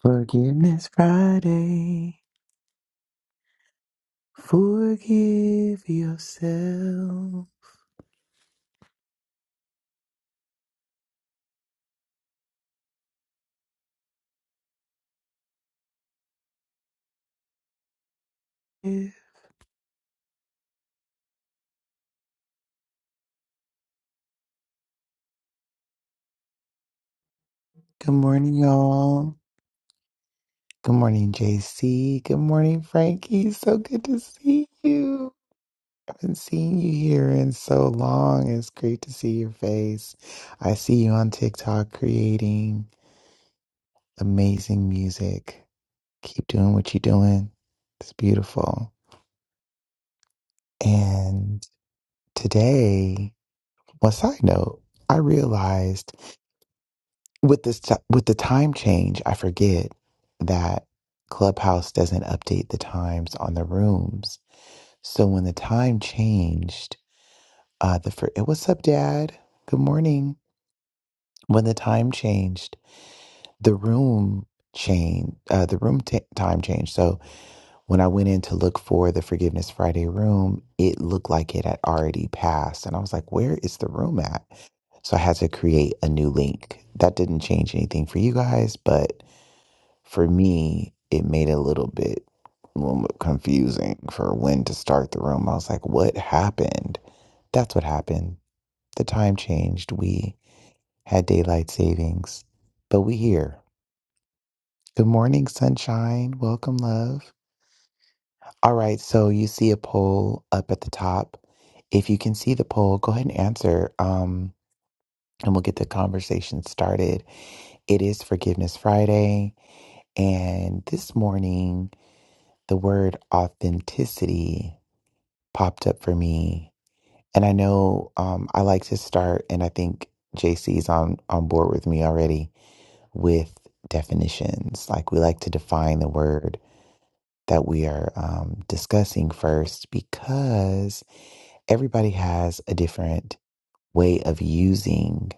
Forgiveness Friday. Forgive yourself. Good morning, y'all. Good morning, JC. Good morning, Frankie. So good to see you. I haven't seen you here in so long. It's great to see your face. I see you on TikTok creating amazing music. Keep doing what you're doing. It's beautiful. And today, well, side note, I realized. with this t- with the time change, I forget that Clubhouse doesn't update the times on the rooms. So when the time changed, uh, the fir- what's up, Dad? Good morning. When the time changed, the room changed. Uh, the room t- time changed. So when I went in to look for the Forgiveness Friday room, it looked like it had already passed, and I was like, "Where is the room at?" So I had to create a new link. That didn't change anything for you guys, but for me, it made it a little bit um, confusing for when to start the room. I was like, what happened? That's what happened. The time changed. We had daylight savings, but we here. Good morning, sunshine. Welcome, love. All right, so you see a poll up at the top. If you can see the poll, go ahead and answer, um, and we'll get the conversation started. It is Forgiveness Friday, and this morning the word authenticity popped up for me. And I know um, I like to start, and I think JC's on, on board with me already with definitions. Like we like to define the word that we are um, discussing first because everybody has a different way of using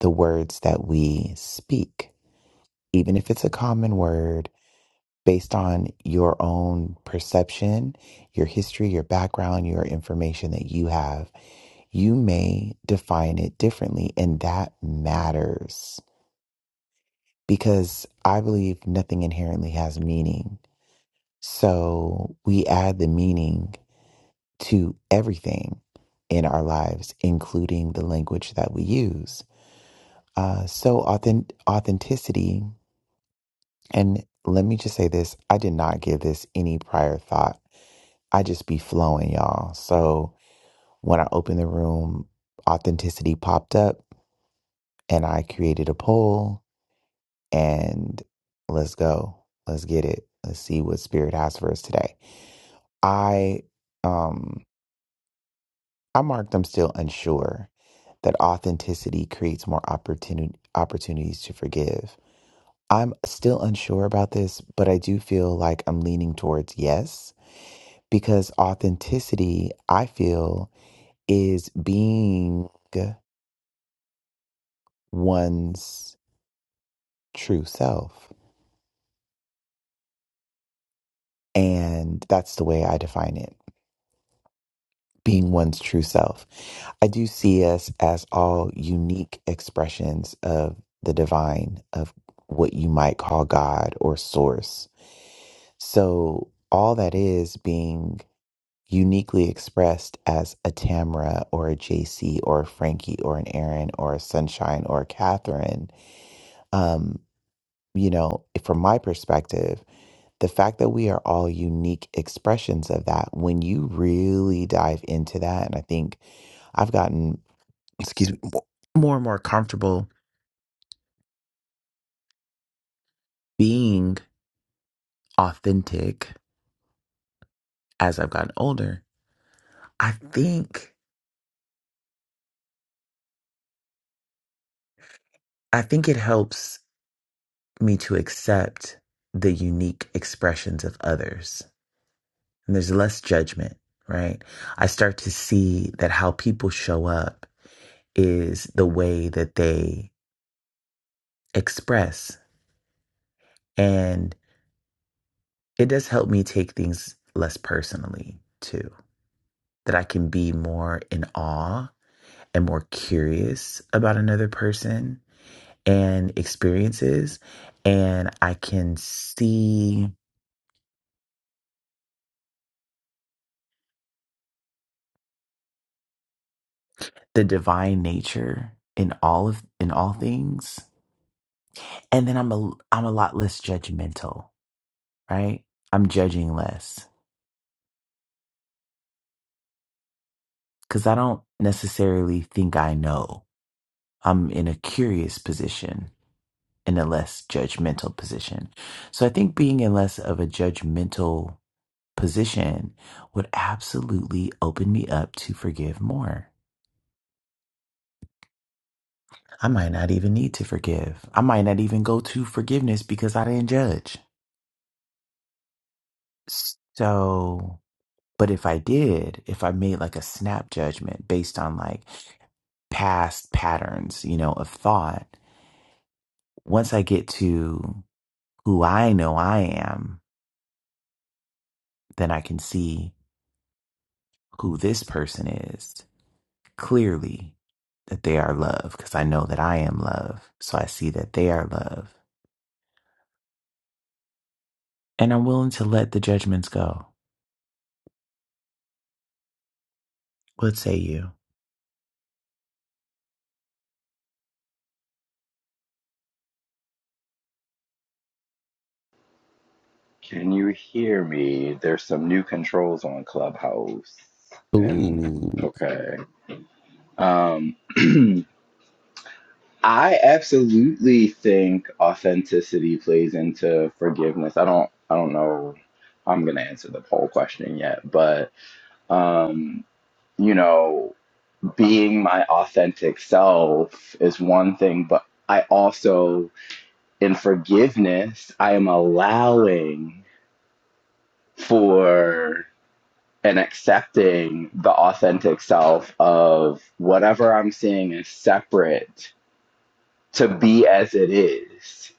the words that we speak. Even if it's a common word, based on your own perception, your history, your background, your information that you have, you may define it differently. And that matters because I believe nothing inherently has meaning. So we add the meaning to everything in our lives, including the language that we use. Uh, so authentic- authenticity, and let me just say this I did not give this any prior thought I just be flowing, y'all. So when I opened the room, authenticity popped up and I created a poll and let's go. Let's get it. Let's see what spirit has for us today. I um I marked I'm still unsure that authenticity creates more opportunity opportunities to forgive. I'm still unsure about this, but I do feel like I'm leaning towards yes because authenticity, I feel, is being one's true self. And that's the way I define it being one's true self. I do see us as all unique expressions of the divine, of what you might call God or source. So, all that is being uniquely expressed as a Tamara or a JC or a Frankie or an Aaron or a Sunshine or a Catherine. Um, you know, from my perspective, the fact that we are all unique expressions of that when you really dive into that and i think i've gotten excuse me mo- more and more comfortable being authentic as i've gotten older i think i think it helps me to accept the unique expressions of others and there's less judgment right i start to see that how people show up is the way that they express it does help me take things less personally too that i can be more in awe and more curious about another person and experiences and i can see the divine nature in all of in all things and then i'm a i'm a lot less judgmental right i'm judging less cuz i don't necessarily think i know i'm in a curious position in a less judgmental position. So I think being in less of a judgmental position would absolutely open me up to forgive more. I might not even need to forgive. I might not even go to forgiveness because I didn't judge. So, but if I did, if I made like a snap judgment based on like past patterns, you know, of thought, once I get to who I know I am, then I can see who this person is clearly that they are love because I know that I am love. So I see that they are love. And I'm willing to let the judgments go. What say you? Can you hear me? There's some new controls on Clubhouse. And Ooh, okay. Um I absolutely think authenticity plays into forgiveness. I don't I don't know how I'm gonna answer the poll question yet, but um, you know, being my authentic self is one thing, but I also in forgiveness, I am allowing for and accepting the authentic self of whatever I'm seeing is separate to be as it is.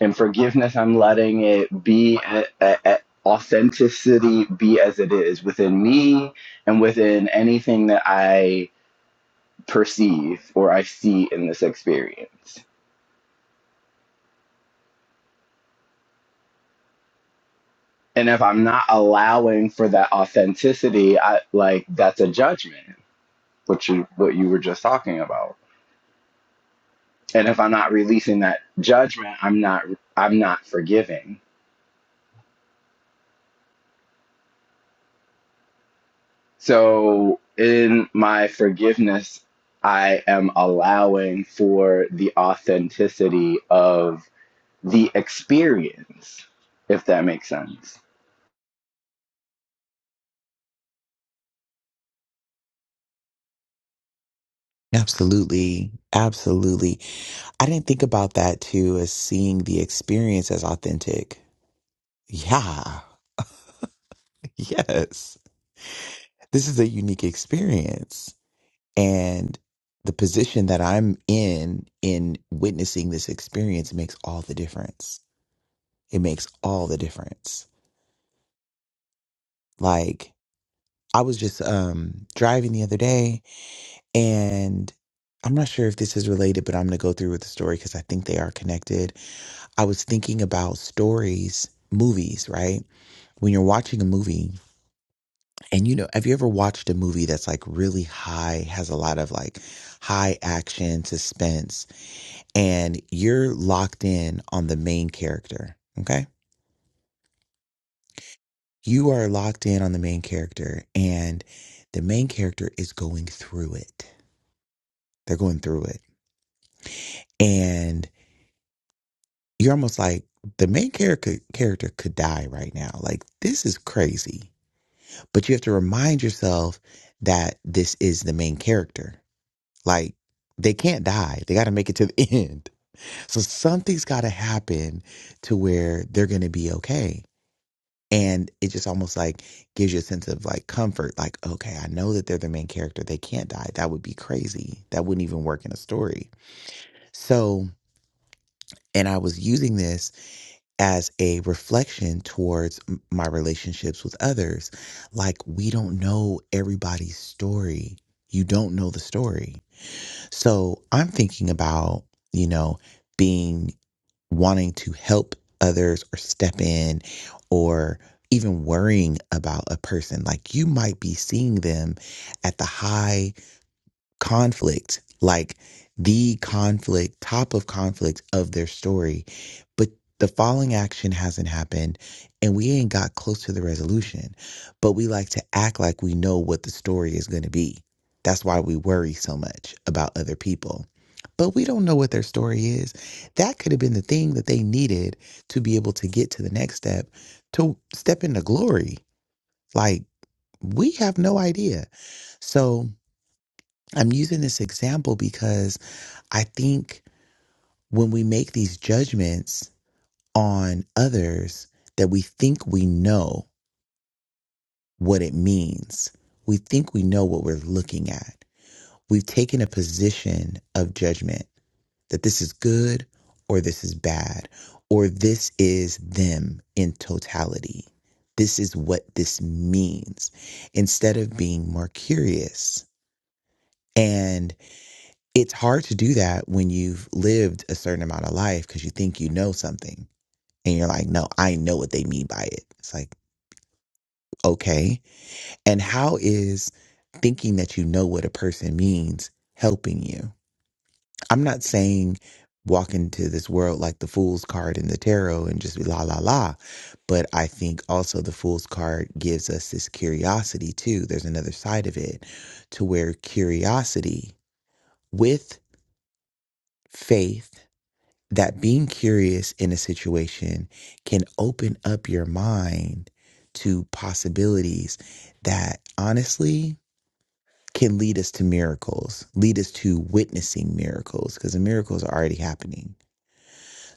And forgiveness, I'm letting it be a, a, a- authenticity be as it is within me and within anything that I perceive or I see in this experience. And if I'm not allowing for that authenticity, I like that's a judgment, which you what you were just talking about. and if i'm not releasing that judgment i'm not i'm not forgiving so in my forgiveness i am allowing for the authenticity of the experience if that makes sense absolutely. Absolutely. I didn't think about that too as seeing the experience as authentic. Yeah. Yes. This is a unique experience. And the position that I'm in, in witnessing this experience makes all the difference. It makes all the difference. Like, I was just um, driving the other day, and I'm not sure if this is related, but I'm going to go through with the story because I think they are connected. I was thinking about stories, movies, right? When you're watching a movie, and you know, have you ever watched a movie that's like really high, has a lot of like high action, suspense, and you're locked in on the main character, okay? You are locked in on the main character, and the main character is going through it. They're going through it and you're almost like the main character character could die right now. Like this is crazy. But you have to remind yourself that this is the main character. Like they can't die. They got to make it to the end. So something's got to happen to where they're going to be okay. And it just almost like gives you a sense of like comfort. Like, okay, I know that they're the main character. They can't die. That would be crazy. That wouldn't even work in a story. So, and I was using this as a reflection towards m- my relationships with others. Like, we don't know everybody's story. You don't know the story. So I'm thinking about, you know, being wanting to help others or step in or even worrying about a person. Like, you might be seeing them at the high conflict, like the conflict, top of conflict of their story. But the following action hasn't happened and we ain't got close to the resolution. But we like to act like we know what the story is going to be. That's why we worry so much about other people. But we don't know what their story is. That could have been the thing that they needed to be able to get to the next step, to step into glory. Like, we have no idea. So, I'm using this example because I think when we make these judgments on others that we think we know what it means. We think we know what we're looking at. We've taken a position of judgment that this is good or this is bad or this is them in totality. This is what this means instead of being more curious. and. it's hard to do that when you've lived a certain amount of life because you think you know something and you're like, no, I know what they mean by it. It's like, okay. And how is thinking that you know what a person means helping you? I'm not saying walk into this world like the fool's card in the tarot and just be la la la. But I think also the fool's card gives us this curiosity too. There's another side of it to where curiosity with faith that being curious in a situation can open up your mind to possibilities that honestly can lead us to miracles, lead us to witnessing miracles, because the miracles are already happening.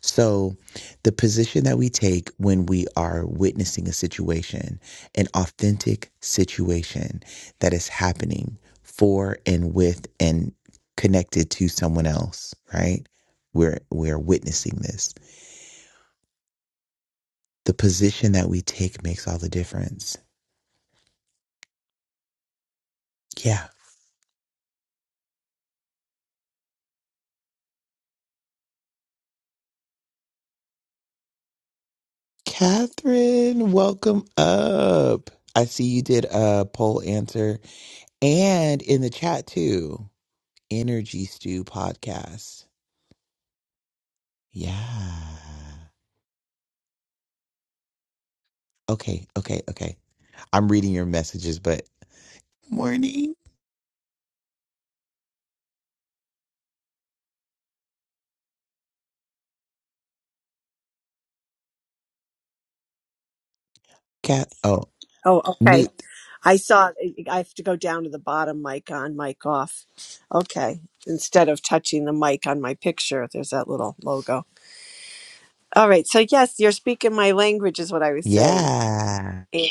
So, the position that we take when we are witnessing a situation, an authentic situation that is happening for and with and connected to someone else, right? We're we're witnessing this the position that we take makes all the difference. Yeah. Catherine, welcome up. I see you did a poll answer and in the chat too. Energy Stew podcast. Yeah. Okay, okay, okay. I'm reading your messages, but morning. Cat oh, Oh, okay. Newt. I saw. I have to go down to the bottom. Mic on, mic off. Okay. Instead of touching the mic on my picture, there's that little logo. All right. So yes, you're speaking my language, is what I was saying. Yeah. And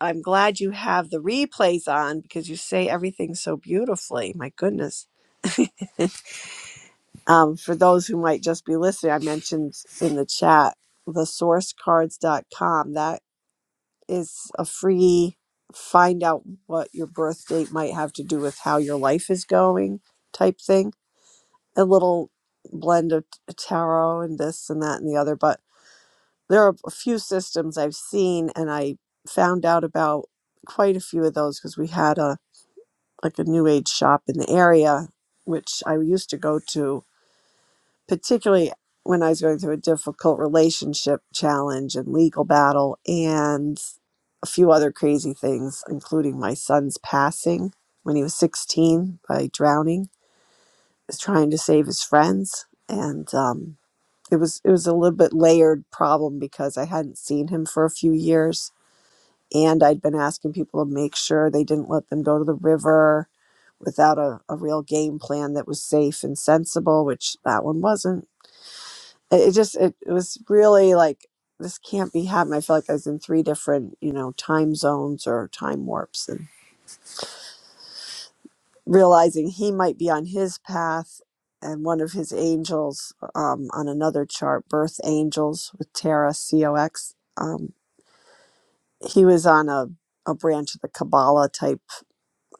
I'm glad you have the replays on because you say everything so beautifully. My goodness. Um, for those who might just be listening, I mentioned in the chat thesourcecards.com. is a free find out what your birth date might have to do with how your life is going type thing. A little blend of t- uh, tarot and this and that and the other. But there are a few systems I've seen and I found out about quite a few of those because we had a like a new age shop in the area which I used to go to particularly when I was going through a difficult relationship challenge and legal battle and. a few other crazy things, including my son's passing when he was 16 by drowning, He was trying to save his friends, and um, it was it was a little bit layered problem because I hadn't seen him for a few years, and I'd been asking people to make sure they didn't let them go to the river without a, a real game plan that was safe and sensible, which that one wasn't. It, it just it, it was really like this can't be happening. I feel like I was in three different you know time zones or time warps and realizing he might be on his path and one of his angels um, on another chart, Birth Angels with Terra COX. Um, he was on a, a branch of the Kabbalah type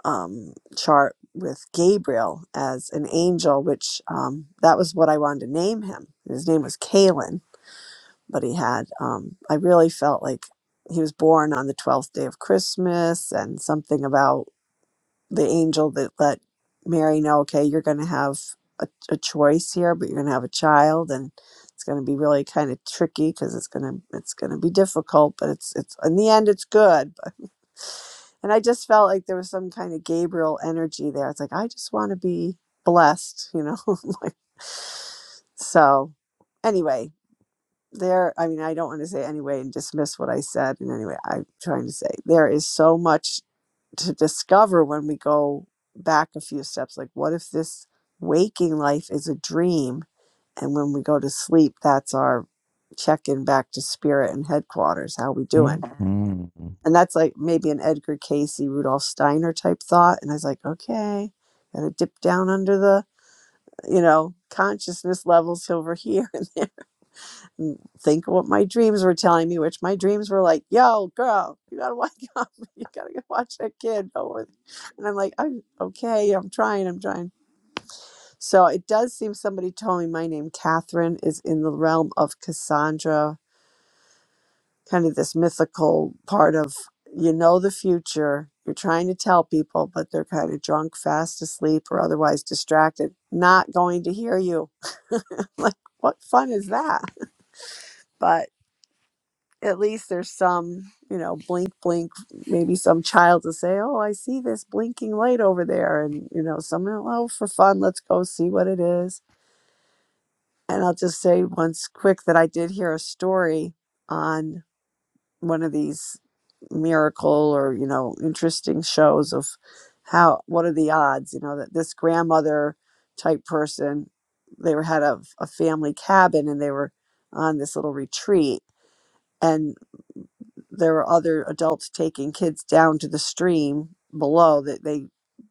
um, chart with Gabriel as an angel, which um, that was what I wanted to name him. His name was Kalen, but he had, um, I really felt like he was born on the 12th day of Christmas and something about the angel that let Mary know, okay, you're going to have a, a choice here, but you're going to have a child, and it's going to be really kind of tricky because it's going to it's going to be difficult, but it's it's in the end it's good. But and I just felt like there was some kind of Gabriel energy there. It's like I just want to be blessed, you know. like, so anyway, there. I mean, I don't want to say anyway and dismiss what I said. And anyway, I'm trying to say there is so much to discover when we go back a few steps like what if this waking life is a dream and when we go to sleep that's our check-in back to spirit and headquarters how we doing hmm and that's like maybe an edgar casey rudolf steiner type thought and i was like okay gotta dip down under the you know consciousness levels over here and there n- think of what my dreams were telling me, which my dreams were like, "Yo, girl, you gotta wake up. You gotta go watch that kid." Over, and I'm like, "I'm okay. I'm trying. I'm trying." So it does seem somebody told me my name, Catherine, is in the realm of Cassandra, kind of this mythical part of you know the future. You're trying to tell people, but they're kind of drunk, fast asleep, or otherwise distracted, not going to hear you. Like, what fun is that? But at least there's some, you know, blink, blink, maybe some child to say, oh, I see this blinking light over there. And, you know, someone, oh, for fun, let's go see what it is. And I'll just say once quick that I did hear a story on one of these miracle or, you know, interesting shows of how, what are the odds, you know, that this grandmother type person, they were had a, a family cabin and they were on this little retreat and. there were other adults taking kids down to the stream below that they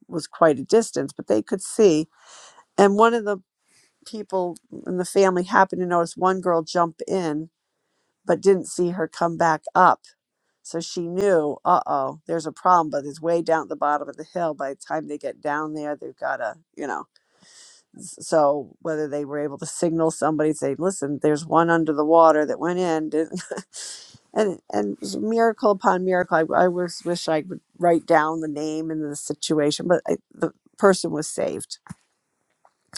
was quite a distance but they could see and one of the people in the family happened to notice one girl jump in but didn't see her come back up so she knew uh-oh there's a problem but it's way down at the bottom of the hill by the time they get down there they've got to you know S- so whether they were able to signal somebody say listen there's one under the water that went in and and it was miracle upon miracle. I, I was wish I would write down the name and the situation, but I, the person was saved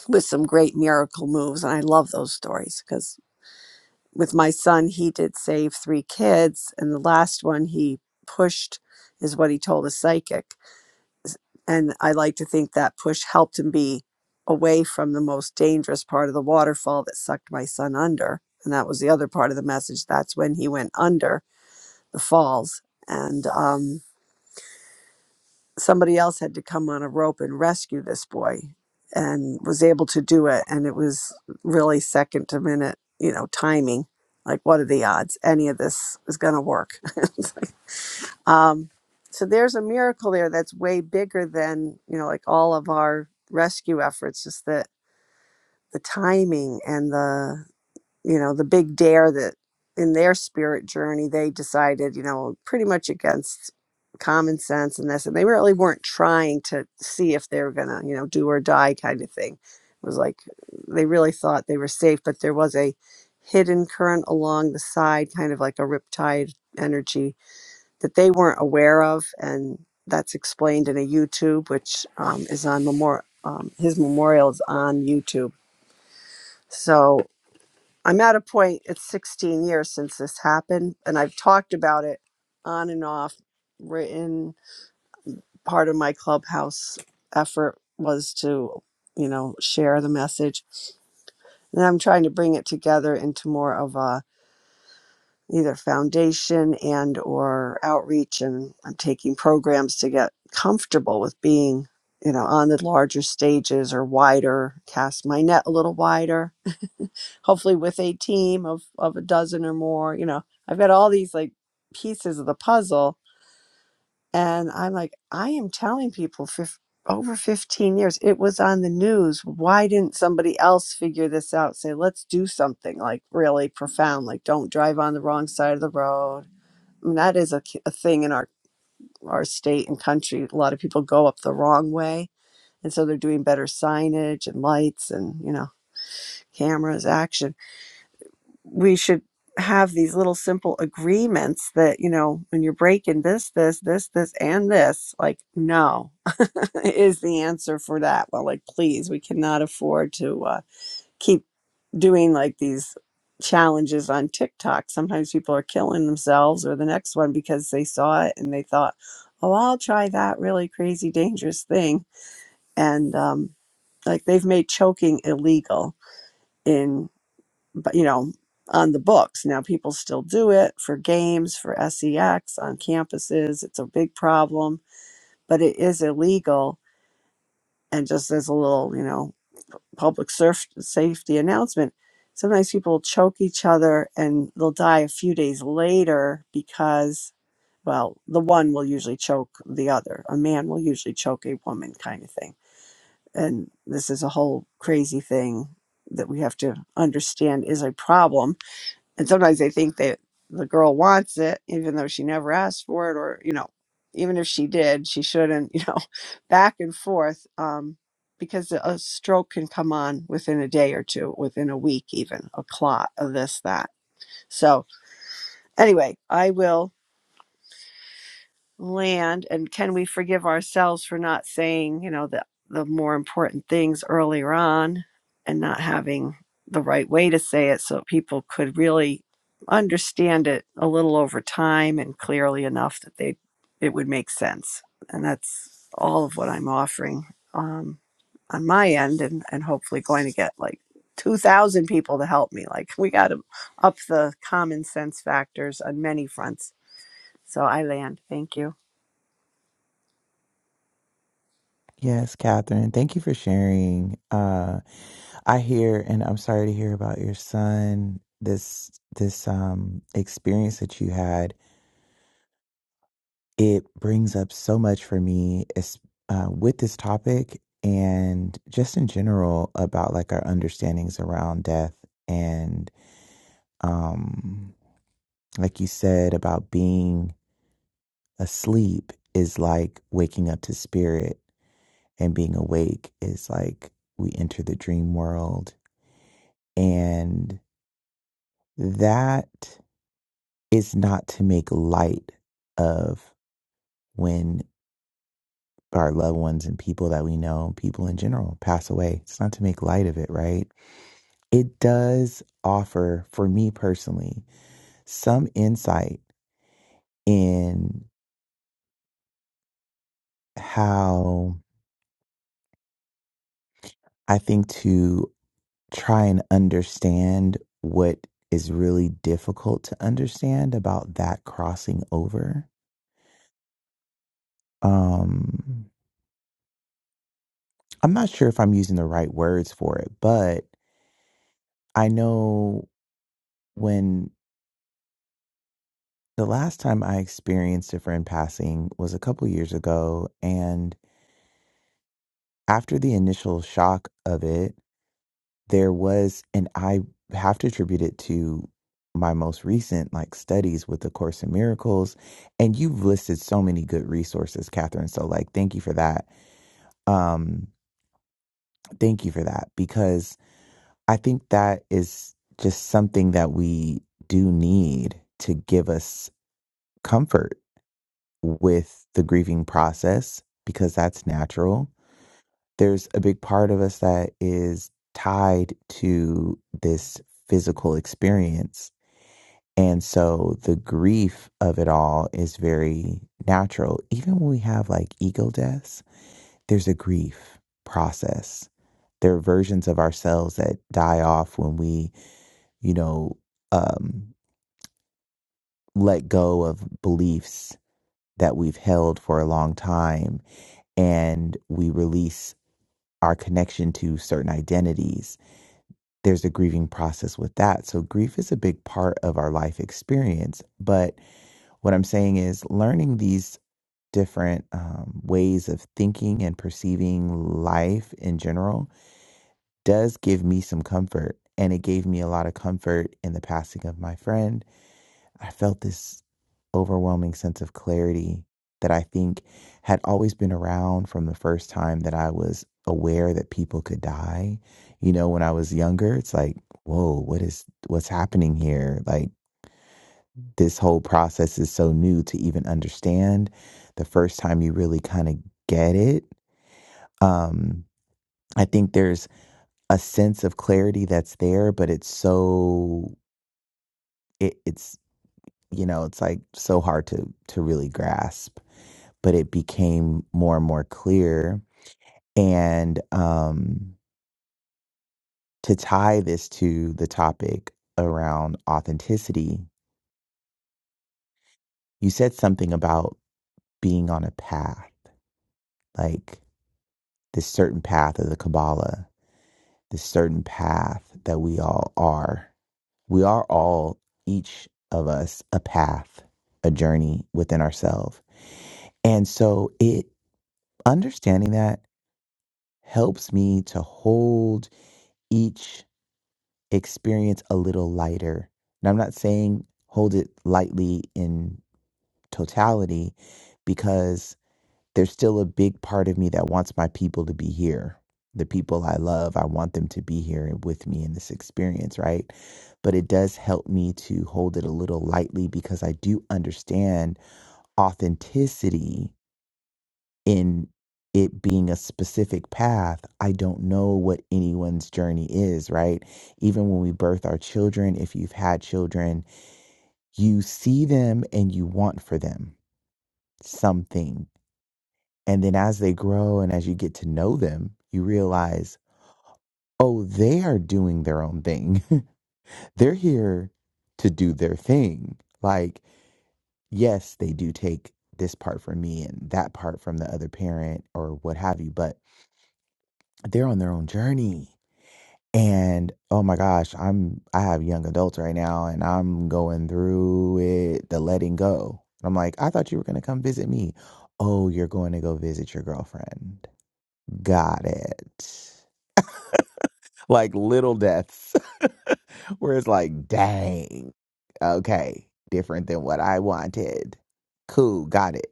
with some great miracle moves, and I love those stories because with my son, he did save three kids, and the last one he pushed is what he told a psychic, and I like to think that push helped him be away from the most dangerous part of the waterfall that sucked my son under. And that was the other part of the message. That's when he went under the falls. And um, somebody else had to come on a rope and rescue this boy and was able to do it and it was really second to minute you know timing like what are the odds any of this is going to work It's like, um, so there's a miracle there that's way bigger than you know like all of our rescue efforts just that the timing and the you know, the big dare that in their spirit journey, they decided, you know, pretty much against common sense and this. And they really weren't trying to see if they were going to, you know, do or die kind of thing. It was like they really thought they were safe, but there was a hidden current along the side, kind of like a riptide energy that they weren't aware of. And that's explained in a YouTube, which um, is on memorial. Um, his memorial is on YouTube. So I'm at a point, it's 16 years since this happened, and I've talked about it on and off. Written part of my clubhouse effort was to, you know, share the message. And I'm trying to bring it together into more of a either foundation and or outreach and I'm taking programs to get comfortable with being, you know, on the larger stages or wider, cast my net a little wider hopefully with a team of of a dozen or more you know i've got all these like pieces of the puzzle and i'm like i am telling people for over 15 years it was on the news why didn't somebody else figure this out say let's do something like really profound like don't drive on the wrong side of the road I mean, that is a, k- a thing in our our state and country a lot of people go up the wrong way and so they're doing better signage and lights and you know cameras action we should have these little simple agreements that you know when you're breaking this this this this and this like no is the answer for that well like please we cannot afford to uh, keep doing like these challenges on tiktok sometimes people are killing themselves or the next one because they saw it and they thought oh i'll try that really crazy dangerous thing and um, like they've made choking illegal in but you know on the books now people still do it for games for sex on campuses it's a big problem but it is illegal and just as a little you know public surf- safety announcement sometimes people will choke each other and they'll die a few days later because well the one will usually choke the other a man will usually choke a woman kind of thing and this is a whole crazy thing that we have to understand is a problem and sometimes they think that the girl wants it even though she never asked for it or you know even if she did she shouldn't you know back and forth um because a stroke can come on within a day or two within a week even a clot of this that so anyway i will land and can we forgive ourselves for not saying you know the the more important things earlier on and not having the right way to say it so people could really understand it a little over time and clearly enough that they it would make sense and that's all of what i'm offering um, on my end and and hopefully going to get like 2000 people to help me like we got to up the common sense factors on many fronts so i land thank you Yes, Catherine. Thank you for sharing. Uh. I hear, and I'm sorry to hear about your son. This this um experience that you had, it brings up so much for me as, uh, with this topic and just in general about like our understandings around death and um like you said about being asleep is like waking up to spirit and being awake is like we enter the dream world and that it's not to make light of when our loved ones and people that we know, people in general, pass away. It's not to make light of it, right? It does offer, for me personally, some insight in how I think to try and understand what is really difficult to understand about that crossing over. Um, I'm not sure if I'm using the right words for it, but I know when the last time I experienced a friend passing was a couple years ago. And after the initial shock of it, there was, and I have to attribute it to my most recent like studies with the course in miracles and you've listed so many good resources catherine so like thank you for that um thank you for that because i think that is just something that we do need to give us comfort with the grieving process because that's natural. There's a big part of us that is tied to this physical experience. And so the grief of it all is very natural. Even when we have like ego deaths, there's a grief process. There are versions of ourselves that die off when we, you know, um, let go of beliefs that we've held for a long time and we release our connection to certain identities, there's a grieving process with that. So, grief is a big part of our life experience. But what I'm saying is, learning these different um, ways of thinking and perceiving life in general does give me some comfort. And it gave me a lot of comfort in the passing of my friend I felt this overwhelming sense of clarity that I think had always been around from the first time that I was aware that people could die. You know, when I was younger, it's like, whoa, what is what's happening here? Like this whole process is so new to even understand. The first time you really kind of get it, um, I think there's a sense of clarity that's there, but it's so it, it's you know, it's like so hard to to really grasp. but it became more and more clear. And um, to tie this to the topic around authenticity, you said something about being on a path, like this certain path of the Kabbalah, this certain path that we all are. We are all, each of us, a path, a journey within ourselves. And so it understanding that helps me to hold each experience a little lighter. And I'm not saying hold it lightly in totality because there's still a big part of me that wants my people to be here. The people I love, I want them to be here with me in this experience, right? But it does help me to hold it a little lightly because I do understand authenticity in it being a specific path, I don't know what anyone's journey is, right? Even when we birth our children, if you've had children, you see them and you want for them something. And then as they grow and as you get to know them, you realize, oh, they are doing their own thing. They're here to do their thing. Like, yes, they do take this part from me and that part from the other parent or what have you, but they're on their own journey And oh my gosh, I'm I have young adults right now and I'm going through it, the letting go. And I'm like, I thought you were gonna come visit me. Oh, you're going to go visit your girlfriend. Got it. Like little deaths where it's like, dang, okay, different than what I wanted. Cool, got it.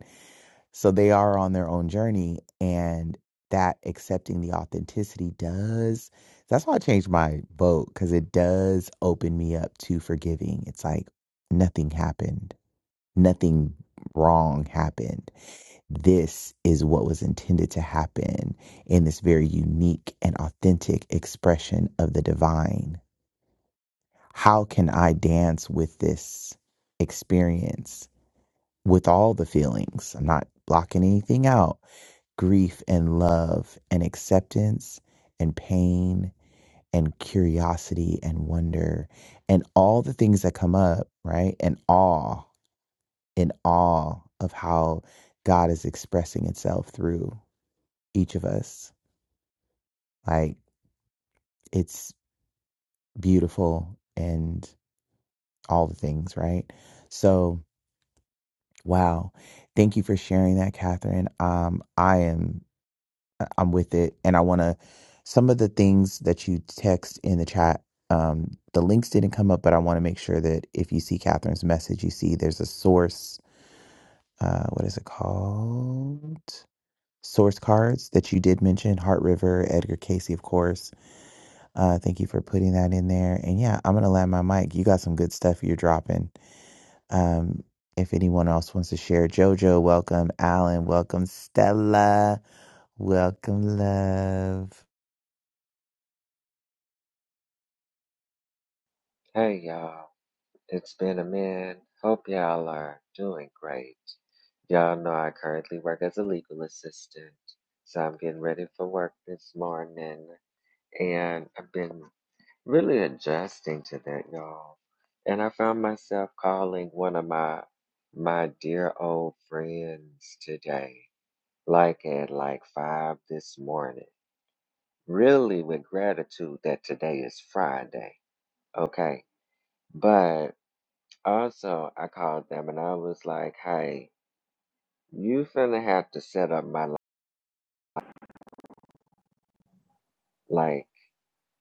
So they are on their own journey, and that accepting the authenticity does. That's why I changed my vote because it does open me up to forgiving. It's like nothing happened, nothing wrong happened. This is what was intended to happen in this very unique and authentic expression of the divine. How can I dance with this experience with all the feelings? I'm not blocking anything out grief and love and acceptance and pain and curiosity and wonder and all the things that come up, right? And awe, in awe of how God is expressing itself through each of us. Like it's beautiful and all the things, right? So, wow. Thank you for sharing that, Catherine. Um, I am I- I'm with it. And I want to, some of the things that you text in the chat, um, the links didn't come up, but I want to make sure that if you see Catherine's message, you see there's a source. Uh, what is it called? Source cards that you did mention, Heart River, Edgar Casey, of course. Uh, thank you for putting that in there. And yeah, I'm going to land my mic. You got some good stuff you're dropping. Um, if anyone else wants to share, JoJo, welcome. Alan, welcome. Stella, welcome, love. Hey y'all, it's been a minute. Hope y'all are doing great. Y'all know I currently work as a legal assistant, so I'm getting ready for work this morning. And I've been really adjusting to that, y'all. And I found myself calling one of my my dear old friends today, like at like five this morning. Really with gratitude that today is Friday. Okay. But Also, I called them and I was like, hey, you finna have to set up my life. Like,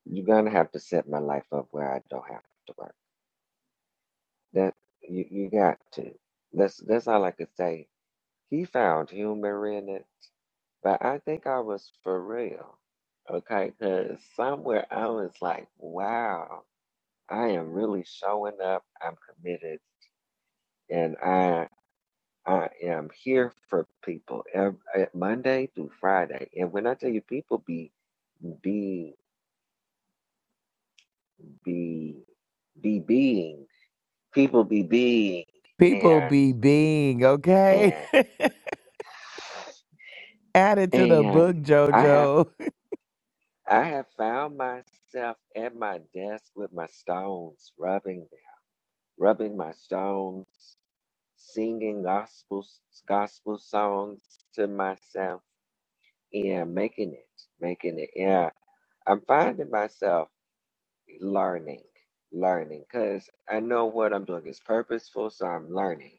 you're gonna have to set my life up where I don't have to work. That you, you got to. That's that's all I could say. He found humor in it, but I think I was for real. Okay, because somewhere I was like, wow, I am really showing up. I'm committed, and I I am here for people ev- eh, Monday through Friday. And when I tell you, people be be be be being, people be being, People and be being, okay? and Add it to the and book, I have JoJo. I have found myself at my desk with my stones, rubbing rubbing my stones, singing gospel gospel songs to myself, and making it, making it. Yeah, I'm finding myself. learning, learning. Because I know what I'm doing is purposeful, so I'm learning.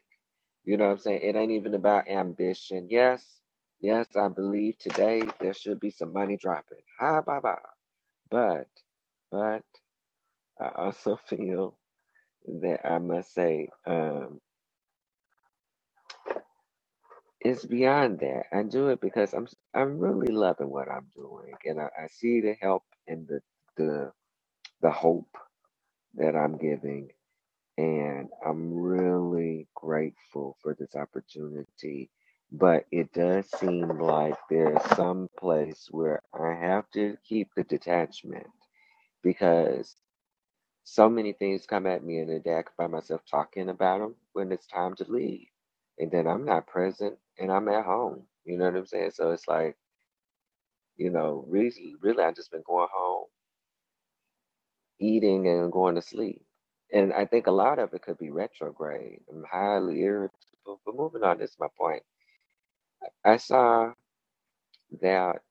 You know what I'm saying? It ain't even about ambition. Yes, yes, I believe today there should be some money dropping. Ha, ba, ba. But, but I also feel that I must say, um, it's beyond that. I do it because I'm I'm really loving what I'm doing, and I, I see the help and the the the hope that I'm giving And I'm really grateful for this opportunity. But it does seem like there's some place where I have to keep the detachment because so many things come at me in a day. I can find myself talking about them when it's time to leave. And then I'm not present and I'm at home. You know what I'm saying? So it's like, you know, really, really, I've just been going home eating and going to sleep. And I think a lot of it could be retrograde. I'm highly irritable. But moving on, this is my point. I saw that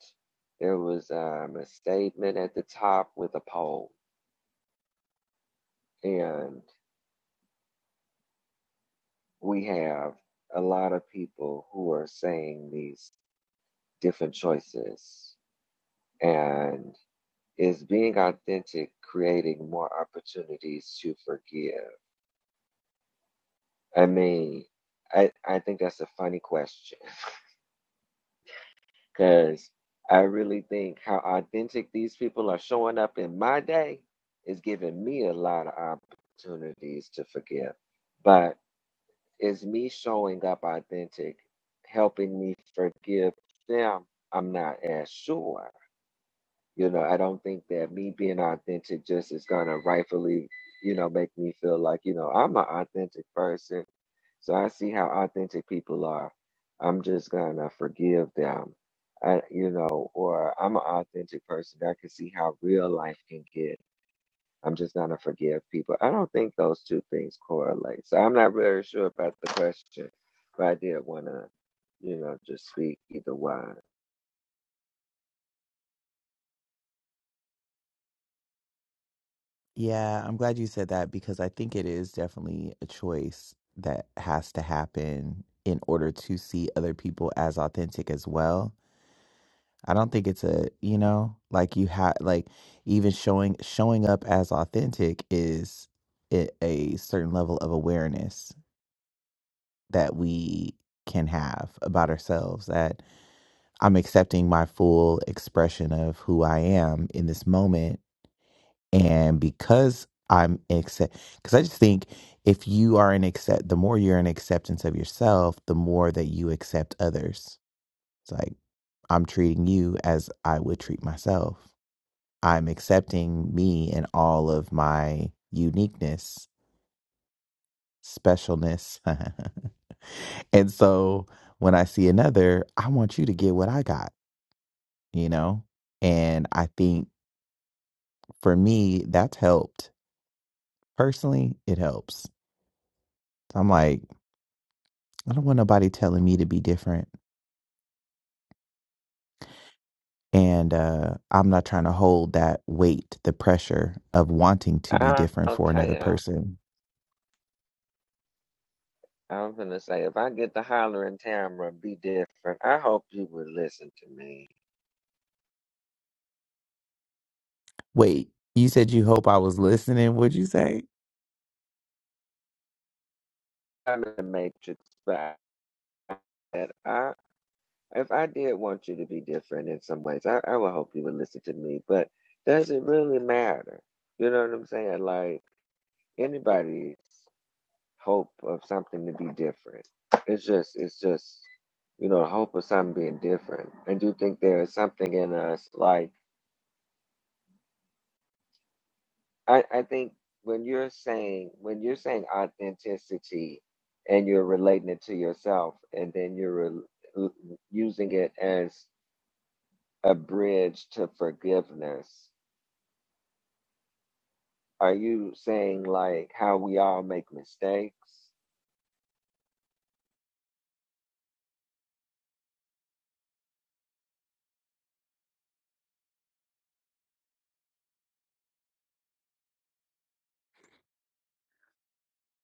there was um, a statement at the top with a poll, and we have a lot of people who are saying these different choices. And is being authentic creating more opportunities to forgive? I mean, I, I think that's a funny question. Because I really think how authentic these people are showing up in my day is giving me a lot of opportunities to forgive. But is me showing up authentic helping me forgive them? I'm not as sure. You know, I don't think that me being authentic just is gonna rightfully, you know, make me feel like, you know, I'm an authentic person. So I see how authentic people are. I'm just gonna forgive them. I, you know, or I'm an authentic person. I can see how real life can get. I'm just gonna forgive people. I don't think those two things correlate. So I'm not really sure about the question, but I did wanna, you know, just speak either one. Yeah, I'm glad you said that because I think it is definitely a choice that has to happen in order to see other people as authentic as well. I don't think it's a, you know, like you have like even showing showing up as authentic is a, a certain level of awareness that we can have about ourselves that I'm accepting my full expression of who I am in this moment. And because I'm accept, because I just think if you are in accept, the more you're in acceptance of yourself, the more that you accept others. It's like, I'm treating you as I would treat myself. I'm accepting me and all of my uniqueness, specialness. and so when I see another, I want you to get what I got, you know? And I think for me, that's helped. Personally, it helps. I'm like, I don't want nobody telling me to be different. And uh, I'm not trying to hold that weight, the pressure of wanting to be I different don't know, for another Tam. person. I'm gonna say if I get the hollering camera, be different. I hope you would listen to me. Wait, you said you hope I was listening. What'd you say? I'm in the matrix, but I if I did want you to be different in some ways, I, I would hope you would listen to me. But does it really matter? You know what I'm saying? Like anybody's hope of something to be different. It's just it's just you know, hope of something being different. And do you think there is something in us like I, I think when you're saying when you're saying authenticity and you're relating it to yourself and then you're rel- using it as a bridge to forgiveness are you saying like how we all make mistakes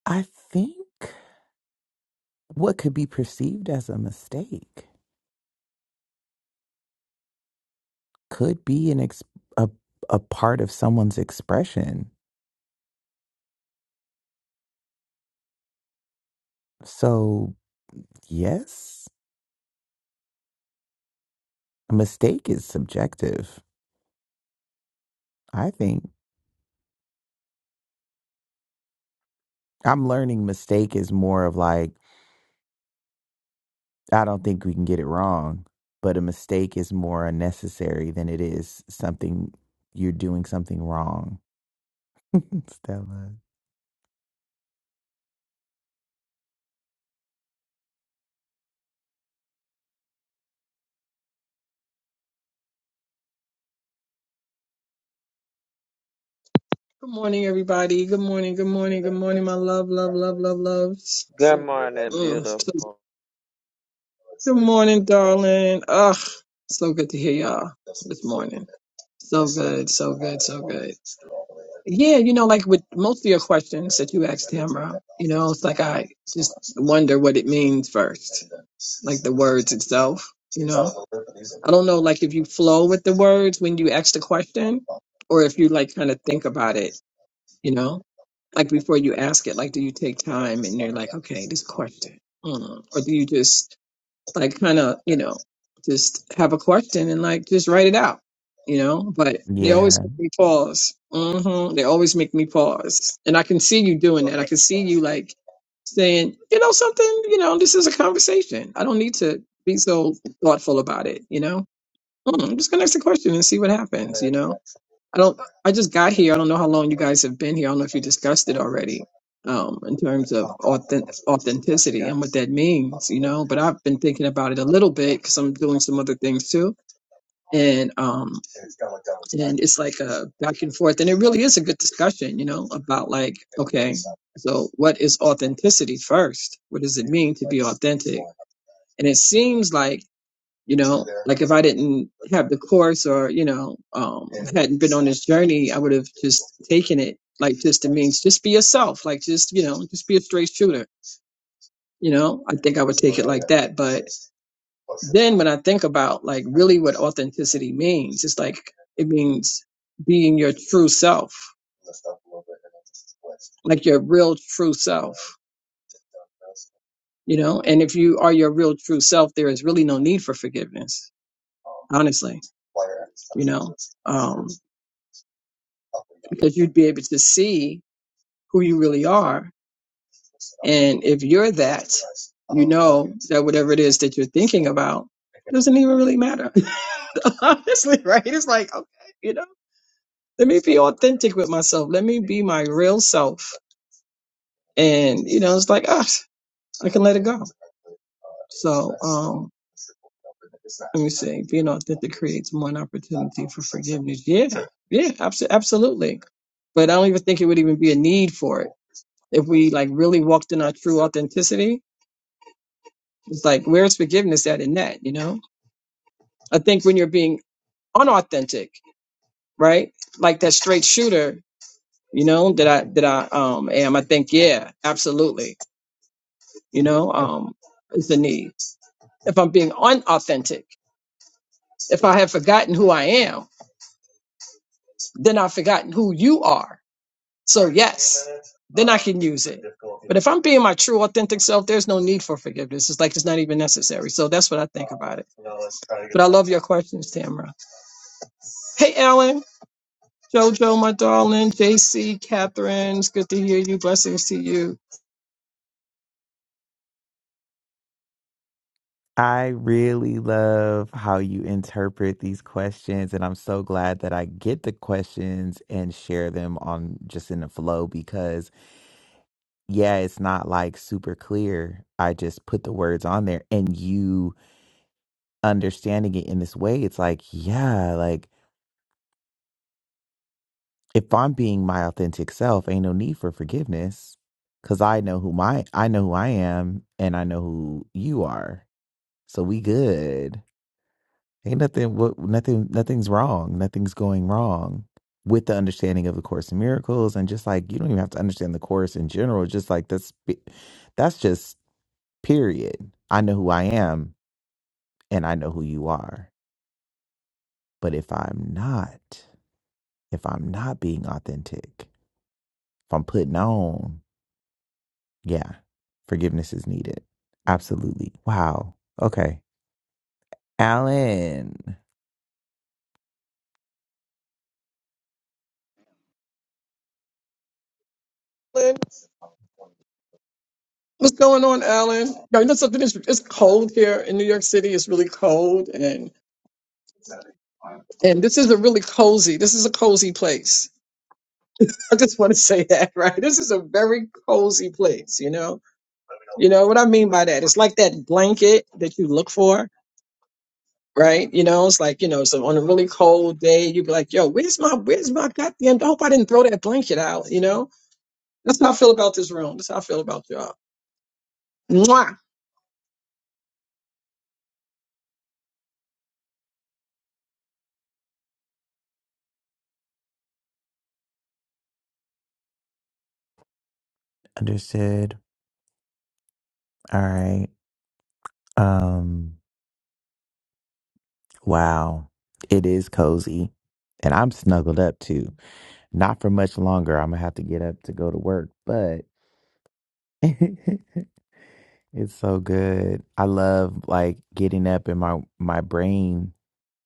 I think what could be perceived as a mistake could be an ex- a, a part of someone's expression. So, yes, a mistake is subjective, I think. I'm learning mistake is more of like, I don't think we can get it wrong, but a mistake is more unnecessary than it is something you're doing something wrong. Stella. Good morning, everybody. Good morning. Good morning. Good morning, my love, love, love, love, loves. good morning Mm. beautiful Good morning, darling. Ugh, so good to hear y'all this morning. So good, so good, so good. Yeah, you know, like with most of your questions that you asked Tamara, you know, it's like I just wonder what it means first, like the words itself. You know, I don't know, like if you flow with the words when you ask the question, or if you like kind of think about it. You know. Like before you ask it, like do you take time and you're like, okay, this question, mm. or do you just like kind of, you know, just have a question and like just write it out, you know? But they always Yeah. make me pause. hmm They always make me pause, and I can see you doing that. I can see you like saying, you know, something, you know, this is a conversation. I don't need to be so thoughtful about it, you know. Mm, I'm just gonna ask a question and see what happens, you know. I don't. I just got here. I don't know how long you guys have been here. I don't know if you discussed it already, um, in terms of authentic, authenticity and what that means, you know. But I've been thinking about it a little bit because I'm doing some other things too, and um, it's like a back and forth, and it really is a good discussion, you know, about like, so what is authenticity first? What does it mean? To, and it seems like, you know, if I didn't have the course or you know, um, hadn't this journey, I would have just taken it like just it means just be yourself, like just you know, just be a straight shooter. You know, I think I would take that. Then when I think about like really what authenticity means, it's like it means being your true self, like your real true self. You know, and if you are your real true self, there is really no need for forgiveness, honestly, because you'd be able to see who you really are, and if you're that, that whatever it is that you're thinking about doesn't even really matter. Honestly, right? It's like, okay, you know, let me be authentic with myself. Let me be my real self. And, you know, it's like, ah, I can let it go. So um, they- being authentic creates more an opportunity for forgiveness. Yeah, yeah, abs- absolutely. But I don't even think it would even be a need for it. If we like really walked in our true authenticity, it's like, where's forgiveness at in that, you know? I think when you're being unauthentic, right? Like that straight shooter, you know that i that i um am i think yeah absolutely you know um is the need if i'm being unauthentic if i have forgotten who i am then i've forgotten who you are so yes then i can use if i'm being my true authentic self there's no need for forgiveness it's like it's not even necessary so that's what i think about it love your questions tamara hey ellen jojo my darling jc catherine it's good to hear you blessings to you I really love how you interpret these questions. And I'm so glad that I get the questions and share them on just in the flow because, yeah, it's not like super clear. I just put the words on there and you understanding it in this way. It's like, yeah, like if I'm being my authentic self, ain't no need for forgiveness cuz I know who my I know who I am and I know who you are. So we good. Ain't nothing what nothing nothing's wrong. Nothing's going wrong with the understanding of the course in miracles and just like you don't even have to understand the course in general, just like that's be- that's just period. I know who I am and I know who you are. But if I'm not, if I'm not being authentic, if I'm putting on Yeah. Forgiveness is needed. Absolutely. Wow. Okay. Alan. What's going on, Alan? Yo, you know something? It's, it's cold here in New York City. It's really cold, and and this is a really cozy. This is a cozy place. I just want to say that, right? This is a very cozy place. You know, you know what I mean by that. It's like that blanket that you look for, right? You know, it's like you know, so on a really cold day, you'd be like, "Yo, where's my where's my goddamn? I hope I didn't throw that blanket out." You know, that's how I feel about this room. That's how I feel about y'all. Mwah! Understood. All right. Um, wow. It is cozy. And I'm snuggled up too. Not for much longer. I'm gonna have to get up to go to work, but it's so good. I love like getting up and my my brain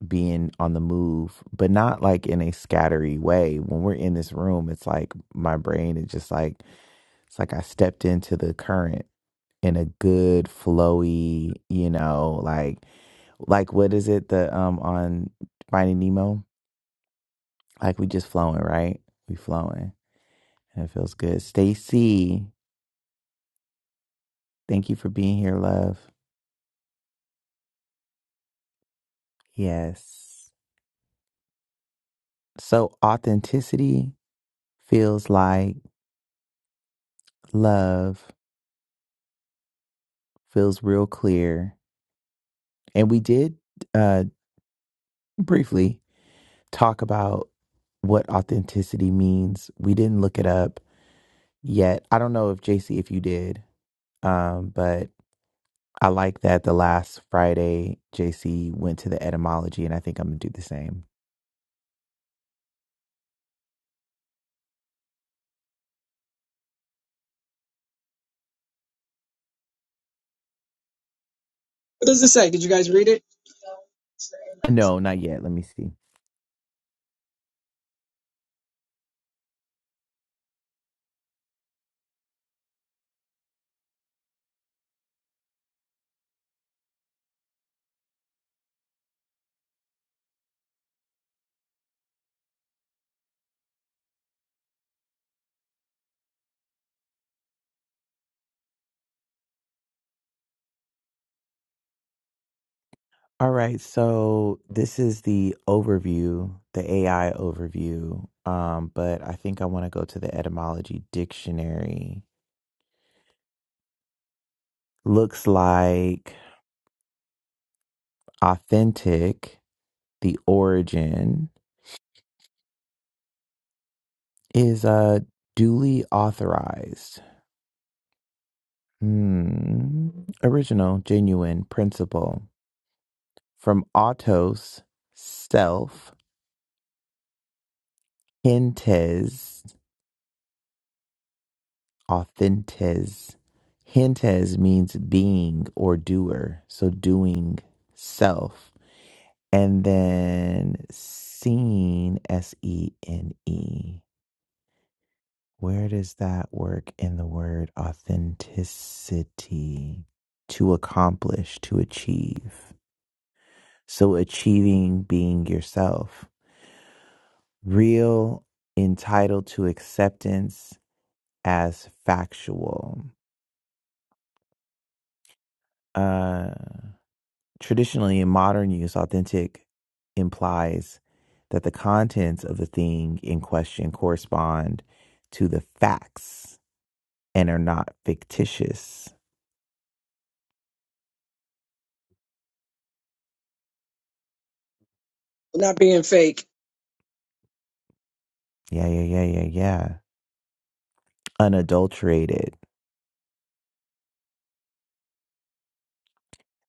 being on the move, but not like in a scattery way. When we're in this room, it's like my brain is just like It's like I stepped into the current in a good flowy, you know, like like what is it the um on Finding Nemo? Like we just flowing, right? We flowing. And it feels good. Stacy, thank you for being here, love. Yes. So authenticity feels like love, feels real clear. And we did uh briefly talk about what authenticity means. We didn't look it up yet. I don't know if JC if you did, um, but I like that the last Friday JC went to the etymology, and I think I'm gonna do the same. What does it say? Did you guys read it? No, not yet. Let me see. All right, so this is the overview, the AI overview. Um, but I think I want to go to the etymology dictionary. Looks like authentic. The origin is uh, duly authorized. Hmm. Original, genuine, principle. From autos, self, hintes, authentes. Hintes means being or doer. So doing self. And then seen, S E N E. Where does that work in the word authenticity? To accomplish, to achieve. So achieving being yourself. real entitled to acceptance as factual. Uh, traditionally, in modern use, authentic implies that the contents of the thing in question correspond to the facts and are not fictitious. Not being fake. Yeah, yeah, yeah, yeah, yeah. Unadulterated.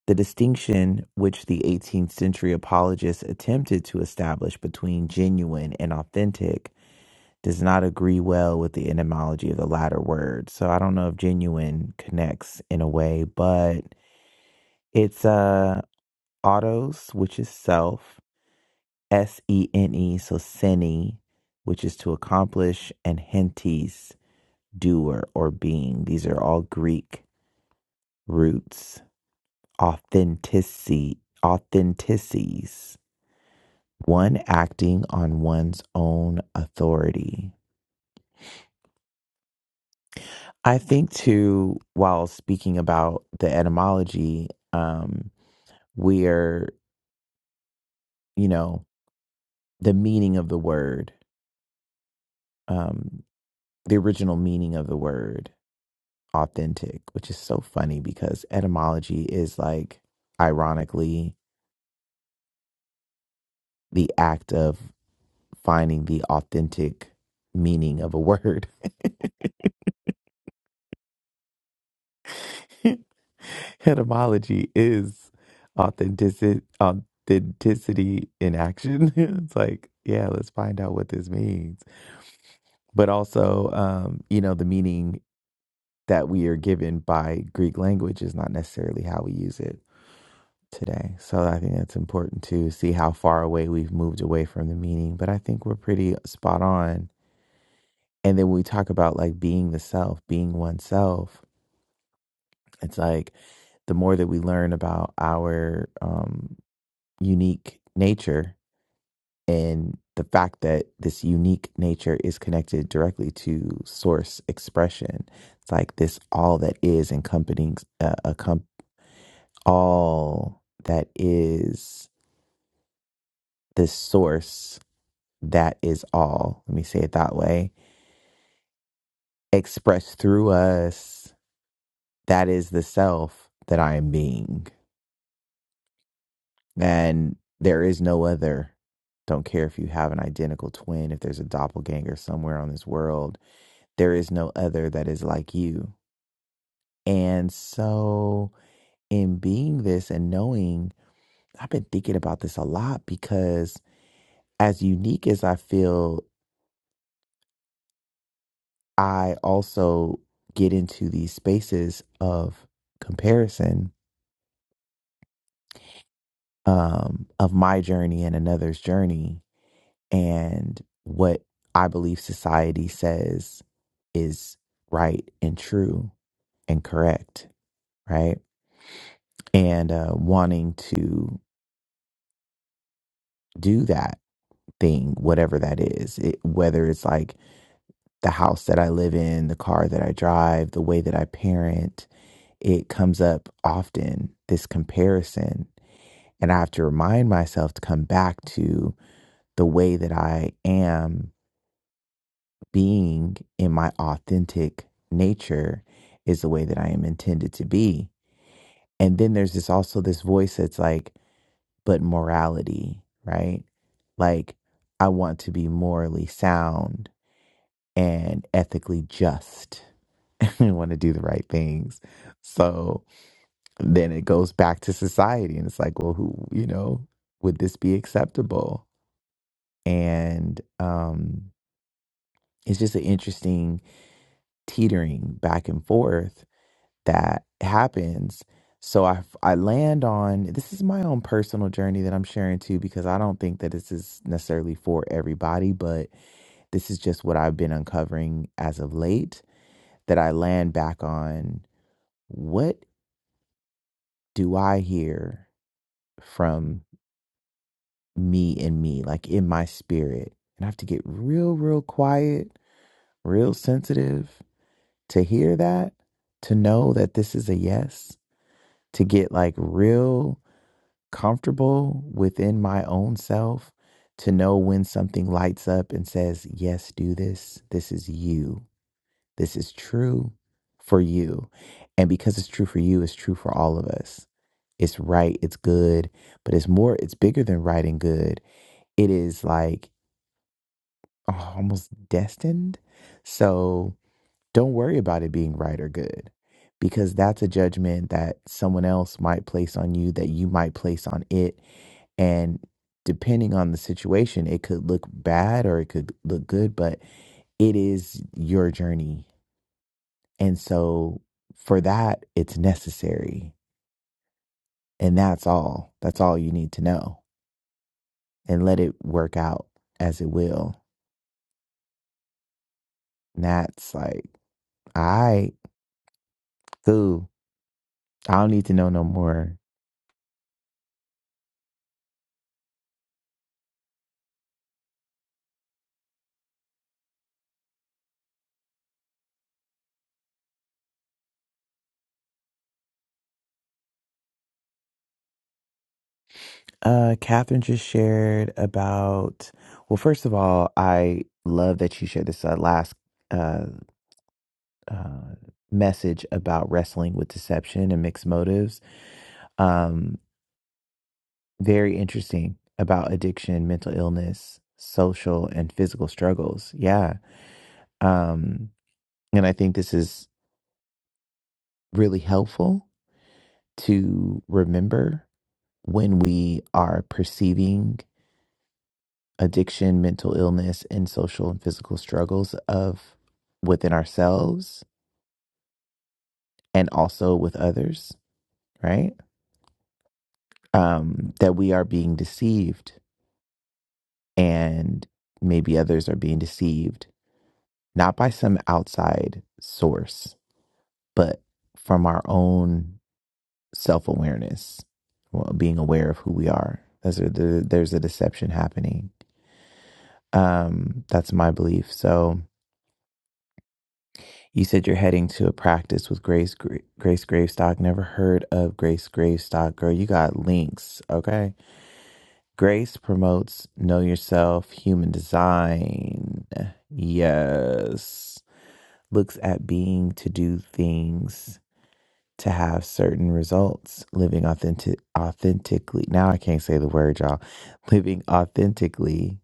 The distinction which the 18th century apologists attempted to establish between genuine and authentic does not agree well with the etymology of the latter word. So I don't know if genuine connects in a way, but it's uh autos, which is self, S E N E, so seni, which is to accomplish, and hentis, doer or being. These are all Greek roots. Authenticity, authentices, one acting on one's own authority. I think too, while speaking about the etymology, um, we're, you know, the meaning of the word, um, the original meaning of the word, authentic, which is so funny because etymology is like, ironically, the act of finding the authentic meaning of a word. etymology is authenticity, authenticity in action. it's like, yeah, let's find out what this means but also um, you know the meaning that we are given by greek language is not necessarily how we use it today so i think that's important to see how far away we've moved away from the meaning but i think we're pretty spot on and then we talk about like being the self being oneself it's like the more that we learn about our um, unique nature and the fact that this unique nature is connected directly to source expression it's like this all that is encompassing uh, accom- all that is this source that is all let me say it that way expressed through us that is the self that i am being and there is no other don't care if you have an identical twin if there's a doppelganger somewhere on this world there is no other that is like you And so, in being this and knowing, I've been thinking about this a lot because, as unique as I feel, I also get into these spaces of comparison um, of my journey and another's journey and what I believe society says is right and true and correct, right? And uh, wanting to do that thing, whatever that is. It, whether it's like the house that I live in, the car that I drive, the way that I parent, it comes up often, this comparison. And I have to remind myself to come back to the way that I am being in my authentic nature is the way that I am intended to be. And then there's this also this voice that's like, but morality, right? Like, I want to be morally sound and ethically just. We want to do the right things. So then it goes back to society and it's like, well, who, you know, would this be acceptable? And um, it's just an interesting teetering back and forth that happens. So I, I land on this is my own personal journey that I'm sharing too, because I don't think that this is necessarily for everybody, but this is just what I've been uncovering as of late that I land back on What do I hear from me and me, like in my spirit? And I have to get real, real quiet, real sensitive to hear that, to know that this is a yes, to get like real comfortable within my own self, to know when something lights up and says, Yes, do this. This is you. This is true for you. And because it's true for you, it's true for all of us. It's right, it's good, but it's more, it's bigger than right and good. It is like oh, almost destined. So don't worry about it being right or good because that's a judgment that someone else might place on you, that you might place on it. And depending on the situation, it could look bad or it could look good, but it is your journey And so for that, it's necessary. And that's all. That's all you need to know. And let it work out as it will. And that's like, all right, cool. I don't need to know no more. Uh, Catherine just shared about, well, first of all, I love that you shared this uh, last uh, uh, message about wrestling with deception and mixed motives. Um. Very interesting about addiction, mental illness, social and physical struggles. Yeah. Um, and I think this is really helpful to remember when we are perceiving addiction, mental illness, and social and physical struggles of within ourselves and also with others, right? Um, that we are being deceived and maybe others are being deceived, not by some outside source but from our own self awareness, well, being aware of who we are. There's a, there's a deception happening. Um, that's my belief. So you said you're heading to a practice with Grace Grace Gravestock. Never heard of Grace Gravestock, girl. You got links, okay? Grace promotes know yourself, human design. Yes, looks at being to do things to have certain results living authentic authentically. Now I can't say the word, y'all. Living authentically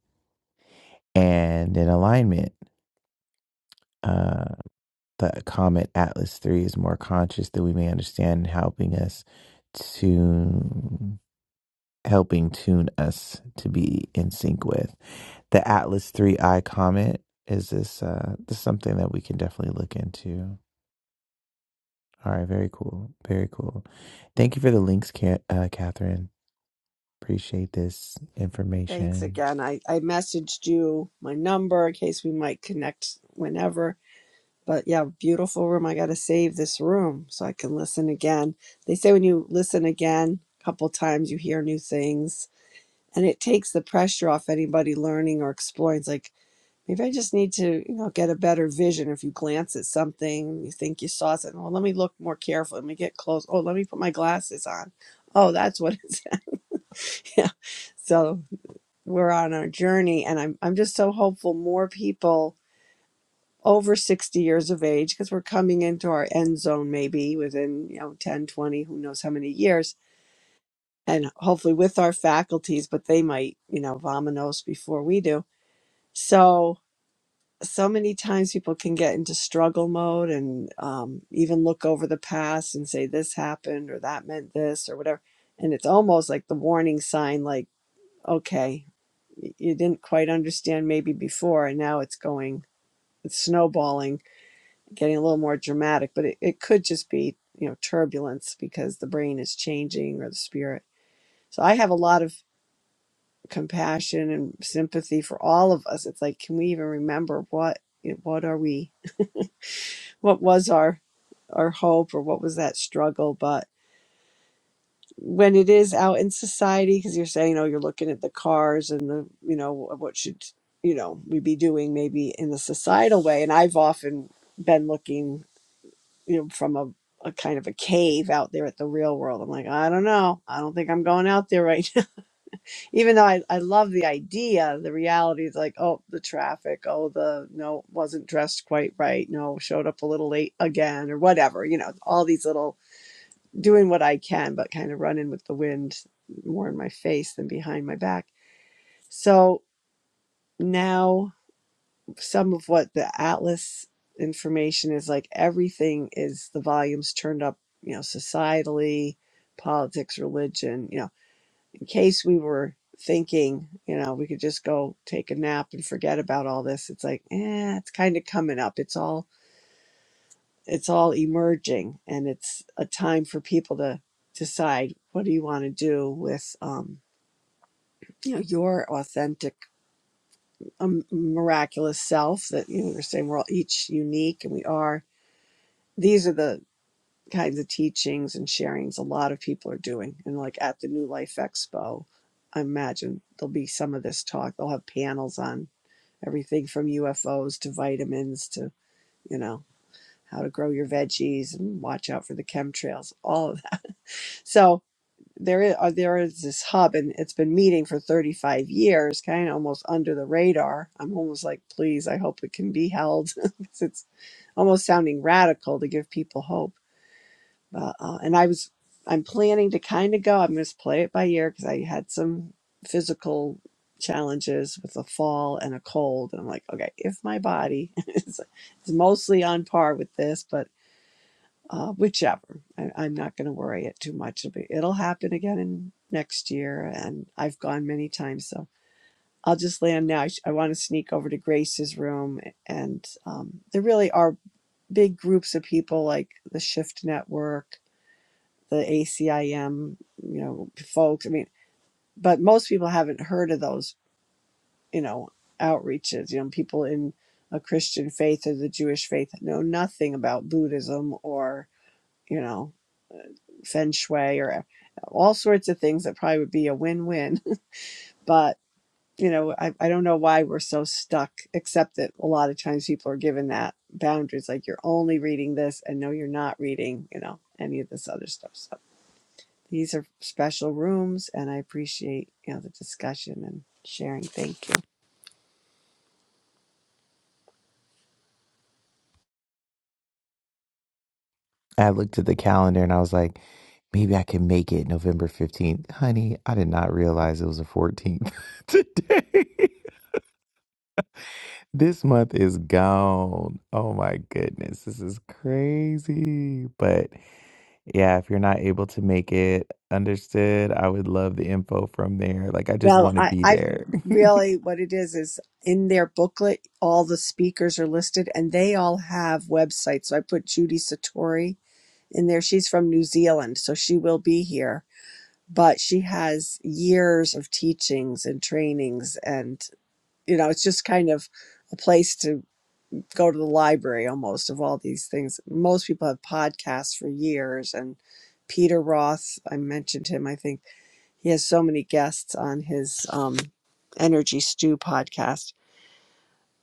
and in alignment. Uh, the Comet Atlas 3 is more conscious than we may understand, helping us to helping tune us to be in sync with. The Atlas 3i Comet is this uh this is something that we can definitely look into. All right, very cool. Very cool. Thank you for the links, Ca- uh, Catherine. Appreciate this Thanks information. again. I, I messaged you my number in case we might connect whenever. But yeah, beautiful room. I got to save this room so I can listen again. They say when you listen again a couple times, you hear new things and it takes the pressure off anybody learning or exploring. It's like, maybe I just need to, you know, get a better vision. If you glance at something, you think you saw something. Well, let me look more carefully. Let me get close. Oh, let me put my glasses on. Oh, that's what it's. yeah. So we're on our journey and i'm i'm just so hopeful more people over 60 years of age because we're coming into our end zone maybe within you know 10 20 who knows how many years and hopefully with our faculties but they might you know vominos before we do so so many times people can get into struggle mode and um, even look over the past and say this happened or that meant this or whatever and it's almost like the warning sign like okay you didn't quite understand maybe before and now it's going it's snowballing getting a little more dramatic but it, it could just be you know turbulence because the brain is changing or the spirit so i have a lot of compassion and sympathy for all of us it's like can we even remember what what are we what was our our hope or what was that struggle but when it is out in society because you're saying oh, you're looking at the cars and the you know what should you know we be doing maybe in a societal way and i've often been looking you know from a, a kind of a cave out there at the real world i'm like i don't know i don't think i'm going out there right now even though I, I love the idea the reality is like oh the traffic oh the no wasn't dressed quite right no showed up a little late again or whatever you know all these little doing what I can, but kind of running with the wind more in my face than behind my back. So now, some of what the Atlas information is like, everything is the volumes turned up, you know, societally, politics, religion, you know, in case we were thinking, you know, we could just go take a nap and forget about all this. It's like, eh, it's kind of coming up. It's all it's all emerging and it's a time for people to decide what do you want to do with um, you know your authentic um, miraculous self that you know we're saying we're all each unique and we are these are the kinds of teachings and sharings a lot of people are doing and like at the new life expo i imagine there'll be some of this talk they'll have panels on everything from ufos to vitamins to you know how to grow your veggies and watch out for the chemtrails all of that so there is uh, there is this hub and it's been meeting for 35 years kind of almost under the radar i'm almost like please i hope it can be held 'Cause it's almost sounding radical to give people hope uh, uh, and i was i'm planning to kind of go i'm going to play it by ear because i had some physical challenges with a fall and a cold and i'm like okay if my body is, is mostly on par with this but uh, whichever. I, I'm not going to worry it too much. It'll, be, it'll happen again in next year, and I've gone many times, so I'll just land now. I, I want to sneak over to Grace's room, and um, there really are big groups of people like the Shift Network, the ACIM, you know, folks. I mean, but most people haven't heard of those, you know, outreaches. You know, people in a Christian faith or the Jewish faith know nothing about Buddhism or you know feng shui or uh, all sorts of things that probably would be a win-win but you know I, I don't know why we're so stuck except that a lot of times people are given that boundaries like you're only reading this and no you're not reading you know any of this other stuff so these are special rooms and i appreciate you know the discussion and sharing thank you I looked at the calendar and I was like, maybe I can make it November 15th. Honey, I did not realize it was the 14th today. This month is gone. Oh my goodness. This is crazy. But yeah, if you're not able to make it, understood. I would love the info from there. Like, I just well want to i be i there. really what it is is in their booklet all the speakers are listed and they all have websites so i put judy satori and there she's from New Zealand, so she will be here. But she has years of teachings and trainings, and you know, it's just kind of a place to go to the library almost of all these things. Most people have podcasts for years, and Peter Roth, I mentioned him, I think he has so many guests on his um, Energy Stew podcast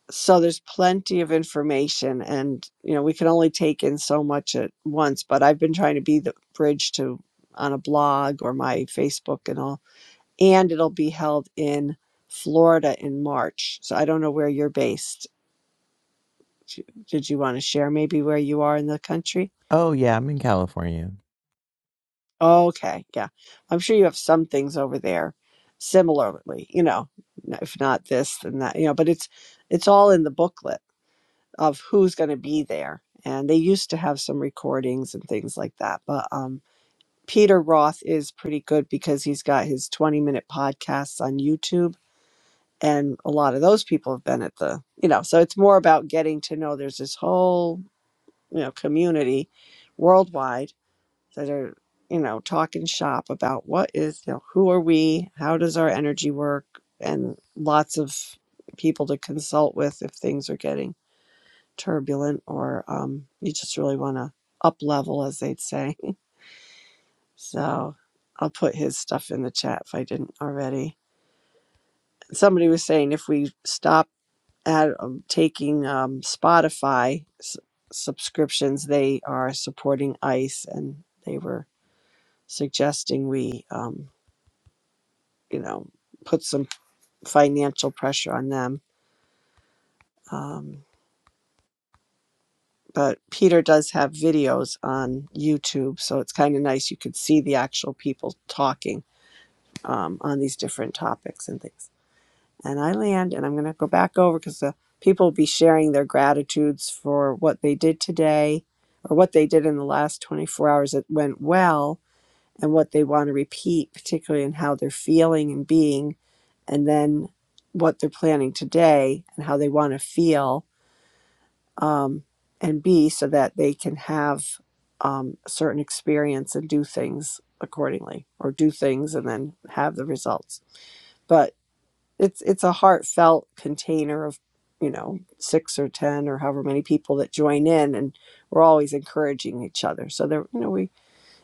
so there's plenty of information and you know we can only take in so much at once but i've been trying to be the bridge to on a blog or my facebook and all and it'll be held in florida in march so i don't know where you're based did you want to share maybe where you are in the country Oh, yeah, I'm in California. okay yeah i'm sure you have some things over there similarly you know if not this then that you know but it's it's all in the booklet of who's going to be there. And they used to have some recordings and things like that. But um, Peter Roth is pretty good because he's got his 20 minute podcasts on YouTube. And a lot of those people have been at the, you know, so it's more about getting to know there's this whole, you know, community worldwide that are, you know, talking shop about what is, you know, who are we? How does our energy work? And lots of people to consult with if things are getting turbulent or um, you just really want to up level, as they'd say. So I'll put his stuff in the chat if I didn't already. Somebody was saying if we stop at um, taking um, Spotify s- subscriptions, they are supporting ICE, and they were suggesting we, um, you know, put some financial pressure on them. Um, but Peter does have videos on YouTube, so it's kind of nice. You could see the actual people talking um, on these different topics and things. And I land, and I'm going to go back over because the people will be sharing their gratitudes for what they did today or what they did in the last 24 hours that went well and what they want to repeat, particularly in how they're feeling and being, and then what they're planning today and how they want to feel um, and be so that they can have um, a certain experience and do things accordingly or do things and then have the results. But it's it's a heartfelt container of you know six or ten or however many people that join in and we're always encouraging each other so there you know we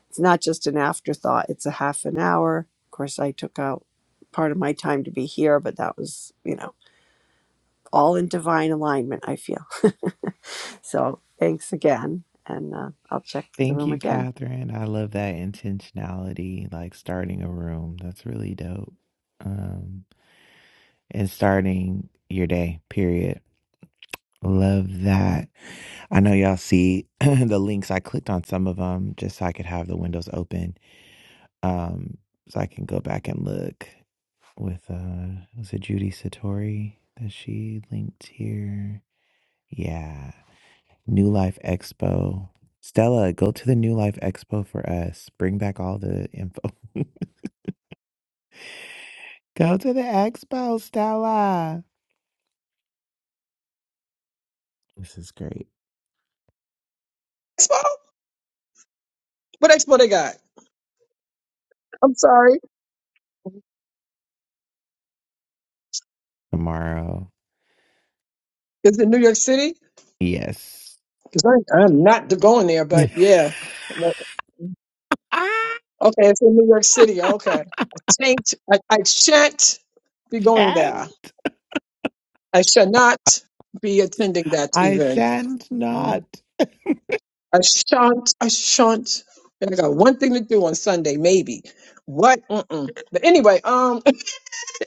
it's not just an afterthought it's a half an hour of course i took out part of my time to be here but that was you know all in divine alignment i feel so thanks again and uh, i'll check the Thank room you, again Catherine. I love that intentionality, like starting a room. That's really dope. Um, and starting your day, period. Love that. I know y'all see the links. I clicked on some of them just so I could have the windows open. Um, so I can go back and look with uh was it Judy Satori that she linked here? Yeah. New Life Expo. Stella, go to the New Life Expo for us. Bring back all the info. go to the expo, Stella. This is great. Expo? What expo they got? I'm sorry. Tomorrow. Is it New York City? Yes. Because I'm not going there, but yeah. I Okay, it's in New York City. Okay. I shan't, I, I shan't be going shan't. there. I shall not be attending that I event. shan't not I shan't. I shan't. And I got one thing to do on Sunday, maybe. What? Mm-mm. But anyway, um,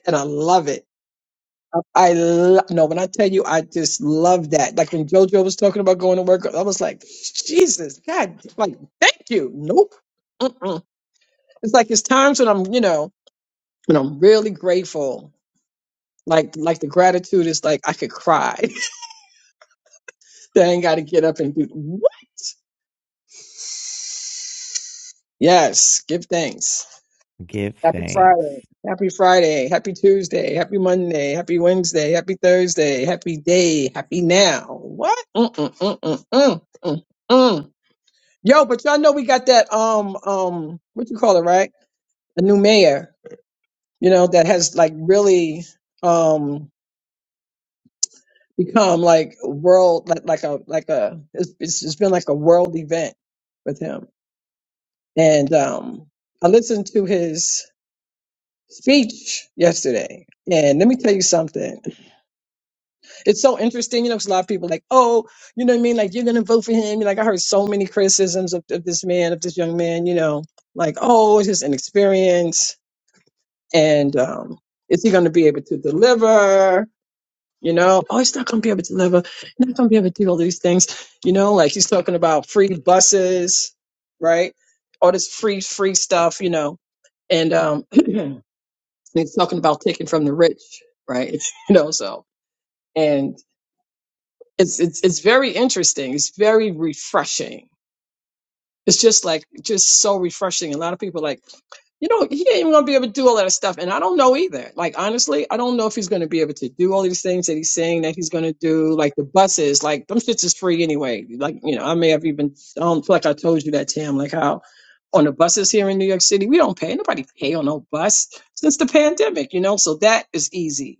and I love it. I, I lo- no. When I tell you, I just love that. Like when JoJo was talking about going to work, I was like, Jesus, God, like, thank you. Nope. Mm-mm. It's like it's times when I'm, you know, when I'm really grateful. Like, like the gratitude is like I could cry. then I got to get up and do what? Yes, give thanks. give Happy thanks. Friday. Happy Friday. Happy Tuesday. Happy Monday. Happy Wednesday. Happy Thursday. Happy day. Happy now. What? Mm, mm, mm, mm, mm, mm, mm. Yo, but y'all know we got that um um what you call it, right? A new mayor, you know, that has like really um become like world like like a like a it's it's it's been like a world event with him. And um I listened to his speech yesterday. And let me tell you something. it's so interesting, you know. know, 'cause a lot of people like, oh, you know what I mean? Like, you're going to vote for him. Like, I heard so many criticisms of, of this man, of this young man, you know, like, oh, it's just inexperience. And um, is he going to be able to deliver? You know, oh, he's not going to be able to deliver. He's not going to be able to do all these things. You know, like he's talking about free buses, right? All this free, free stuff, you know. And um, he's talking about taking from the rich, right? you know, so. and. it's it's it's very interesting. It's very refreshing. It's just like just so refreshing. A lot of people are like, you know, he ain't even gonna be able to do all that stuff. And I don't know either. Like honestly, I don't know if he's gonna be able to do all these things that he's saying that he's gonna do. Like the buses, like them shits is free anyway. Like, you know, I may have even I don't feel like I told you that, Tim, like how on the buses here in New York City, we don't pay. Nobody pay on no bus since the pandemic, you know. So that is easy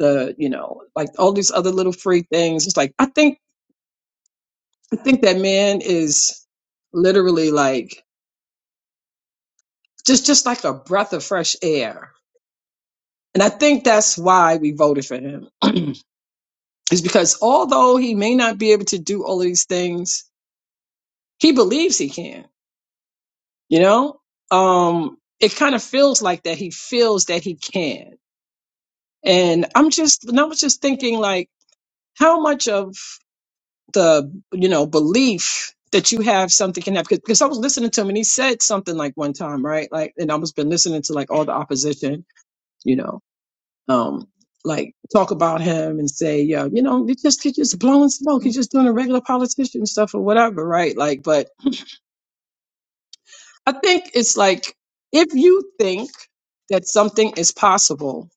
the you know like all these other little free things it's like i think I think that man is literally like just just like a breath of fresh air. And I think that's why we voted for him. is because although he may not be able to do all of these things, he believes he can, you know? Um it kind of feels like that he feels that he can. And I'm just and I was just thinking like how much of the you know belief that you have something can happen because I was listening to him and he said something like one time right like and I was been listening to like all the opposition you know um like talk about him and say yeah you know you just you just blowing smoke he's just doing a regular politician stuff or whatever right like but I think it's like if you think that something is possible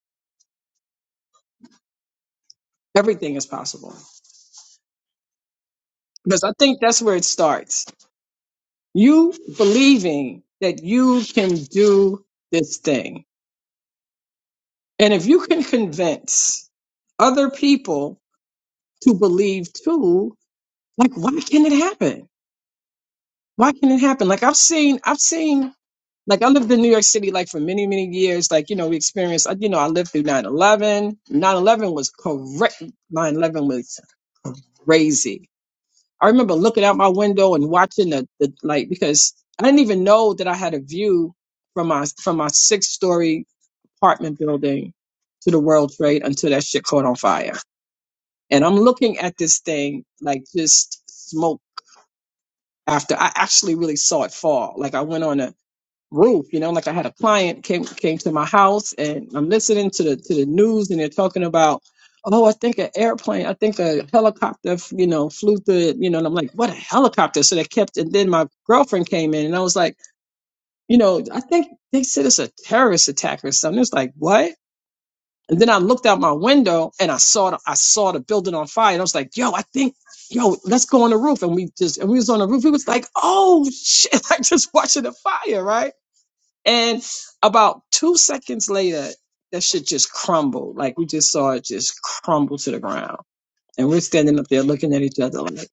everything is possible because I think that's where it starts you believing that you can do this thing And if you can convince other people to believe too, like why can it happen? Why can it happen? Like I've seen, I've seen, like I lived in New York City like for many, many years. Like, you know, we experienced, like, you know, I lived through nine eleven. Nine eleven was correct. Nine eleven was crazy. I remember looking out my window and watching the, the like because I didn't even know that I had a view from my from my six story apartment building to the World Trade until that shit caught on fire. And I'm looking at this thing like just smoke after I actually really saw it fall. Like I went on a roof, you know, like I had a client came came to my house and I'm listening to the to the news and they're talking about, oh, I think an airplane, I think a helicopter, you know, flew through it, you know, and I'm like, what a helicopter. So they kept and then my girlfriend came in and I was like, you know, I think they said it's a terrorist attack or something. It's like, what? And then I looked out my window and I saw the, I saw the building on fire. And I was like, yo, I think, yo, let's go on the roof. And we just, and we was on the roof. It was like, oh shit, like just watching the fire, right? And about two seconds later, that shit just crumbled. Like we just saw it just crumble to the ground. And we're standing up there looking at each other like,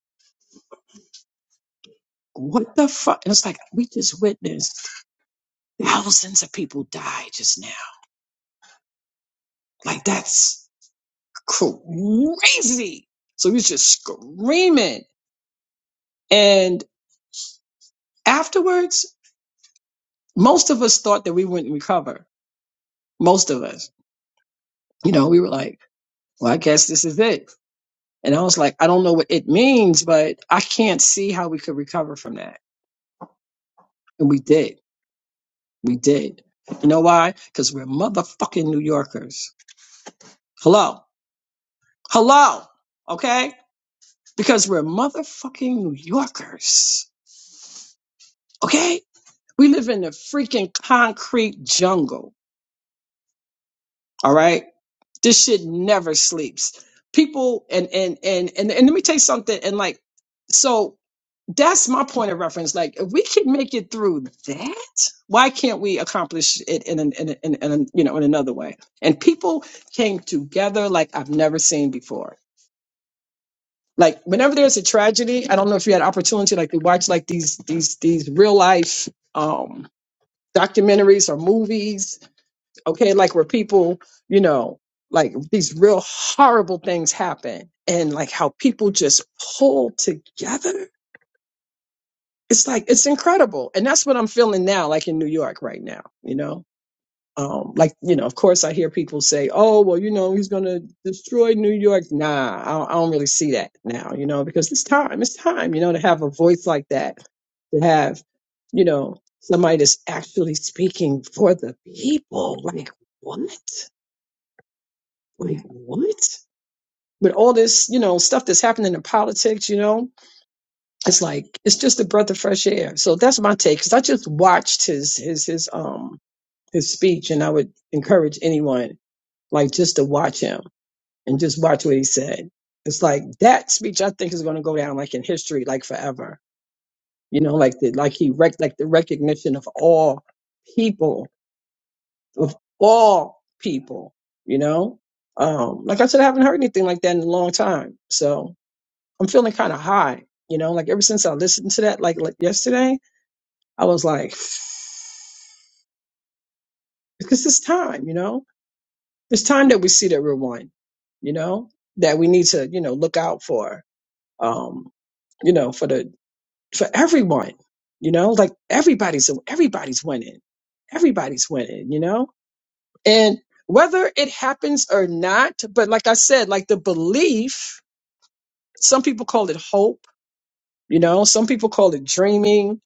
what the fuck? And it's like, we just witnessed thousands of people die just now. Like that's crazy. So we was just screaming And afterwards, most of us thought that we wouldn't recover. Most of us, you know, we were like, well, I guess this is it. And I was like, I don't know what it means, but I can't see how we could recover from that. And we did. We did. You know why? Because we're motherfucking New Yorkers. Hello. Hello. Okay. Because we're motherfucking New Yorkers. Okay. We live in a freaking concrete jungle. All right This shit never sleeps. People and and and and, and let me tell you something. And like, so that's my point of reference. Like, if we can make it through that, why can't we accomplish it in an in, a- in, a- in a- you know in another way? And people came together like I've never seen before. Like whenever there's a tragedy, I don't know if you had opportunity like to watch like these these these real life um documentaries or movies okay like where people you know like these real horrible things happen and like how people just pull together it's like it's incredible and that's what i'm feeling now like in new york right now you know um like you know of course i hear people say oh well you know he's going to destroy new york nah I don't, I don't really see that now you know because it's time it's time you know to have a voice like that to have you know somebody that's actually speaking for the people like what Like, what? With all this, you know, stuff that's happening in politics, you know, it's like it's just a breath of fresh air. So that's my take. Because I just watched his his his um his speech, and I would encourage anyone like just to watch him and just watch what he said. It's like that speech. I think is going to go down like in history, like forever. You know, like the like he rec- like the recognition of all people of all people. You know, um, like I said, I haven't heard anything like that in a long time. So I'm feeling kind of high, you know, like ever since I listened to that, like, like yesterday, I was like, because it's time, you know, it's time that we see that we're one, you know, that we need to, you know, look out for, um, you know, for the, for everyone, you know, like everybody's, everybody's winning, everybody's winning, you know, and whether it happens or not, but like I said, like the belief, some people call it hope, you know, some people call it dreaming,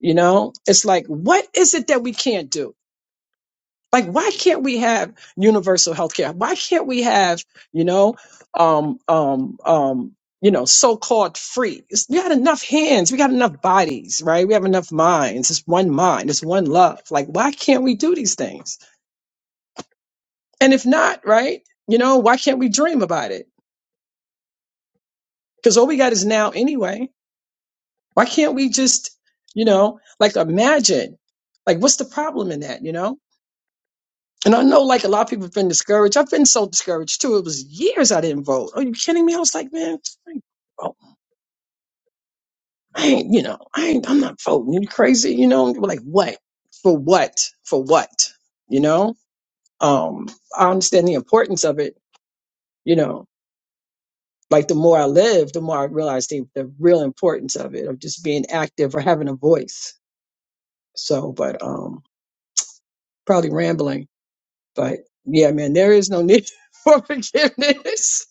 You know, it's like, what is it that we can't do? Like, why can't we have universal health care? Why can't we have, you know, um, um, um, you know, so-called free? It's- we got enough hands, we got enough bodies, right? We have enough minds. It's one mind, it's one love. Like, why can't we do these things? And if not, right? You know, why can't we dream about it? Because all we got is now anyway. Why can't we just, you know, like imagine? Like, what's the problem in that? You know? And I know like a lot of people have been discouraged. I've been so discouraged too. It was years I didn't vote. Are you kidding me? I was like, man, I ain't, vote. I ain't you know, I ain't, I'm not voting. You crazy? You know, They like what? For what? For what? You know? Um, I understand the importance of it, you know. Like the more I live, the more I realize the, the real importance of it, of just being active or having a voice. So, but um probably rambling. But yeah, man, there is no need for forgiveness.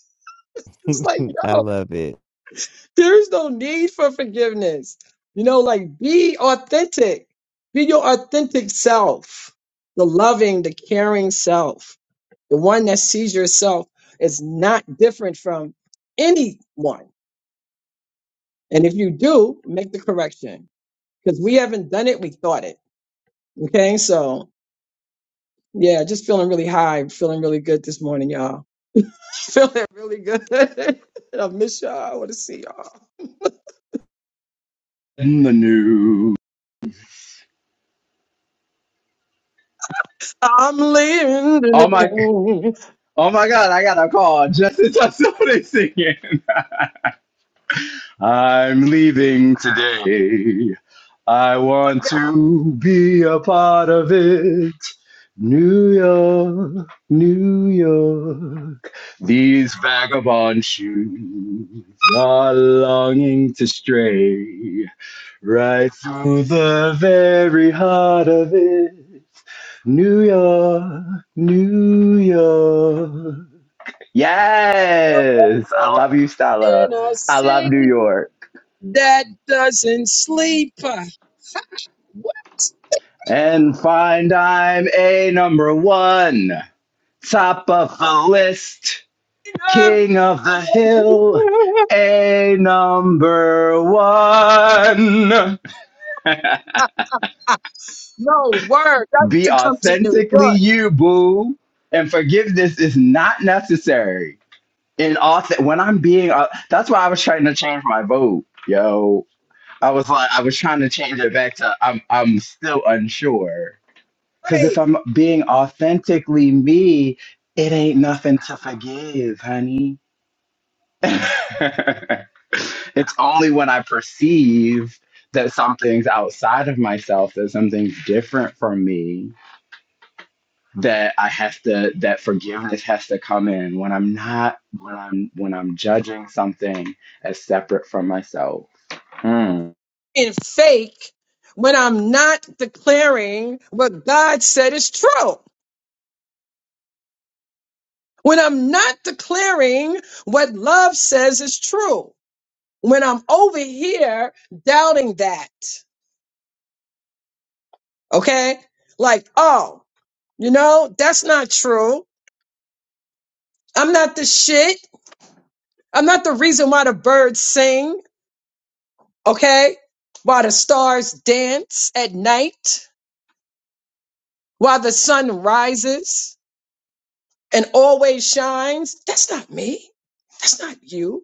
It's like, I yo. love it. There's no need for forgiveness. You know, like be authentic. Be your authentic self, the loving, the caring self, the one that sees yourself is not different from anyone. And if you do, make the correction because we haven't done it, we thought it. Okay, so yeah, just feeling really high, feeling really good this morning, y'all. Feeling really good. I miss y'all. I want to see y'all. in the news. I'm oh my leaving. oh my god i got a call just in time somebody's singing I'm leaving today. I want to be a part of it. New York, New York, these vagabond shoes are longing to stray right through the very heart of it. New York, New York. No Yes, I world love you, Stella. in a I love New city York. that doesn't sleep. What? and find I'm a number one, top of the list, Uh, king of the hill, a number one. no word. I need Be to come to New authentically York. you, boo, and forgiveness is not necessary. In auth. when I'm being, au- that's why I was trying to change my vote, yo. I was like, I was trying to change it back to I'm, I'm still unsure Because if Hey, I'm being authentically me, it ain't nothing to forgive, honey. it's only when I perceive that something's outside of myself, that something's different from me, that I have to that forgiveness has to come in when I'm not when I'm when I'm judging something as separate from myself. Hmm. and fake when I'm not declaring what God said is true. When I'm not declaring what love says is true. When I'm over here doubting that. Okay? Like, oh, you know, that's not true I'm not the shit. I'm not the reason why the birds sing, okay? Why the stars dance at night, why the sun rises and always shines. That's not me. That's not you.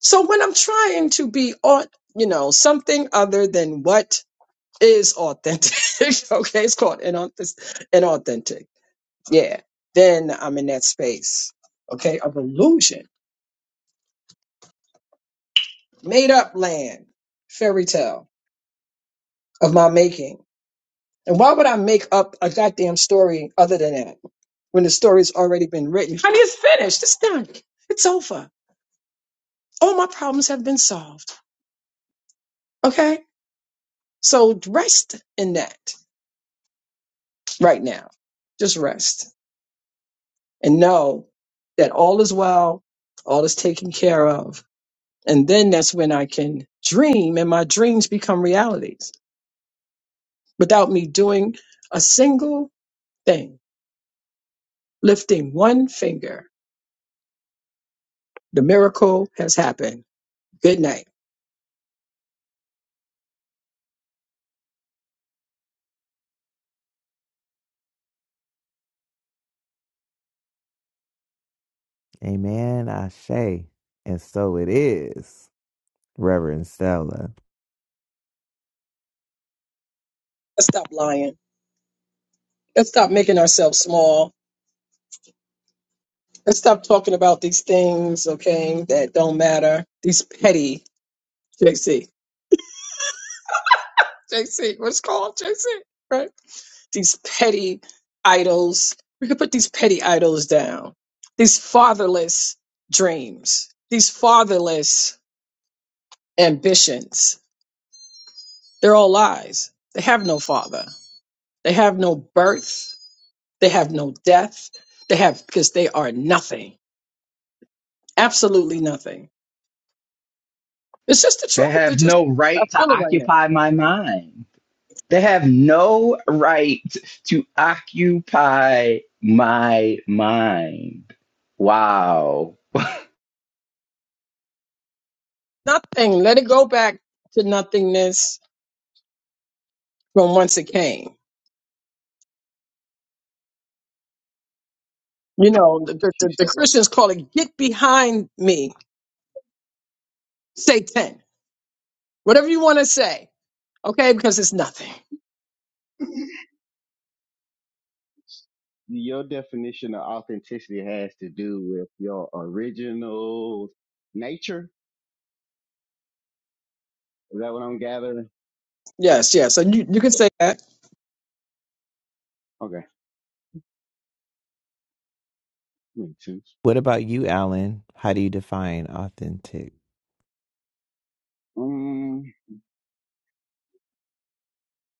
So when I'm trying to be on, you know, something other than what is authentic, okay, it's called inauth- inauthentic. Yeah. Then I'm in that space, okay, of illusion, made up land, fairy tale of my making And why would I make up a goddamn story other than that when the story's already been written? Honey, it's finished. It's done. It's over. All my problems have been solved. Okay? So rest in that right now. Just rest and know that all is well, all is taken care of. And then that's when I can dream and my dreams become realities without me doing a single thing, lifting one finger. The miracle has happened. Good night. Amen. I say. And so it is, Reverend Stella. Let's stop lying. Let's stop making ourselves small. Let's stop talking about these things, okay, that don't matter. These petty, JC, JC, what's it called JC, right? These petty idols. We can put these petty idols down. These fatherless dreams. These fatherless ambitions. They're all lies. They have no father. They have no birth. They have no death. They have because they are nothing, absolutely nothing. It's just the truth. They have It's just no I right to feel it right now. occupy my mind. They have no right to occupy my mind. Wow. Nothing. Let it go back to nothingness from whence it came. You know, me the, the, ask you, the the Stella. Christians call it "get behind me, Satan." Whatever you want to say, okay? Because it's nothing. Your definition of authenticity has to do with your original nature. Is that what I'm gathering? Yes, yes. So you, you can say that. Okay, makes sense. What about you, Alan? How do you define authentic? Um,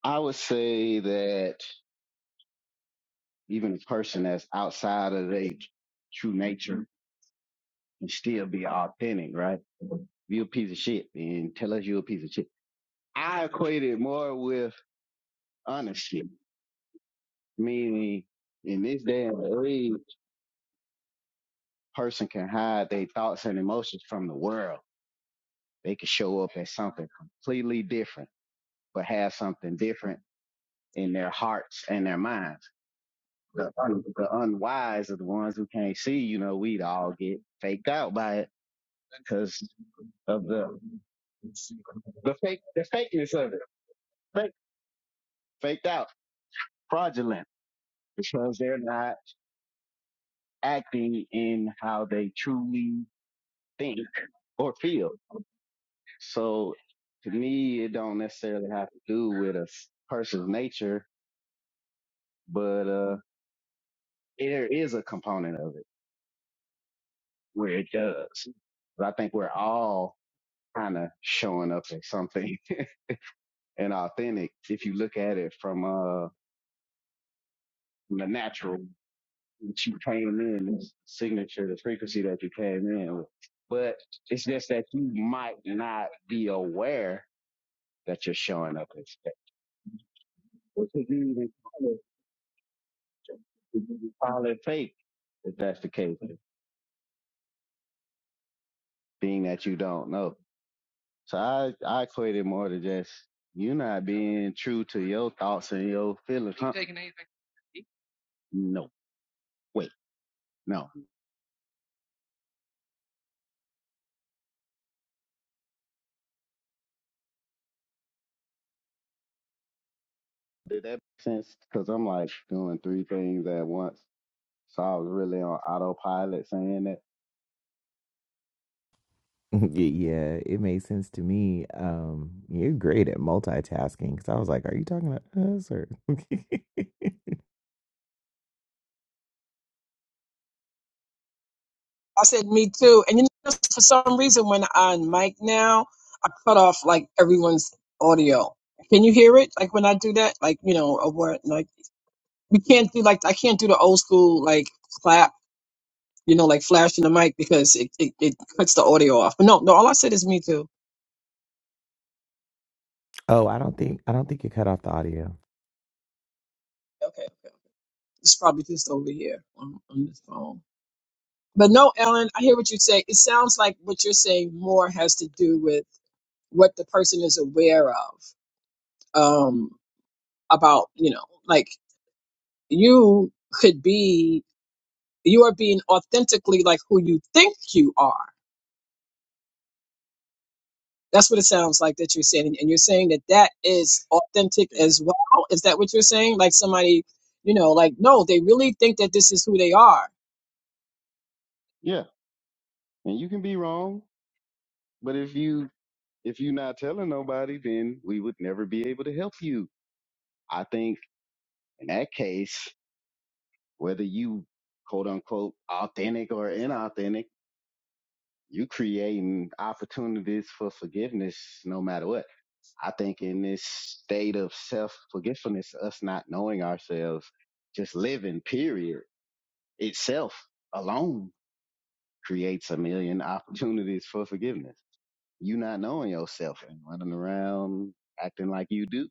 I would say that even a person that's outside of their true nature can still be authentic, right? If you're a piece of shit, then tell us you're a piece of shit. I equate it more with honesty, meaning in this day and age. person can hide their thoughts and emotions from the world. They can show up as something completely different, but have something different in their hearts and their minds. The, un- the unwise are the ones who can't see, you know, we'd all get faked out by it because of the, the fake, the fakeness of it. Fake, faked out, fraudulent because they're not acting in how they truly think or feel. So to me, it don't necessarily have to do with a s- person's nature, but uh, there is a component of it where it does. But I think we're all kind of showing up as something and authentic if you look at it from uh from the natural that you came in, this signature, the frequency that you came in with. But it's just that you might not be aware that you're showing up as that. Which is even It's Probably fake if that's the case, being that you don't know. So I, I equate it more to just you not being true to your thoughts and your feelings. Are you Taking anything? No, wait, no. Did that make sense? Because I'm like doing three things at once. So I was really on autopilot saying that. Yeah, it made sense to me. Um, you're great at multitasking because I was like, "Are you talking to us or?" I said, me too. And you know, for some reason, when I'm on mic now, I cut off like everyone's audio. Can you hear it? Like when I do that, like, you know, or what, like, we can't do like, I can't do the old school, like, clap, you know, like flashing the mic because it, it, it cuts the audio off. But no, no, all I said is me too. Oh, I don't think I don't think you cut off the audio. Okay. okay. okay. It's probably just over here on, on this phone. But no, Ellen, I hear what you say. It sounds like what you're saying more has to do with what the person is aware of. Um, about, you know, like you could be, you are being authentically like who you think you are. That's what it sounds like that you're saying. And you're saying that that is authentic Yeah. as well. Is that what you're saying? Like somebody, you know, like, no, they really think that this is who they are. Yeah. And you can be wrong, but if you if you're not telling nobody, then we would never be able to help you. I think in that case, whether you quote unquote authentic or inauthentic, you creating opportunities for forgiveness no matter what. I think in this state of self forgetfulness, us not knowing ourselves, just living period itself alone creates a million opportunities for forgiveness. You not knowing yourself and running around acting like you do.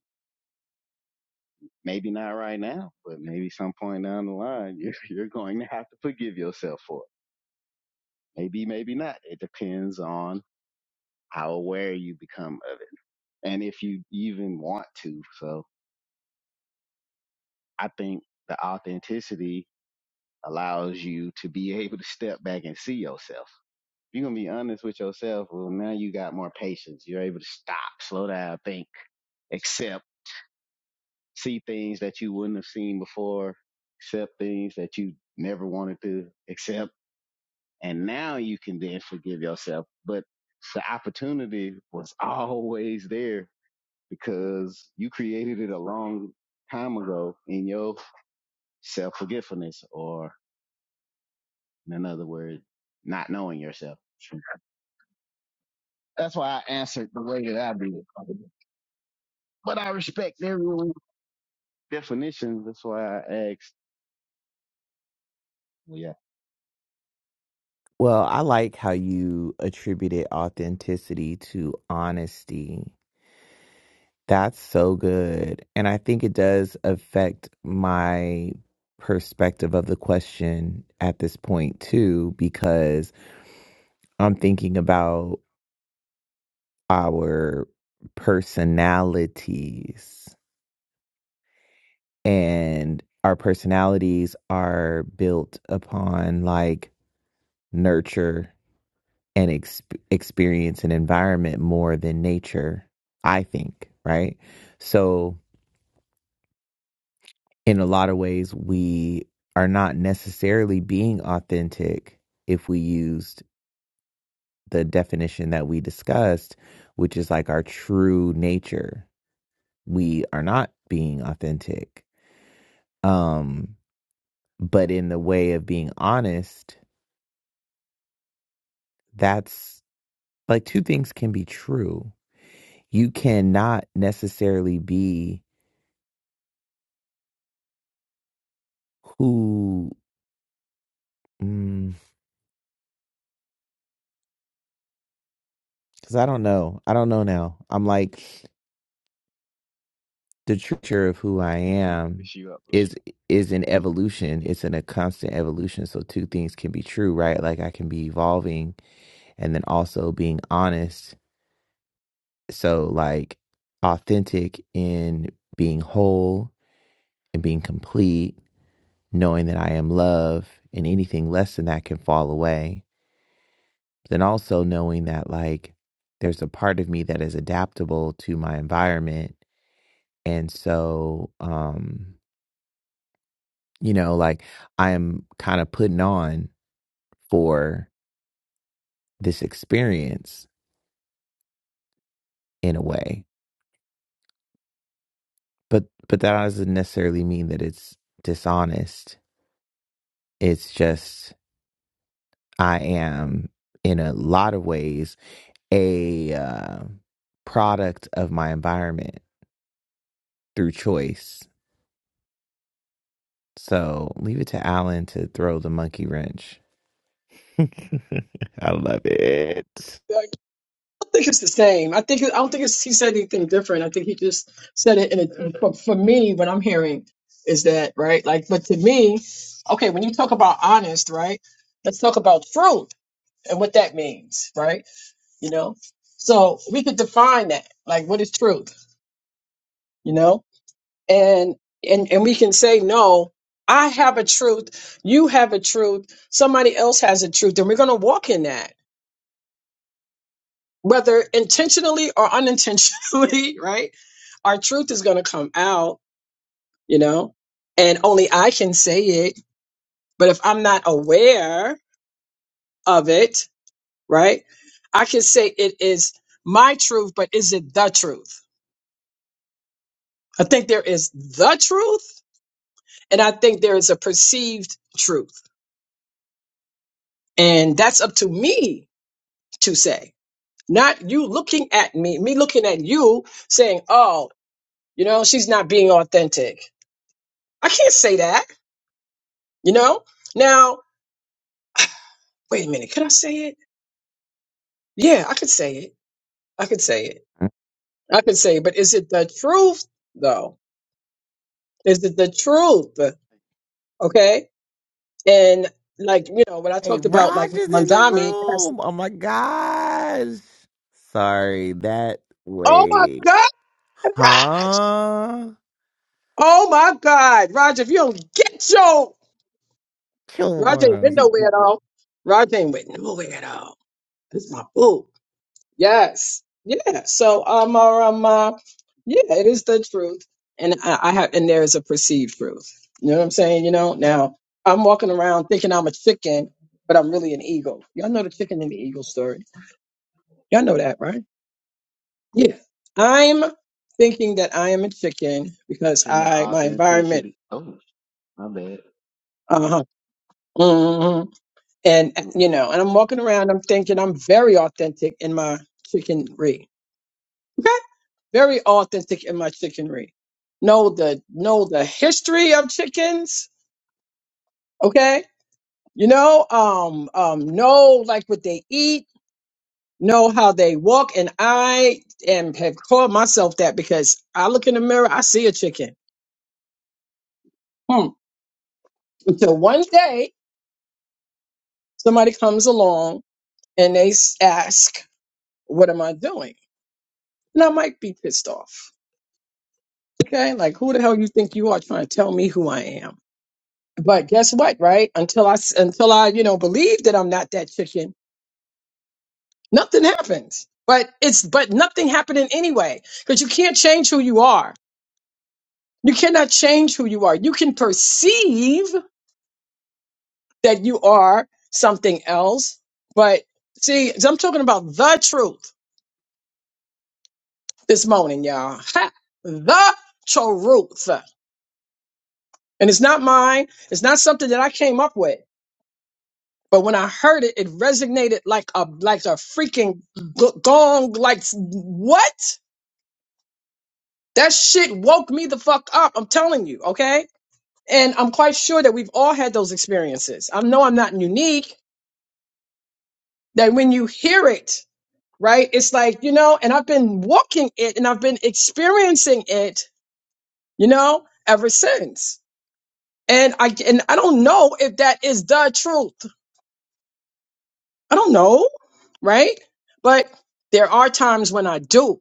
Maybe not right now, but maybe some point down the line, you're, you're going to have to forgive yourself for it Maybe, maybe not. It depends on how aware you become of it and if you even want to. So I think the authenticity allows you to be able to step back and see yourself. If you're going to be honest with yourself, well, now you got more patience. You're able to stop, slow down, think, accept, see things that you wouldn't have seen before, accept things that you never wanted to accept. And now you can then forgive yourself. But the opportunity was always there because you created it a long time ago in your self forgetfulness, or in another word, not knowing yourself. That's why I answered the way that I did. But I respect everyone's definition. That's why I asked. Well, yeah, Well, I like how you attributed authenticity to honesty. That's so good, and I think it does affect my perspective of the question at this point too, because I'm thinking about our personalities and our personalities are built upon like nurture and ex- experience and environment more than nature i think right so in a lot of ways we are not necessarily being authentic if we used the definition that we discussed which is like our true nature we are not being authentic um but in the way of being honest that's like two things can be true. You cannot necessarily be who, because I don't know. I don't know now. I'm like the truture of who I I'm gonna am fish you up. is is an evolution. It's in a constant evolution. So two things can be true, right? Like I can be evolving and then also being honest. So like authentic in being whole and being complete, knowing that I am love, and anything less than that can fall away then also knowing that like there's a part of me that is adaptable to my environment and so um you know like i'm kind of putting on for this experience in a way but but that doesn't necessarily mean that it's dishonest it's just i am in a lot of ways a uh, product of my environment through choice So leave it to Alan to throw the monkey wrench. I love it. I think it's the same. I think it, I don't think it's, he said anything different. I think he just said it in a. For, for me, what I'm hearing is that right. Like, but to me, okay, when you talk about honest, right? Let's talk about truth and what that means, right? You know, so we could define that. Like, what is truth? You know, and and and we can say no. I have a truth. You have a truth. Somebody else has a truth, and we're gonna walk in that whether intentionally or unintentionally, right? Our truth is going to come out, you know, and only I can say it. But if I'm not aware of it, right, I can say it is my truth, but is it the truth? I think there is the truth, and I think there is a perceived truth. And that's up to me to say, not you looking at me, me looking at you saying, oh, you know, she's not being authentic. I can't say that You know? Now, wait a minute. Could I say it? Yeah, I could say it. I could say it. I could say it. But is it the truth, though? Is it the truth? Okay. And like, you know, when I Hey, talked about like Roger's in the Mandami, it has to- room. Oh my gosh. Sorry, that oh my way. God, Raj! Huh? Oh my God, Raj, if you don't get your, Kill Raj ain't went worms. nowhere Mention at all. Raj ain't went nowhere at all. This is my boo. Yes. Yeah. So um, or, um uh, yeah, it is the truth. And I, I have and there is a perceived truth. You know what I'm saying? You know, now I'm walking around thinking I'm a chicken, but I'm really an eagle. Y'all know the chicken and the eagle story. Y'all know that, right? Yeah. I'm thinking that I am a chicken because the I my environment authenticity. Oh, my bad. uh-huh. mhm. And you know, and I'm walking around, I'm thinking I'm very authentic in my chickenry Okay? Very authentic in my chickenry. Know the know the history of chickens. Okay? You know, um, um, know like what they eat, know how they walk, and I am have called myself that because I look in the mirror, I see a chicken. Hmm. Until one day somebody comes along and they s- ask, What am I doing? And I might be pissed off. Okay, like who the hell you think you are trying to tell me who I am? But guess what, right? Until I s- until I, you know, believe that I'm not that chicken, nothing happens. But it's but nothing happening anyway because you can't change who you are. You cannot change who you are. You can perceive that you are something else, but see, I'm talking about the truth this morning, y'all. Ha! The truth. And it's not mine. It's not something that I came up with. But when I heard it, it resonated like a like a freaking g- gong. Like what? That shit woke me the fuck up. I'm telling you, okay. And I'm quite sure that we've all had those experiences. I know I'm not unique. That when you hear it, right, it's like you know. And I've been walking it, and I've been experiencing it, you know, ever since. And I and I don't know if that is the truth. I don't know, right? But there are times when I do.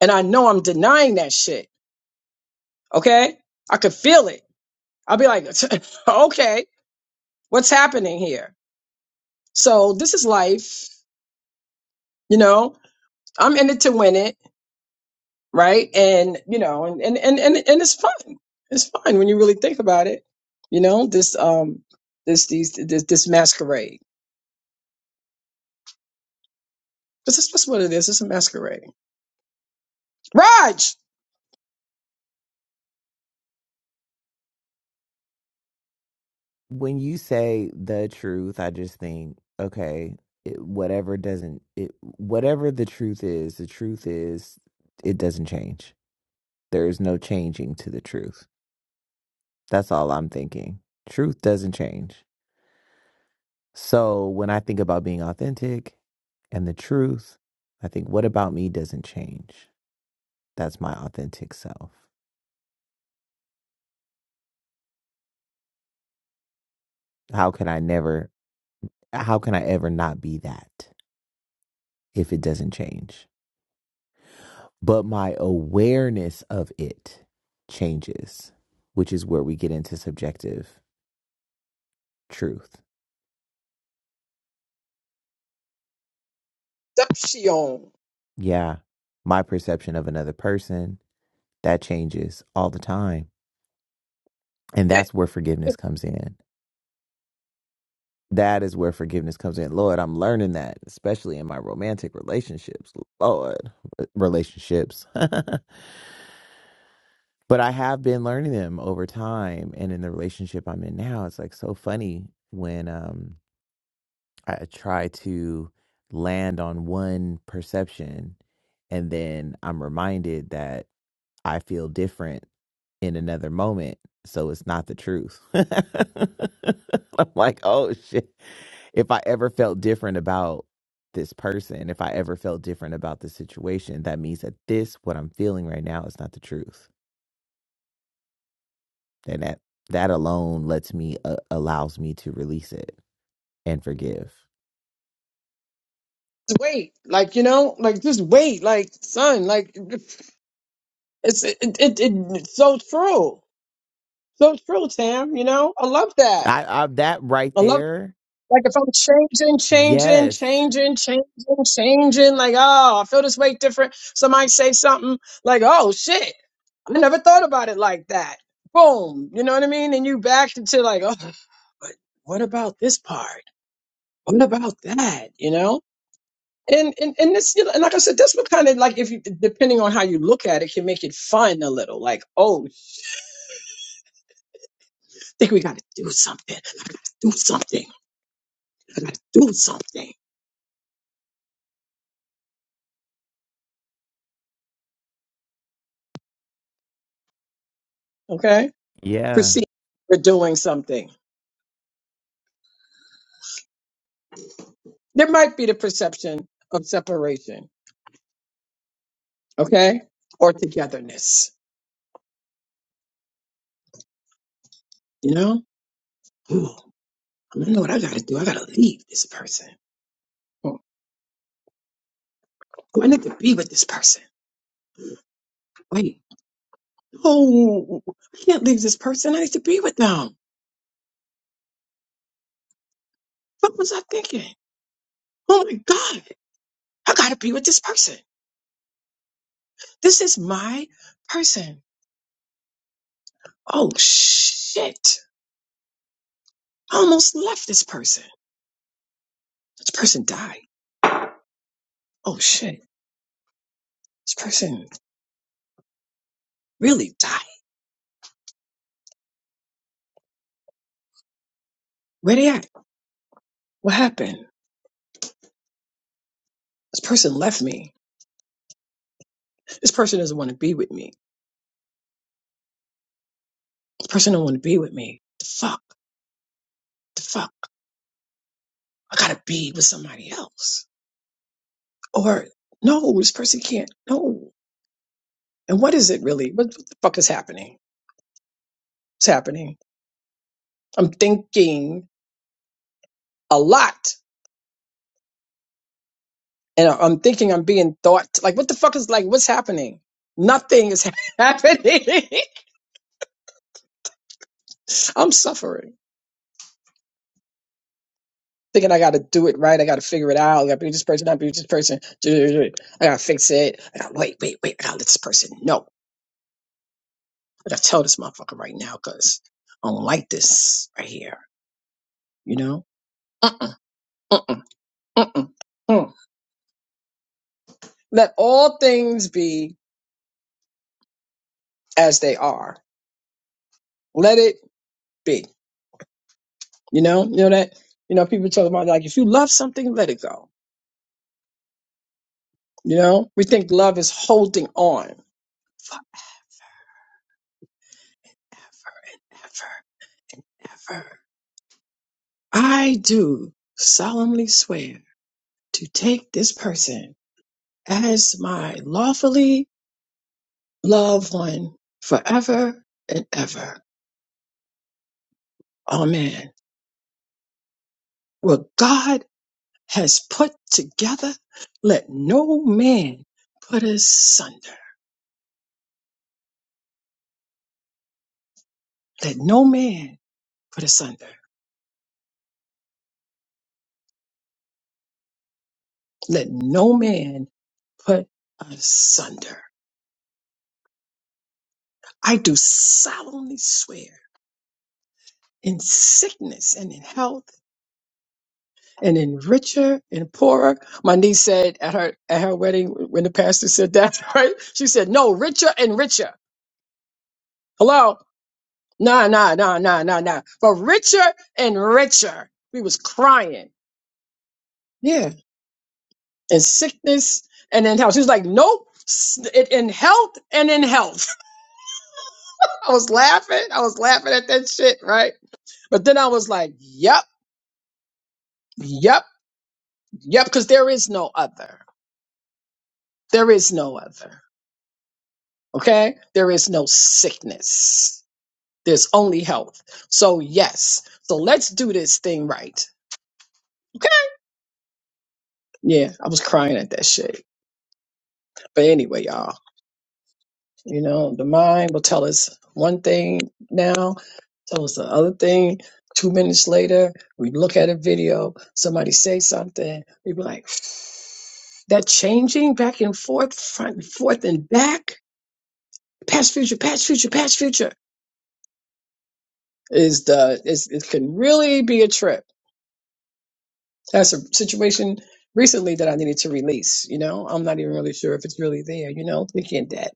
And I know I'm denying that shit. Okay. I could feel it. I'll be like, okay, what's happening here? So this is life, you know, I'm in it to win it. Right. And, you know, and, and, and, and, and it's fun. It's fun when you really think about it. You know, this, um, this, these, this, this masquerade. This is, that's what it is. It's a masquerade. Raj, When you say the truth, I just think, okay, it, whatever doesn't, it, whatever the truth is, the truth is, it doesn't change. There is no changing to the truth. That's all I'm thinking. Truth doesn't change. So when I think about being authentic and the truth, I think, what about me doesn't change? That's my authentic self. How can I never, how can I ever not be that if it doesn't change? But my awareness of it changes, which is where we get into subjective truth. that's she on. Yeah, my perception of another person, that changes all the time. And that's where forgiveness comes in That is where forgiveness comes in. Lord, I'm learning that, especially in my romantic relationships. Lord, relationships. but I have been learning them over time. And in the relationship I'm in now, it's like so funny when um, I try to land on one perception and then I'm reminded that I feel different in another moment. So it's not the truth. I'm like, oh shit. If I ever felt different about this person, if I ever felt different about the situation, that means that this, what I'm feeling right now, is not the truth. And that that alone lets me, uh, allows me to release it and forgive. just wait like you know like just wait like son like it's it, it, it's so true so true tam you know i love that I, I that right i love there. like if i'm changing changing Yes. changing changing changing like oh i feel this way different somebody say something like oh shit i never thought about it like that boom you know what i mean and you back into like oh but what about this part what about that you know And and and this, you know, and like I said, that's what kind of like if you depending on how you look at it, can make it fun a little. Like, oh, I think we got to do something. I got to do something. I got to do something. Okay, Yeah. perceive we're doing something. There might be the perception of separation. Okay, or togetherness. You know, Ooh, I don't know what I got to do. I got to leave this person. Oh, I need to be with this person. Wait, oh, I can't leave this person. I need to be with them. What was I thinking? Oh my God, I gotta be with this person. This is my person. Oh shit. I almost left this person. This person died. Oh shit. This person really died. Where they at? What happened? This person left me. This person doesn't want to be with me. This person don't want to be with me. The fuck? The fuck? I gotta be with somebody else. Or no, this person can't. No. And what is it really? What, what the fuck is happening? It's happening. I'm thinking a lot and I- I'm thinking I'm being thought like, what the fuck is like, what's happening? Nothing is happening. I'm suffering, thinking I got to do it right. I got to figure it out. I got to be this person. I got to be this person. I got to fix it. I got to wait, wait, wait. I got to let this person know. I got to tell this motherfucker right now because I don't like this right here. You know? Mm-mm, mm-mm, mm-mm, mm. Let all things be as they are. Let it be. You know? You know that? You know, people talk about like, if you love something, let it go You know, we think love is holding on forever and ever. and ever. I do solemnly swear to take this person as my lawfully loved one forever and ever. Amen. What God has put together, let no man put asunder. Let no man put asunder. Let no man put asunder. I do solemnly swear in sickness and in health and in richer and poorer. My niece said at her at her wedding when the pastor said that, right? She said, No, richer and richer. Hello? Nah, nah, nah, nah, nah, nah. But richer and richer. We was crying. Yeah. In sickness and in health. She was like, Nope. S- In in health and in health. I was laughing. I was laughing at that shit, right? But then I was like, Yep, yep. Yep, because there is no other. There is no other. Okay? There is no sickness. There's only health. So, yes. So, let's do this thing right. Okay? Yeah, I was crying at that shit. But anyway, y'all, you know, the mind will tell us one thing now, tell us the other thing. Two minutes later, we look at a video, somebody say something, we be like, that changing back and forth, front and forth and back, past, future, past, future, past, future is the is it can really be a trip. That's a situation recently that I needed to release. You know, I'm not even really sure if it's really there. You know, thinking that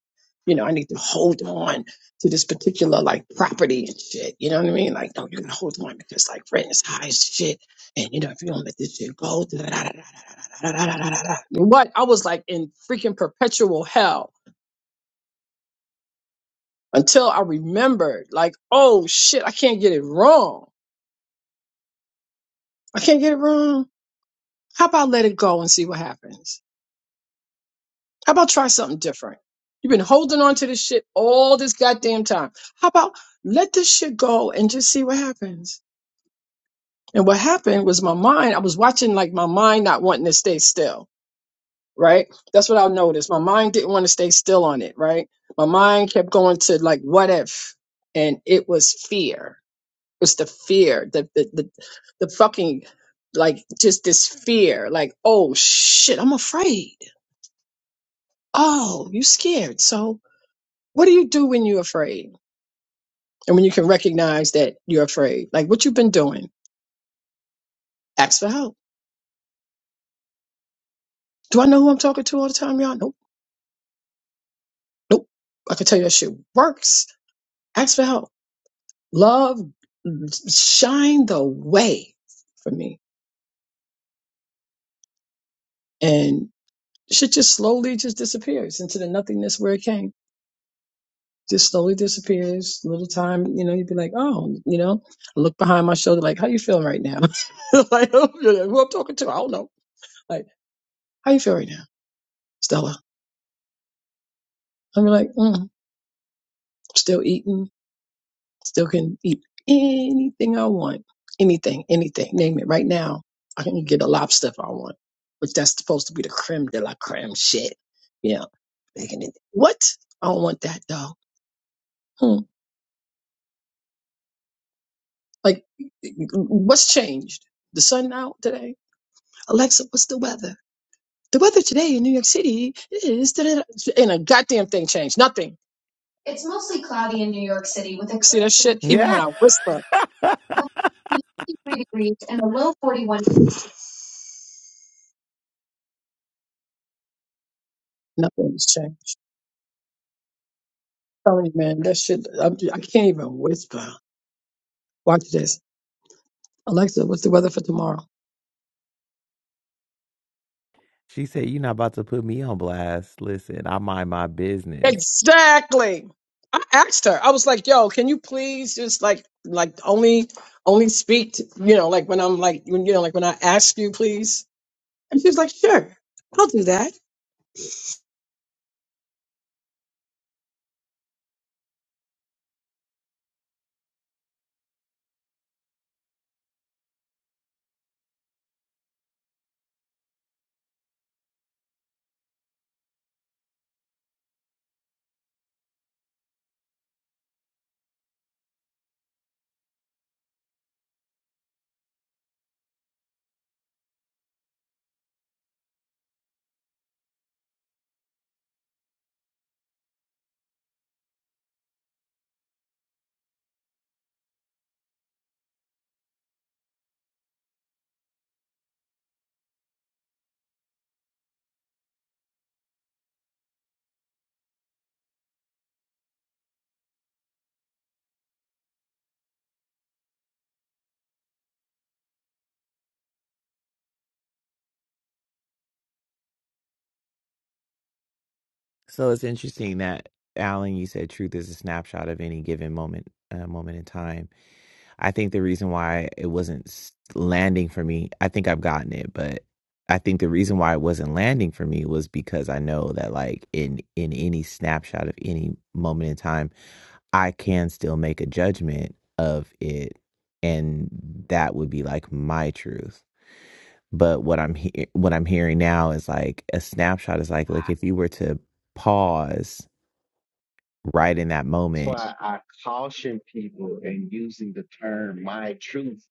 you know I need to hold on to this particular like property and shit. You know what I mean? Like, no, you're gonna hold on because like rent is high as shit, and you know if you don't let this shit go, da- da- da- da- da- da- da- da- da- da- da- da. what I was like in freaking perpetual hell until I remembered, like, oh shit, I can't get it wrong. I can't get it wrong. How about let it go and see what happens? How about try something different? You've been holding on to this shit all this goddamn time. How about let this shit go and just see what happens? And what happened was my mind, I was watching like my mind not wanting to stay still, right? That's what I noticed. My mind didn't want to stay still on it, right? My mind kept going to like, what if? And it was fear. It was the fear, the, the, the, the fucking, like, just this fear, like, oh shit, I'm afraid Oh, you scared. So what do you do when you're afraid? And when you can recognize that you're afraid, like what you've been doing, ask for help. Do I know who I'm talking to all the time, y'all? Nope. Nope. I can tell you that shit works. Ask for help. Love, shine the way for me. And shit just slowly just disappears into the nothingness where it came. Just slowly disappears. Little time, you know, you'd be like, oh, you know, I look behind my shoulder, like, how you feeling right now? like, who I'm talking to, I don't know. Like, How you feel right now, Stella? I'm like, mm, still eating, still can eat anything I want, anything, anything, name it. Right now, I can get a lobster if I want, which that's supposed to be the creme de la creme shit. Yeah, Making it- what? I don't want that though. Hmm. Like, what's changed? The sun out today? Alexa, what's the weather? The weather today in New York City is da-da-da. and a goddamn thing changed. Nothing. It's mostly cloudy in New York City. with a. See that shit? Even when Yeah. I whisper. 53 degrees and a low 41. Nothing's changed. Telling you, man, that shit, I, I can't even whisper. Watch this. Alexa, what's the weather for tomorrow? She said, You're not about to put me on blast. Listen, I mind my business. Exactly. I asked her. I was like, yo, can you please just like, like only, only speak, to, you know, like when I'm like, when, you know, like when I ask you, please. And she was like, sure, I'll do that. So it's interesting that Alan, you said truth is a snapshot of any given moment, uh, moment in time. I think the reason why it wasn't s- landing for me, I think I've gotten it, but I think the reason why it wasn't landing for me was because I know that like in in any snapshot of any moment in time, I can still make a judgment of it, and that would be like my truth. But what I'm he- what I'm hearing now is like a snapshot is like like I- if you were to pause right in that That's moment. why I caution people in using the term "my truth"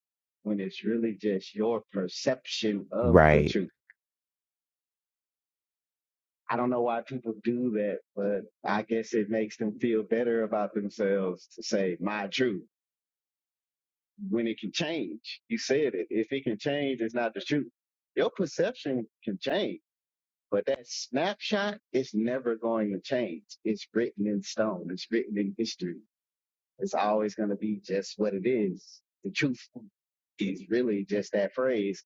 when it's really just your perception of the Right. truth. I don't know why people do that, but I guess it makes them feel better about themselves to say my truth when it can change. You said it. If it can change, it's not the truth. Your perception can change, but that snapshot is never going to change. It's written in stone. It's written in history. It's always going to be just what it is. The truth is really just that phrase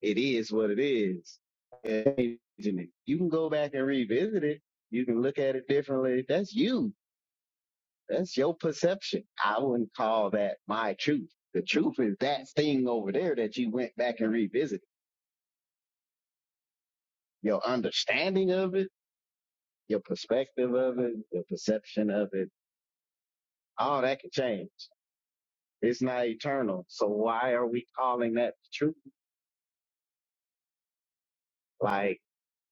it is what it is. And changing it. You can go back and revisit it. You can look at it differently. That's you. That's your perception. I wouldn't call that my truth. The truth is that thing over there that you went back and revisited. Your understanding of it, your perspective of it, your perception of it, all that can change. It's not eternal. So why are we calling that the truth? Like,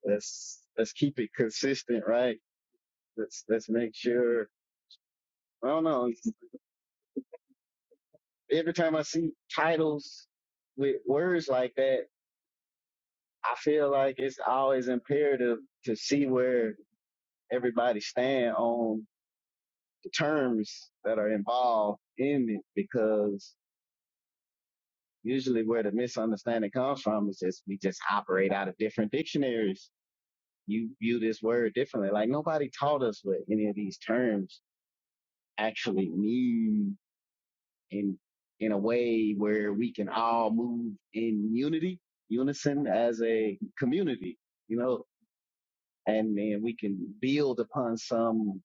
let's let's keep it consistent, right? Let's let's make sure. I don't know. every time I see titles with words like that, I feel like it's always imperative to see where everybody stand on the terms that are involved in it because usually where the misunderstanding comes from is just we just operate out of different dictionaries. You view this word differently. Like nobody taught us what any of these terms actually mean in in a way where we can all move in unity, unison as a community, you know, and then we can build upon some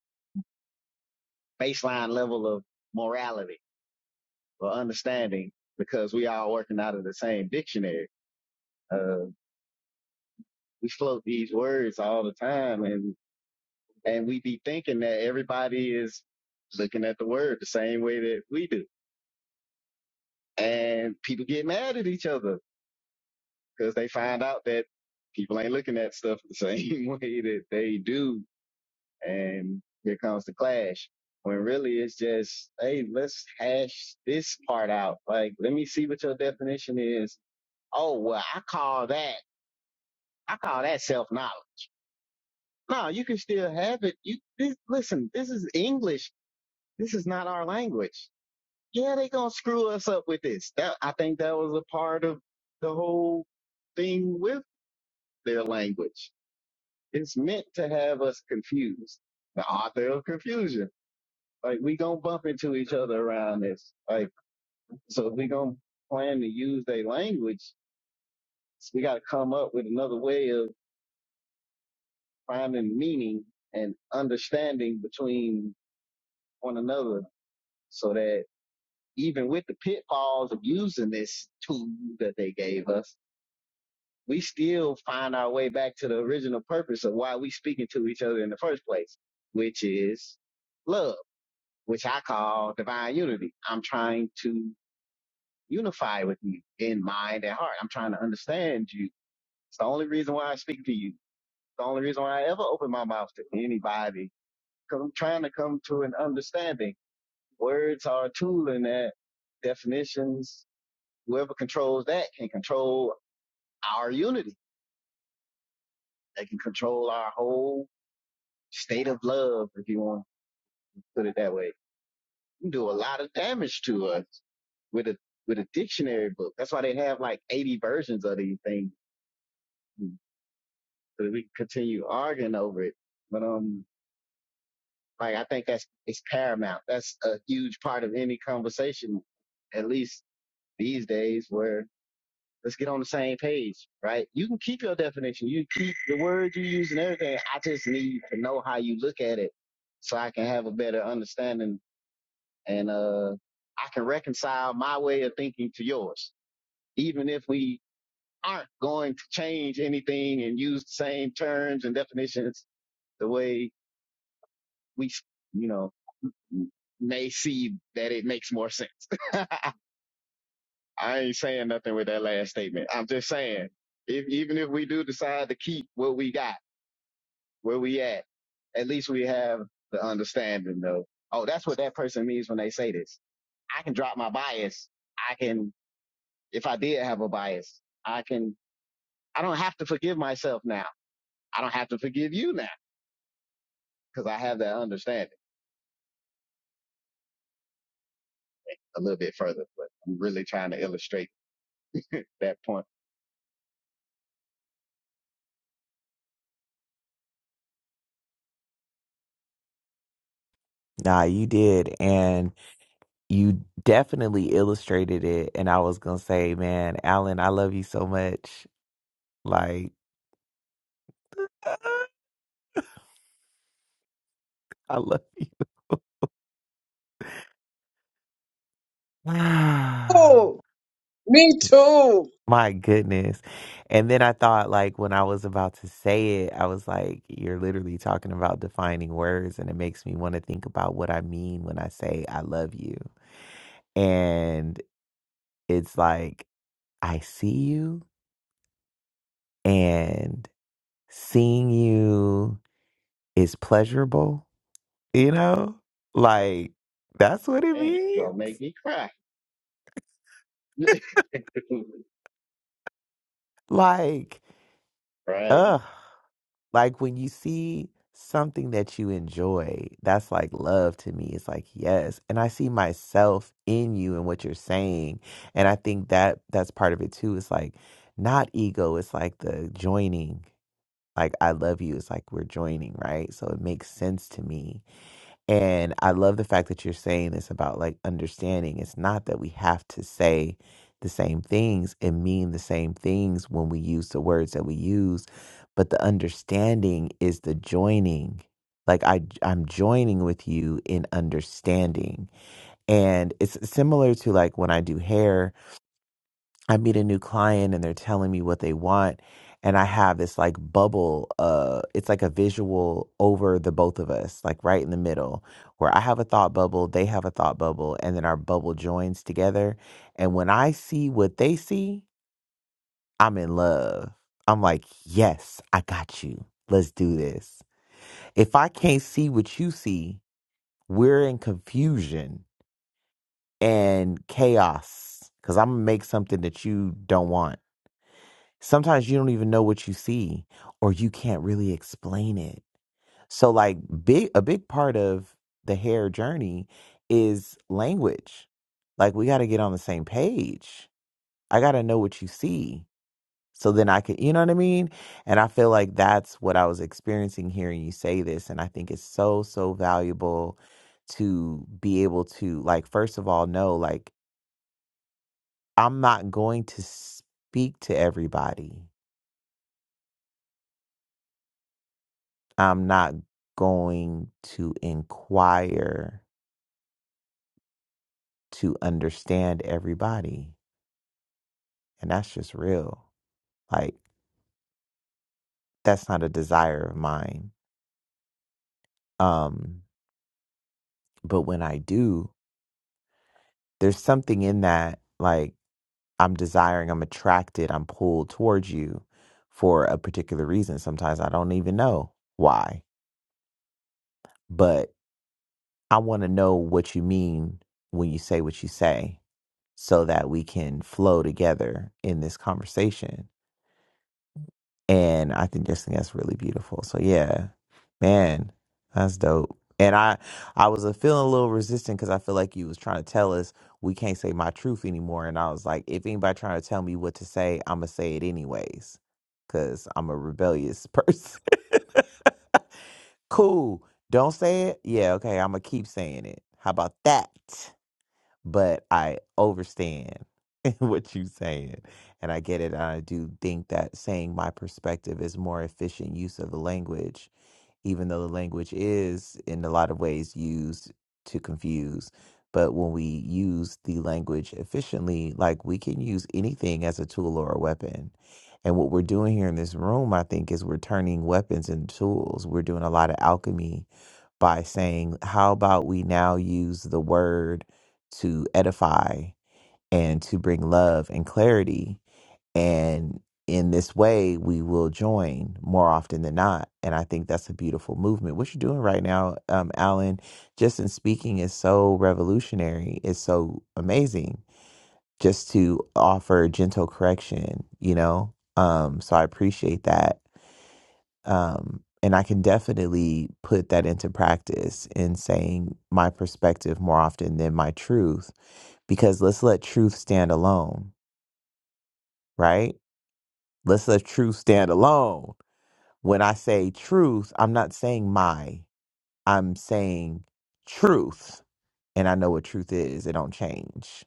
baseline level of morality or understanding because we all working out of the same dictionary. Uh, we float these words all the time and, and we be thinking that everybody is looking at the word the same way that we do. And people get mad at each other because they find out that people ain't looking at stuff the same way that they do. And here comes the clash. When really it's just, hey, let's hash this part out. Like, let me see what your definition is. Oh, well, I call that, I call that self knowledge. No, you can still have it. You this, listen, this is English. This is not our language. Yeah, they gonna screw us up with this. That I think that was a part of the whole thing with their language It's meant to have us confused. The author of confusion. Like we gonna bump into each other around this. Like so, if we gonna plan to use their language, we gotta come up with another way of finding meaning and understanding between one another, so that even with the pitfalls of using this tool that they gave us, we still find our way back to the original purpose of why we speaking to each other in the first place, which is love which I call divine unity. I'm trying to unify with you in mind and heart. I'm trying to understand you. It's the only reason why I speak to you. It's the only reason why I ever open my mouth to anybody because I'm trying to come to an understanding. Words are a tool in that definitions. Whoever controls that can control our unity. They can control our whole state of love, if you want to put it that way. You do a lot of damage to us with a with a dictionary book. That's why they have like 80 versions of these things. So that we can continue arguing over it. But um, like I think that's it's paramount. That's a huge part of any conversation, at least these days, where let's get on the same page, right? You can keep your definition, you can keep the words you use and everything. I just need to know how you look at it so I can have a better understanding and uh I can reconcile my way of thinking to yours even if we aren't going to change anything and use the same terms and definitions the way we, you know, may see that it makes more sense. I ain't saying nothing with that last statement. I'm just saying, if, even if we do decide to keep what we got, where we at, at least we have the understanding of, oh, that's what that person means when they say this. I can drop my bias. I can, if I did have a bias, I can, I don't have to forgive myself now. I don't have to forgive you now because I have that understanding a little bit further. But I'm really trying to illustrate that point. Nah, you did. And you definitely illustrated it. And I was going to say, man, Alan, I love you so much. Like, I love you. Ah, Oh, me too. My goodness. And then I thought, like, when I was about to say it, I was like, you're literally talking about defining words. And it makes me want to think about what I mean when I say, I love you. And it's like, I see you. And seeing you is pleasurable, you know? Like, that's what it Hey, you're means. gonna make me cry. Like, right. ugh. Like when you see something that you enjoy, that's like love to me. It's like, yes. And I see myself in you and what you're saying. And I think that that's part of it too. It's like not ego, it's like the joining. Like I love you. It's like we're joining, right? So it makes sense to me And I love the fact that you're saying this about like understanding. It's not that we have to say the same things and mean the same things when we use the words that we use, but the understanding is the joining. Like I I'm joining with you in understanding. And it's similar to like when I do hair I meet a new client and they're telling me what they want. And I have this like bubble, uh, it's like a visual over the both of us, like right in the middle, where I have a thought bubble, they have a thought bubble, and then our bubble joins together. And when I see what they see, I'm in love. I'm like, yes, I got you. Let's do this. If I can't see what you see, we're in confusion and chaos because I'm gonna make something that you don't want sometimes you don't even know what you see or you can't really explain it so like big a big part of the hair journey is language like we got to get on the same page i got to know what you see so then i could you know what i mean and i feel like that's what i was experiencing hearing you say this and i think it's so so valuable to be able to like first of all know like i'm not going to speak to everybody I'm not going to inquire to understand everybody. And that's just real. Like that's not a desire of mine. Um but when I do, there's something in that like I'm desiring, I'm attracted, I'm pulled towards you for a particular reason. Sometimes I don't even know why, but I want to know what you mean when you say what you say so that we can flow together in this conversation and I think just think that's really beautiful. So yeah, man, that's dope. And I, I was uh, feeling a little resistant because I feel like you was trying to tell us we can't say my truth anymore. And I was like, if anybody trying to tell me what to say, I'm gonna say it anyways, cause I'm a rebellious person. cool. Don't say it. Yeah. Okay. I'm gonna keep saying it. How about that? but I overstand what you saying, and I get it. And I do think that saying my perspective is more efficient use of the language, even though the language is in a lot of ways used to confuse. But when we use the language efficiently, like we can use anything as a tool or a weapon. And what we're doing here in this room, I think, is we're turning weapons into tools. We're doing a lot of alchemy by saying, how about we now use the word to edify and to bring love and clarity? And in this way, we will join more often than not. And I think that's a beautiful movement. What you're doing right now, um, Alan, just in speaking is so revolutionary, it's so amazing just to offer gentle correction, you know? Um, so I appreciate that um, and I can definitely put that into practice in saying my perspective more often than my truth, because let's let truth stand alone, right? Let's let truth stand alone. When I say truth, I'm not saying my, I'm saying truth. And I know what truth is, it don't change.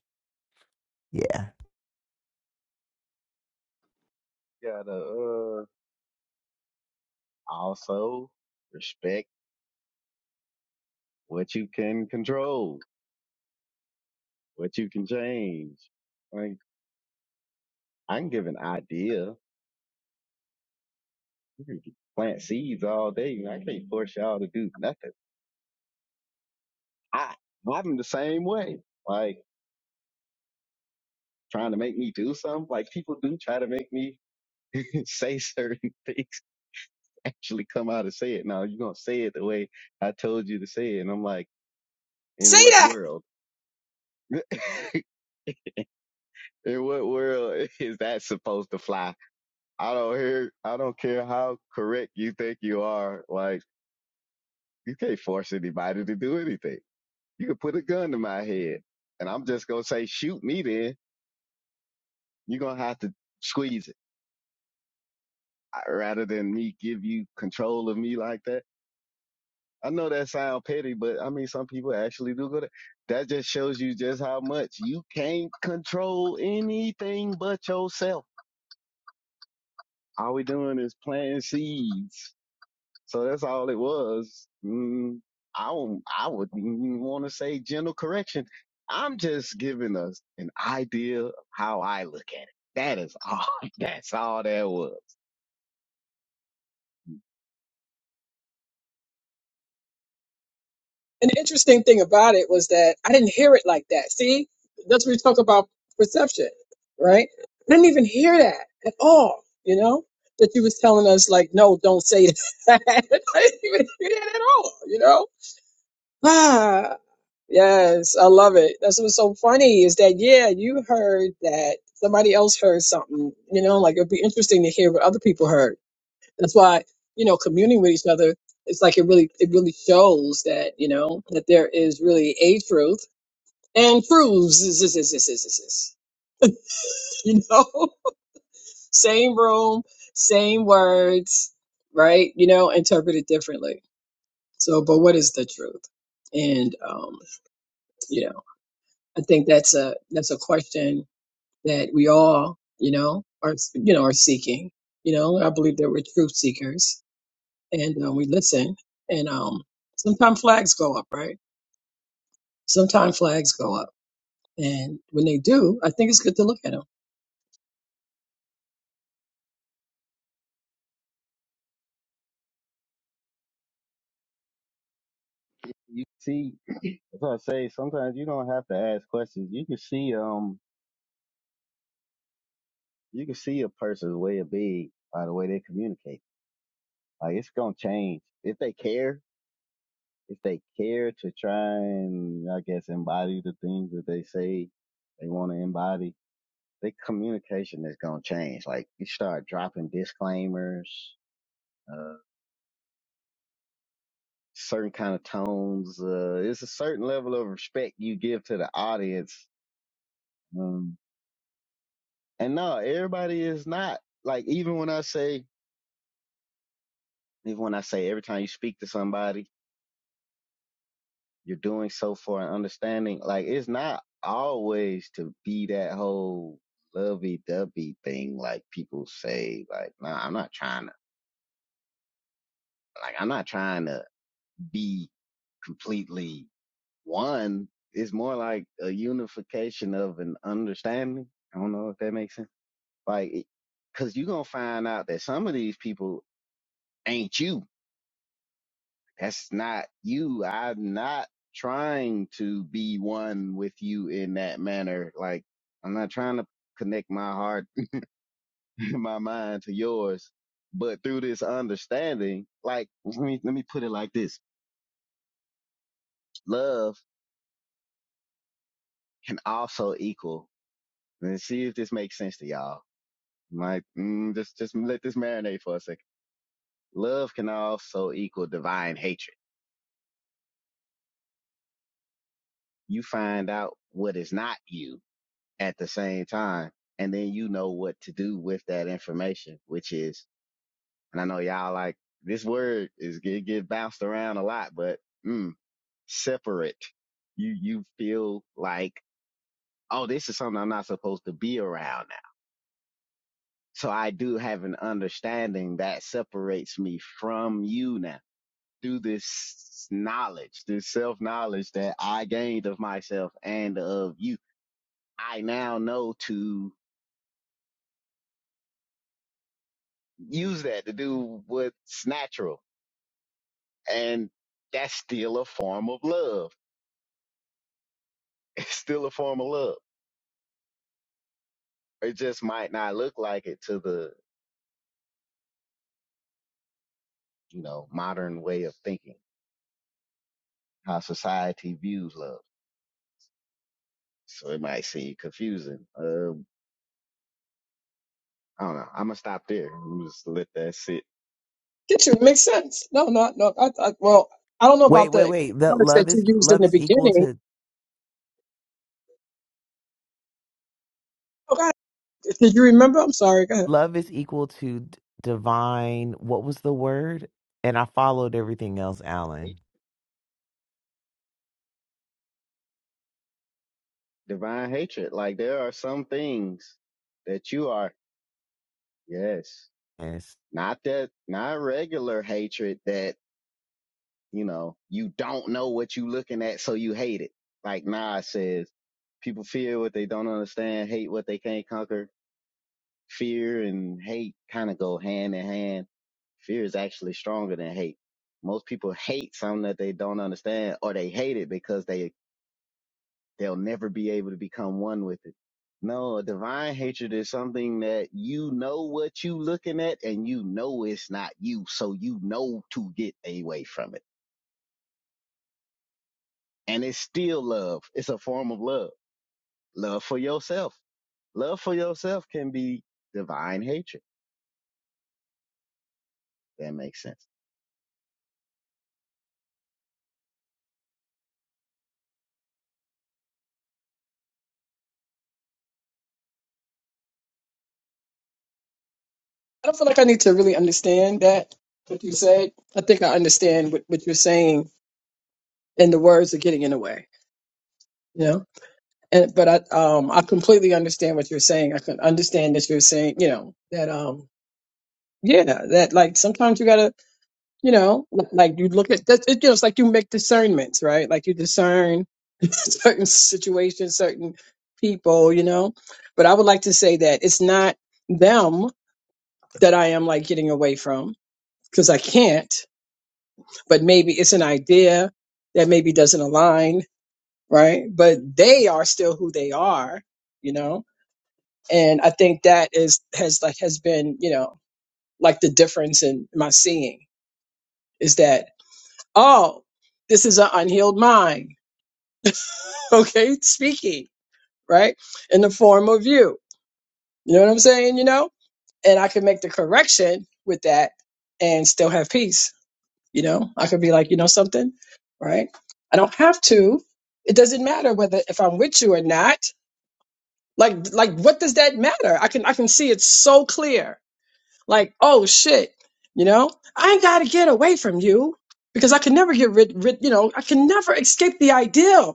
Yeah. You gotta uh, also respect what you can control, what you can change. Like I can give an idea. You can plant seeds all day. I can't force y'all to do nothing. I I'm the same way. Like trying to make me do something. Like people do try to make me say certain things actually come out and say it. Now you're gonna say it the way I told you to say it. And I'm like, in say what that. world? in what world is that supposed to fly? I don't hear I don't care how correct you think you are, like you can't force anybody to do anything. You can put a gun to my head and I'm just gonna say, shoot me then. You're gonna have to squeeze it I- rather than me give you control of me like that. I know that sound petty, but I mean, some people actually do go to. That just shows you just how much you can't control anything but yourself. All we doing is planting seeds. So that's all it was. Mm, I don't, I wouldn't even want to say gentle correction. I'm just giving us an idea of how I look at it. That is all. That's all that was. And the interesting thing about it was that I didn't hear it like that. See, that's what we talk about perception, right? I didn't even hear that at all, you know, that you was telling us like, no, don't say that. I didn't even hear that at all, you know? Ah, yes, I love it. That's what's so funny is that, yeah, you heard that somebody else heard something, you know, like it'd be interesting to hear what other people heard That's why, you know, communing with each other, it's like it really it really shows that, you know, that there is really a truth and truths is is is is is is is. You know? Same room, same words, right? You know, interpreted differently. So but what is the truth? And um, you know, I think that's a that's a question that we all, you know, are you know, are seeking. You know, I believe that we're truth seekers and um, we listen. And um, sometimes flags go up, right? Sometimes flags go up, and when they do, I think it's good to look at them. You see, if I say sometimes you don't have to ask questions. You can see, um, you can see a person's way of being by the way they communicate. Like it's gonna change if they care. If they care to try and I guess embody the things that they say they want to embody, their communication is gonna change. Like you start dropping disclaimers, uh, certain kind of tones. Uh, it's a certain level of respect you give to the audience. Um, and no, everybody is not like even when I say even when I say every time you speak to somebody you're doing so for an understanding. Like it's not always to be that whole lovey dovey thing like people say. Like, nah, I'm not trying to like I'm not trying to be completely one. It's more like a unification of an understanding. I don't know if that makes sense. Like, cause you're gonna find out that some of these people ain't you That's not you. I'm not trying to be one with you in that manner. Like, I'm not trying to connect my heart, my mind to yours. But through this understanding, like, let me, let me put it like this. Love can also equal, and see if this makes sense to y'all. Like, mm, just, just let this marinate for a second. Love can also equal divine hatred. You find out what is not you at the same time. And then you know what to do with that information, which is, and I know y'all like this word is get get bounced around a lot, but mm, separate. You you feel like, oh, this is something I'm not supposed to be around now. So I do have an understanding that separates me from you now through this knowledge, this self knowledge that I gained of myself and of you. I now know to use that to do what's natural. And that's still a form of love. It's still a form of love. It just might not look like it to the, you know, modern way of thinking, how society views love. So it might seem confusing. Um, I don't know. I'm going to stop there. I'm just let that sit. Get you makes sense? No, no, no. I, I, well, I don't know Wait, about wait, the wait. That words that love you is used in love the is equal beginning. to Oh, God. Did you remember? I'm sorry. Go ahead. love is equal to d- divine. What was the word? And I followed everything else, Alan. Hate- Divine hatred. Like there are some things that you are, yes, It's, not that, not regular hatred that you know, you don't know what you looking at, so you hate it. Like Nas says, people fear what they don't understand, hate what they can't conquer. Fear and hate kind of go hand in hand. Fear is actually stronger than hate. Most people hate something that they don't understand or they hate it because they, they'll never be able to become one with it. No, a divine hatred is something that you know what you looking at and you know it's not you. So you know to get away from it and it's still love. It's a form of love. Love for yourself. Love for yourself can be divine hatred. That makes sense. I don't feel like I need to really understand that what you said. I think I understand what, what you're saying, and the words are getting in the way. You know. And, but I um I completely understand what you're saying. I can understand that you're saying you know that um Yeah, that like sometimes you gotta, you know, li- like you look at that. It, you know, it's like you make discernments, right? Like you discern certain situations, certain people, you know. But I would like to say that it's not them that I am like getting away from because I can't. But maybe it's an idea that maybe doesn't align, right? But they are still who they are, you know. And I think that is has like has been, you know, like the difference in my seeing is that Oh, this is an unhealed mind. Okay, speaking, right? In the form of you. You know what I'm saying? You know? And I can make the correction with that and still have peace. You know, I could be like, you know something, right? I don't have to. It doesn't matter whether if I'm with you or not. Like like what does that matter? I can I can see it so clear. Like, oh shit, you know? I ain't gotta get away from you because I can never get rid, rid you know, I can never escape the ideal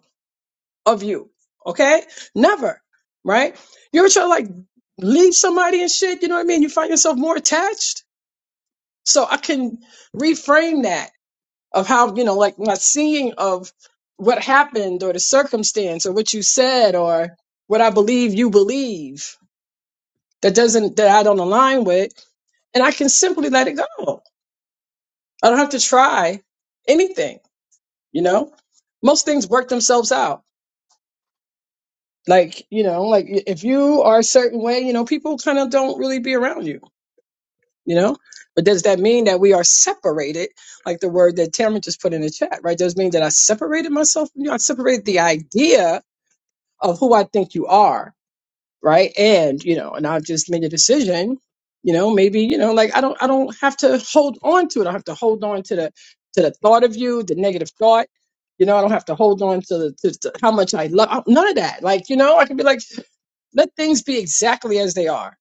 of you. Okay? Never. Right? You ever try to like leave somebody and shit, you know what I mean? You find yourself more attached. So I can reframe that of how, you know, like my seeing of what happened or the circumstance or what you said or what I believe you believe that doesn't that I don't align with. And I can simply let it go. I don't have to try anything, you know? Most things work themselves out Like, you know, like if you are a certain way, you know, people kind of don't really be around you, you know? But does that mean that we are separated? Like the word that Tamara just put in the chat, right? Does it mean that I separated myself from you? I separated the idea of who I think you are, right? And, you know, and I've just made a decision, you know, maybe, you know, like I don't I don't have to hold on to it. I don't have to hold on to the to the thought of you, the negative thought. You know, I don't have to hold on to, the, to, to how much I love none of that. Like, you know, I can be like, let things be exactly as they are,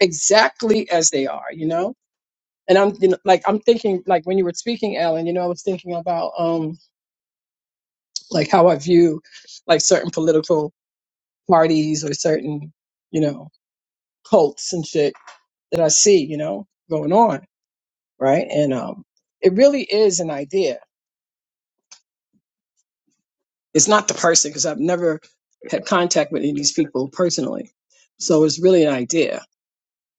exactly as they are, you know? And I'm you know, like, I'm thinking, like, when you were speaking, Alan, you know, I was thinking about, um, like, how I view, like, certain political parties or certain, you know, cults and shit that I see, you know, going on, right? And um, it really is an idea. It's not the person, because I've never had contact with any of these people personally. So it's really an idea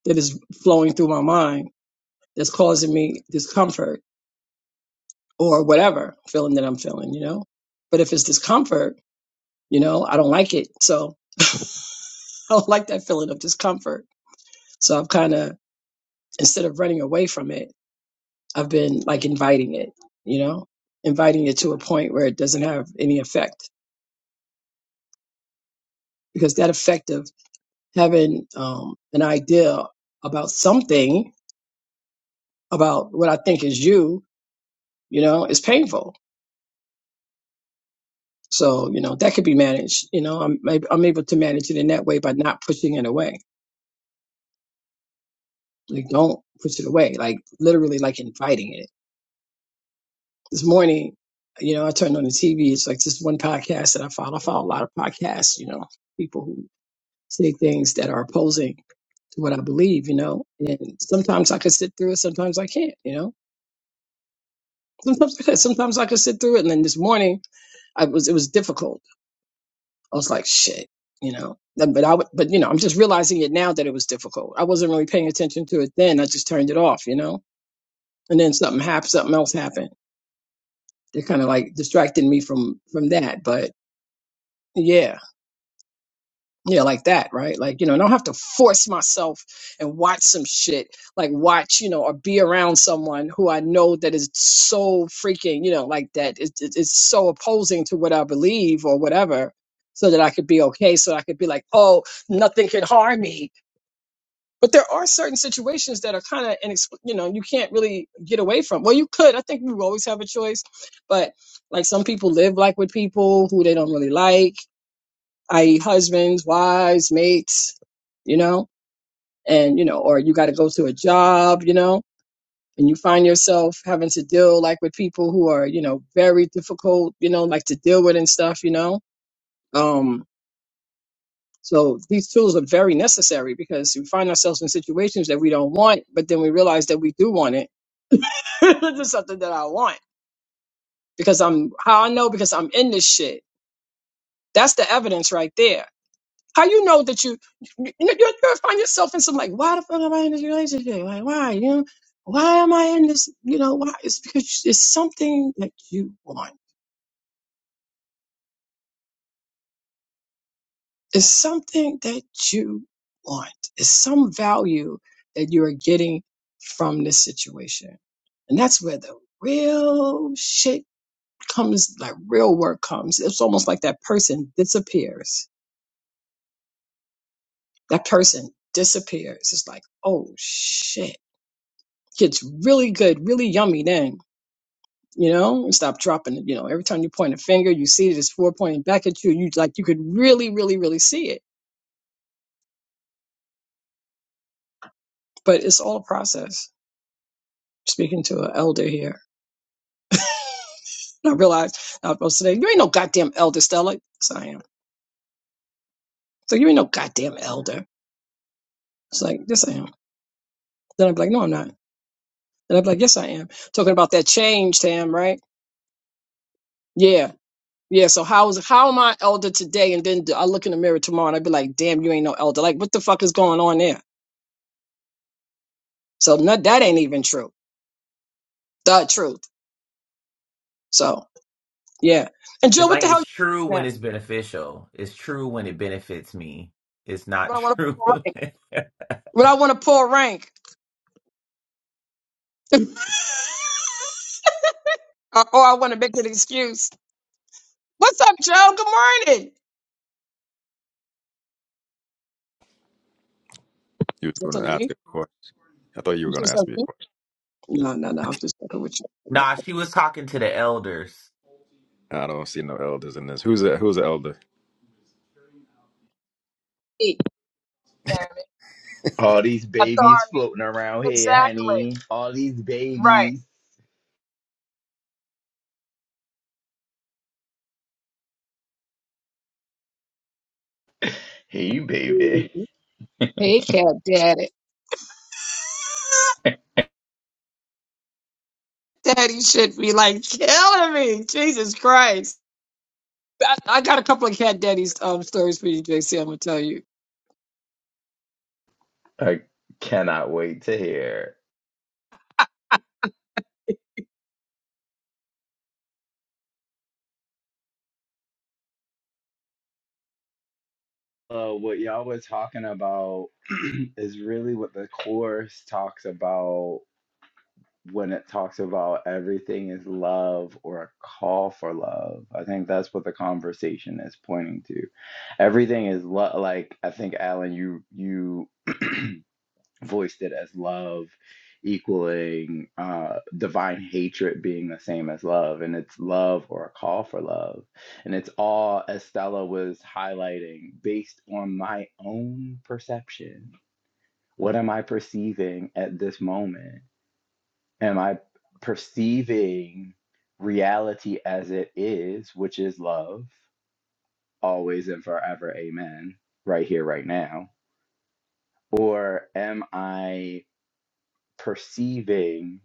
that is flowing through my mind that's causing me discomfort or whatever feeling that I'm feeling, you know? But if it's discomfort, you know, I don't like it. So I don't like that feeling of discomfort. So I've kind of, instead of running away from it, I've been like inviting it, you know, inviting it to a point where it doesn't have any effect because that effect of having um, an idea about something, about what I think is you, you know, is painful. So, you know, that could be managed. You know, I'm, I'm able to manage it in that way by not pushing it away Like, don't push it away. Like, literally, like inviting it. This morning, you know, I turned on the TV. It's like this one podcast that I follow. I follow a lot of podcasts, you know, people who say things that are opposing to what I believe, you know. And sometimes I could sit through it, sometimes I can't, you know. Sometimes I could, sometimes I could sit through it. And then this morning, I was, it was difficult. I was like, shit, you know. But but I, would- but you know, I'm just realizing it now that it was difficult. I wasn't really paying attention to it then. I just turned it off, you know. And then something happened, something else happened they are kind of like distracting me from from that but yeah yeah like that right like you know i don't have to force myself and watch some shit like watch you know or be around someone who i know that is so freaking you know like that it's, it's it's so opposing to what i believe or whatever so that i could be okay so i could be like oh nothing can harm me but there are certain situations that are kind of, inexpl- you know, you can't really get away from. Well, you could. I think we would always have a choice. But like some people live like with people who they don't really like, i.e., husbands, wives, mates, you know, and, you know, or you got to go to a job, you know, and you find yourself having to deal like with people who are, you know, very difficult, you know, like to deal with and stuff, you know. Um, so these tools are very necessary because we find ourselves in situations that we don't want, but then we realize that we do want it this is something that I want because I'm how I know because I'm in this shit. That's the evidence right there. How you know that you you you you find yourself in some like why the fuck am I in this relationship? Like why you know why am I in this? You know why? It's because it's something that you want. It's something that you want. It's some value that you are getting from this situation, and that's where the real shit comes like real work comes it's almost like that person disappears that person disappears it's like oh shit gets really good really yummy then you know stop dropping it you know every time you point a finger you see it, it's four pointing back at you you like you could really really really see it but it's all a process speaking to an elder here and i realized i was saying you ain't no goddamn elder stella yes i am so you ain't no goddamn elder it's like yes i am then i'm like no i'm not And I'd be like, yes, I am. Talking about that change, Tam, right? Yeah. Yeah. So how is how am I elder today? And then I look in the mirror tomorrow and I'd be like, damn, you ain't no elder. Like, what the fuck is going on there? So no, that ain't even true. The truth. So yeah. And it's Jill, what like the hell it's you true looking when at? it's beneficial. It's true when it benefits me. It's not When I want to true. pull rank. When I want to pull rank. or, or I want to make an excuse. What's up, Joe? Good morning. You were That's going to on ask me. a question. I thought you were You going said to ask me something a to question. me? No, no, no. I was just talking with you. nah, she was talking to the elders. I don't see no elders in this. Who's a who's an elder? Hey, damn All these babies Authority. floating around here, Exactly. honey. All these Right. babies. Hey, baby. He kept at it. Daddy should be like killing me. Jesus Christ. I, I got a couple of cat daddy's um stories for you, JC. I'm gonna tell you. I cannot wait to hear. Uh, what y'all were talking about is really what the course talks about when it talks about everything is love or a call for love. I think that's what the conversation is pointing to. Everything is lo- like I think Alan you you voiced it as love equaling uh divine hatred being the same as love and it's love or a call for love and it's all as Stella was highlighting based on my own perception what am i perceiving at this moment Am I perceiving reality as it is, which is love, always and forever, amen, right here, right now? Or am I perceiving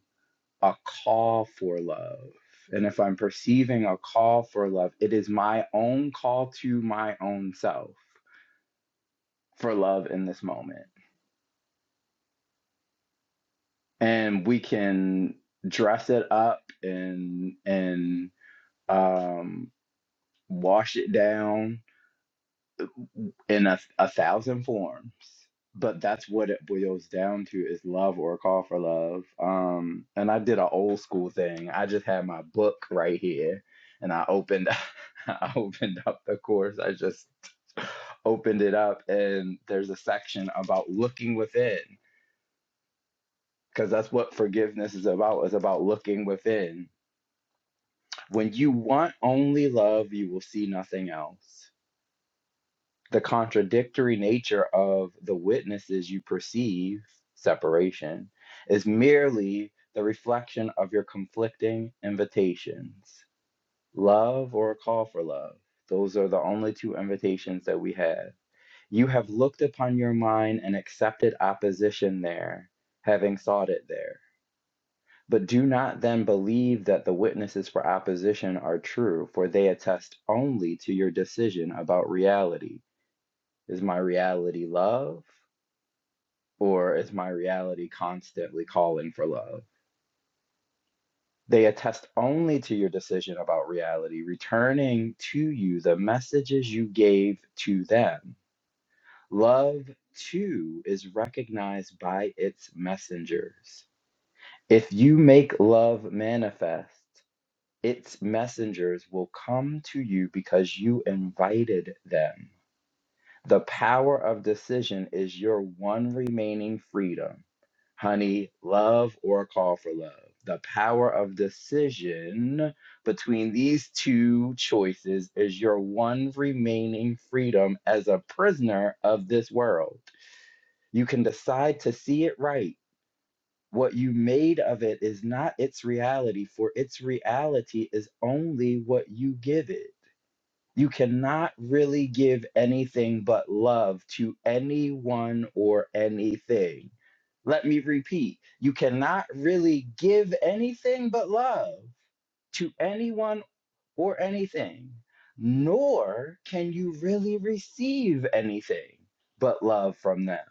a call for love? And if I'm perceiving a call for love, it is my own call to my own self for love in this moment. And we can dress it up and and um, wash it down in a, a thousand forms but that's what it boils down to is love or a call for love um and i did an old school thing i just had my book right here and i opened i opened up the course i just opened it up and there's a section about looking within because that's what forgiveness is about is about looking within when you want only love you will see nothing else the contradictory nature of the witnesses you perceive separation is merely the reflection of your conflicting invitations love or a call for love those are the only two invitations that we have you have looked upon your mind and accepted opposition there having sought it there but do not then believe that the witnesses for opposition are true for they attest only to your decision about reality is my reality love, or is my reality constantly calling for love? They attest only to your decision about reality, returning to you the messages you gave to them. Love, too, is recognized by its messengers. If you make love manifest, its messengers will come to you because you invited them. The power of decision is your one remaining freedom. Honey, love or call for love? The power of decision between these two choices is your one remaining freedom as a prisoner of this world. You can decide to see it right. What you made of it is not its reality, for its reality is only what you give it. You cannot really give anything but love to anyone or anything. Let me repeat you cannot really give anything but love to anyone or anything, nor can you really receive anything but love from them.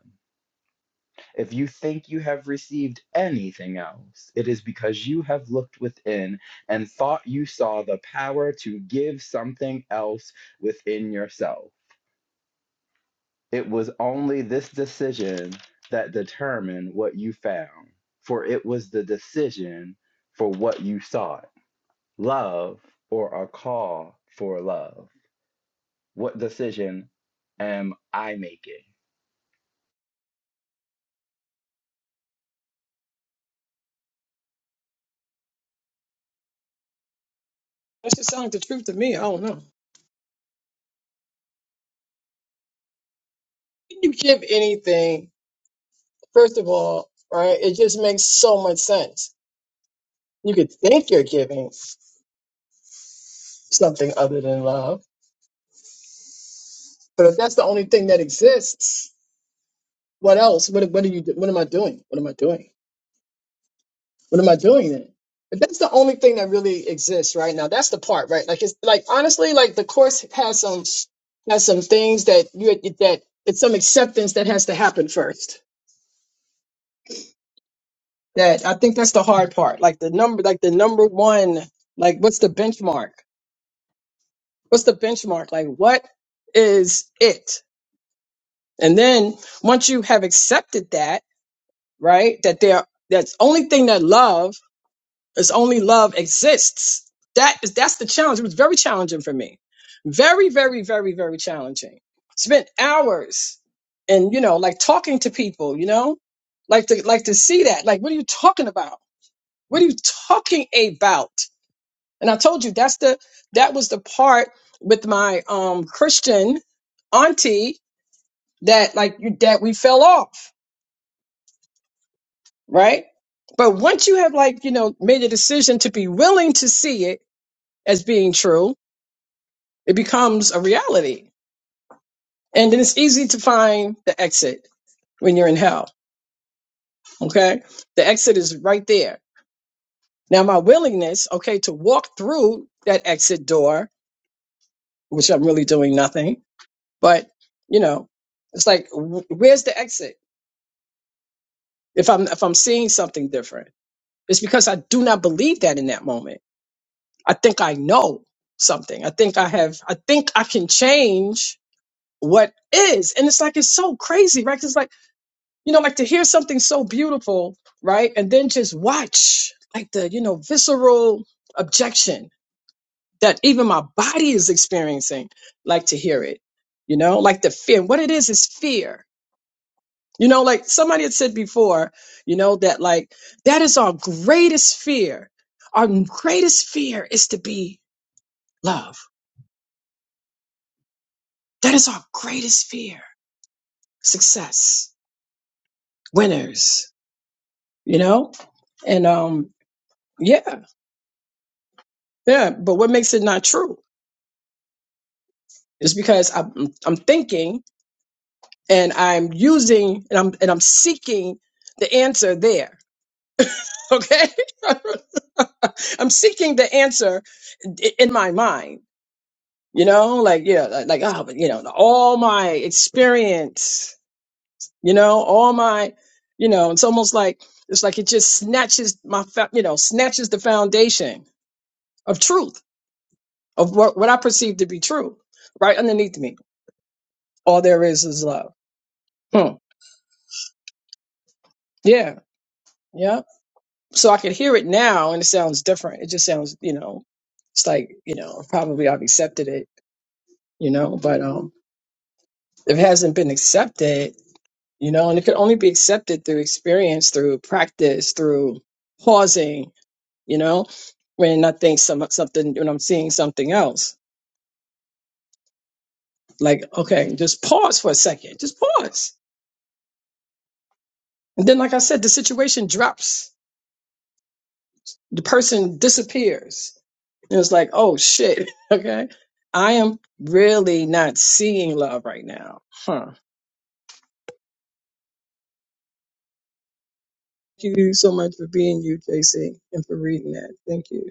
If you think you have received anything else, it is because you have looked within and thought you saw the power to give something else within yourself. It was only this decision that determined what you found, for it was the decision for what you sought love or a call for love. What decision am I making? That should sound like the truth to me. I don't know. When you give anything, first of all, right, it just makes so much sense. You could think you're giving something other than love, but if that's the only thing that exists, what else? What what are you? What am I doing? What am I doing? What am I doing then? But that's the only thing that really exists right now. That's the part, right? Like it's like honestly, like the course has some has some things that you that it's some acceptance that has to happen first. That I think that's the hard part. Like the number, like the number one, like what's the benchmark? What's the benchmark? Like what is it? And then once you have accepted that, right? That there, that's only thing that love It's only love exists. That is that's the challenge. It was very challenging for me. Very, very, very, very challenging. Spent hours and you know, like talking to people, you know? Like to like to see that. Like, what are you talking about? What are you talking about? And I told you that's the that was the part with my um Christian auntie that like you that we fell off, right? But once you have like, you know, made a decision to be willing to see it as being true, It becomes a reality. And then it's easy to find the exit when you're in hell. Okay. The exit is right there. Now, my willingness, okay, to walk through that exit door, which I'm really doing nothing, but you know, it's like, wh- where's the exit? If I'm, if I'm seeing something different, it's because I do not believe that in that moment. I think I know something. I think I have, I think I can change what is. And it's like, it's so crazy, right? 'Cause It's like, you know, like to hear something so beautiful, right? And then just watch like the, you know, visceral objection that even my body is experiencing, like to hear it, you know, like the fear. What it is is fear. You know, like somebody had said before, you know, that like that is our greatest fear. Our greatest fear is to be love. That is our greatest fear. Success, winners, you know? And um yeah, yeah. But what makes it not true? It's because I'm, I'm thinking and I'm using and I'm and I'm seeking the answer there. Okay, I'm seeking the answer i- in my mind. You know, like yeah, like like, oh, but you know, all my experience. You know, all my, you know, it's almost like it's like it just snatches my, fo- you know, snatches the foundation of truth of what what I perceive to be true right underneath me. All there is is love. Hmm. Yeah, yeah. so I could hear it now and it sounds different. It just sounds, you know, it's like, you know, probably I've accepted it, you know, but um if it hasn't been accepted, you know, and it could only be accepted through experience, through practice, through pausing, you know, when I think some something when I'm seeing something else. Like, okay, just pause for a second. Just pause. And then like I said, the situation drops. The person disappears It was like, oh shit, okay. I am really not seeing love right now. Huh. Thank you so much for being you, JC, and for reading that. Thank you.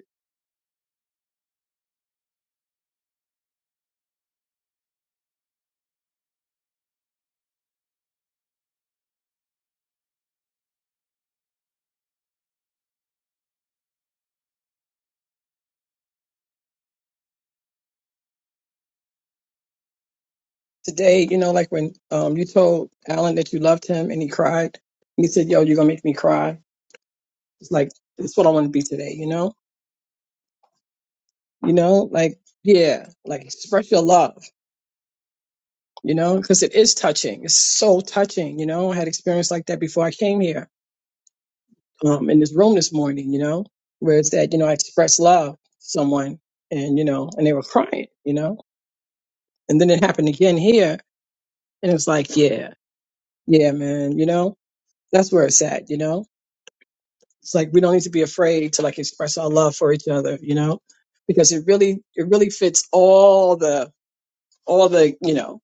Today, you know, like when um you told Alan that you loved him and he cried, and he said, Yo, you're gonna make me cry. It's like that's what I want to be today, you know? You know, like yeah, like express your love, you know, because it is touching. It's so touching, you know. I had experience like that before I came here um, in this room this morning, you know, where it's that, you know, I expressed love to someone and, you know, and they were crying, you know, and then it happened again here. And it was like, yeah, yeah, man, you know, that's where it's at, you know, it's like we don't need to be afraid to like express our love for each other, you know, because it really, it really fits all the, all the, you know,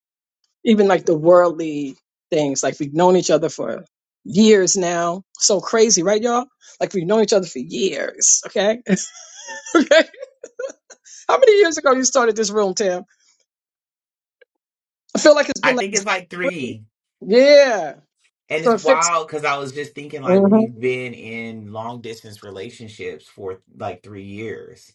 even like the worldly things. Like we've known each other for years now. So crazy, right, y'all? Like we've known each other for years, okay? How many years ago you started this room, Tim? I feel like it's I been like think it's like three. yeah. And So it's it fits wild because I was just thinking like we've Mhm. been in long distance relationships for like three years.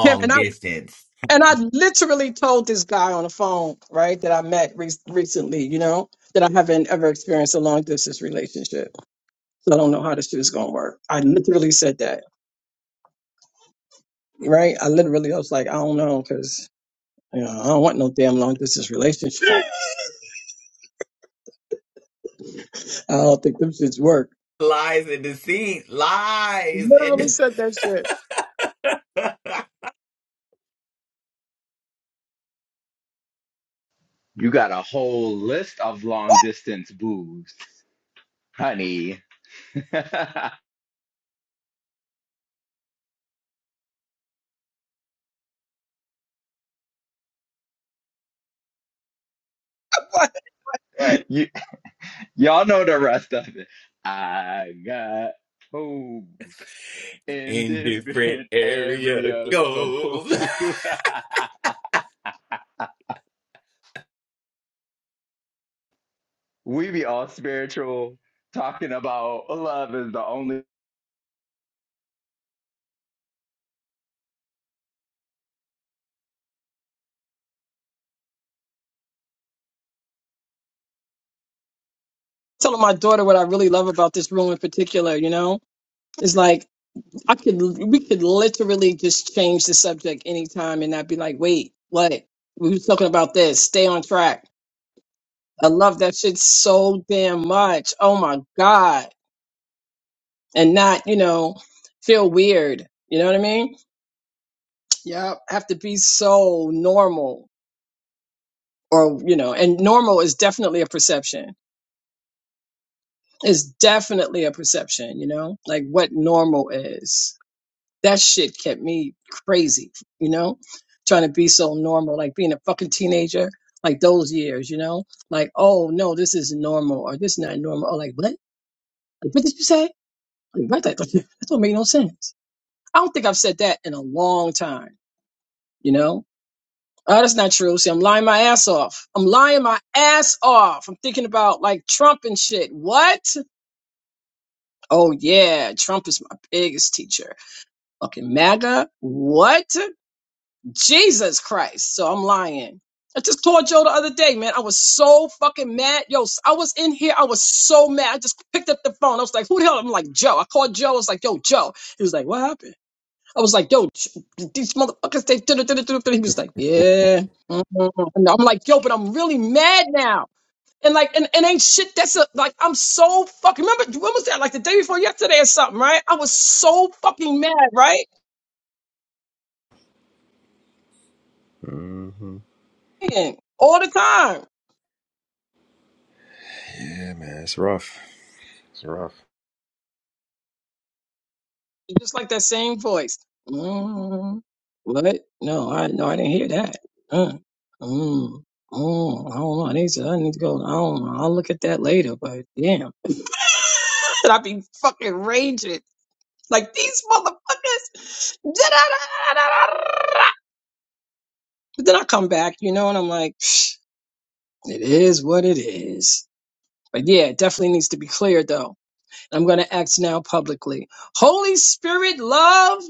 Tim and I distance. and I literally told this guy on the phone, right, that I met re- recently, you know, that I haven't ever experienced a long distance relationship. So I don't know how this shit is gonna work. I literally said that, right? I literally I was like, I don't know, cause you know, I don't want no damn long distance relationship. I don't think them shits work. Lies and deceit. Lies Literally and said that shit. You got a whole list of long distance boos, honey. you y'all know the rest of it. I got hoes in in different different area area code. goes. we be all spiritual talking about love is the only Telling my daughter what I really love about this room in particular, you know, is like I could we could literally just change the subject anytime and not be like, wait, what? We were talking about this. Stay on track. I love that shit so damn much. Oh my God. And not, you know, feel weird. You know what I mean? Yeah. Have to be so normal. Or, you know, and normal is definitely a perception. It's definitely a perception, you know, like what normal is. that shit kept me crazy, you know, trying to be so normal, like being a fucking teenager, like those years, you know, like, oh no, this is normal or this is not normal. Or like, what? Like, what did you say? Like, what? That, that don't make no sense. I don't think I've said that in a long time, you know? Oh, that's not true. See, I'm lying my ass off. I'm lying my ass off. I'm thinking about like Trump and shit. What? Oh yeah, Trump is my biggest teacher. Fucking MAGA. What? Jesus Christ. So I'm lying. I just told Joe the other day, man. I was so fucking mad. Yo, s- I was in here. I was so mad. I just picked up the phone. I was like, who the hell? I'm like, Joe. I called Joe. I was like, yo, Joe. He was like, what happened? I was like, yo, J- these motherfuckers, they did it, did it, did it. He was like, yeah. mhm." And I'm like, yo, but I'm really mad now. And like, and, and ain't shit. That's a, like, I'm so fucking, remember, when was that? Like the day before yesterday or something, right? I was so fucking mad, right? hmm All the time. Yeah, man, it's rough. It's rough. You just like that same voice. Mm, what? No, I no, I didn't hear that. Mm, mm, mm, I don't know. I need to. I need to go. I don't know. I'll look at that later. But damn, and I be fucking raging like these motherfuckers. But then I come back, you know, and I'm like, psh, it is what it is. But yeah, it definitely needs to be cleared though. I'm going to act now publicly. Holy Spirit, love,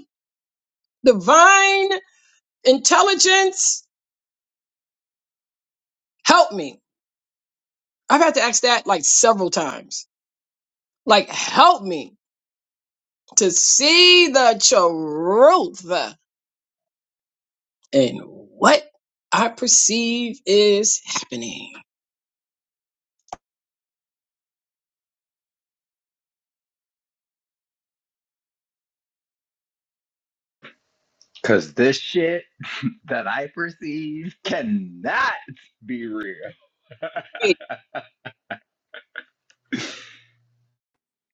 divine. Intelligence, help me. I've had to ask that like several times. Like, help me to see the truth in what I perceive is happening. cause this shit that I perceive cannot be real.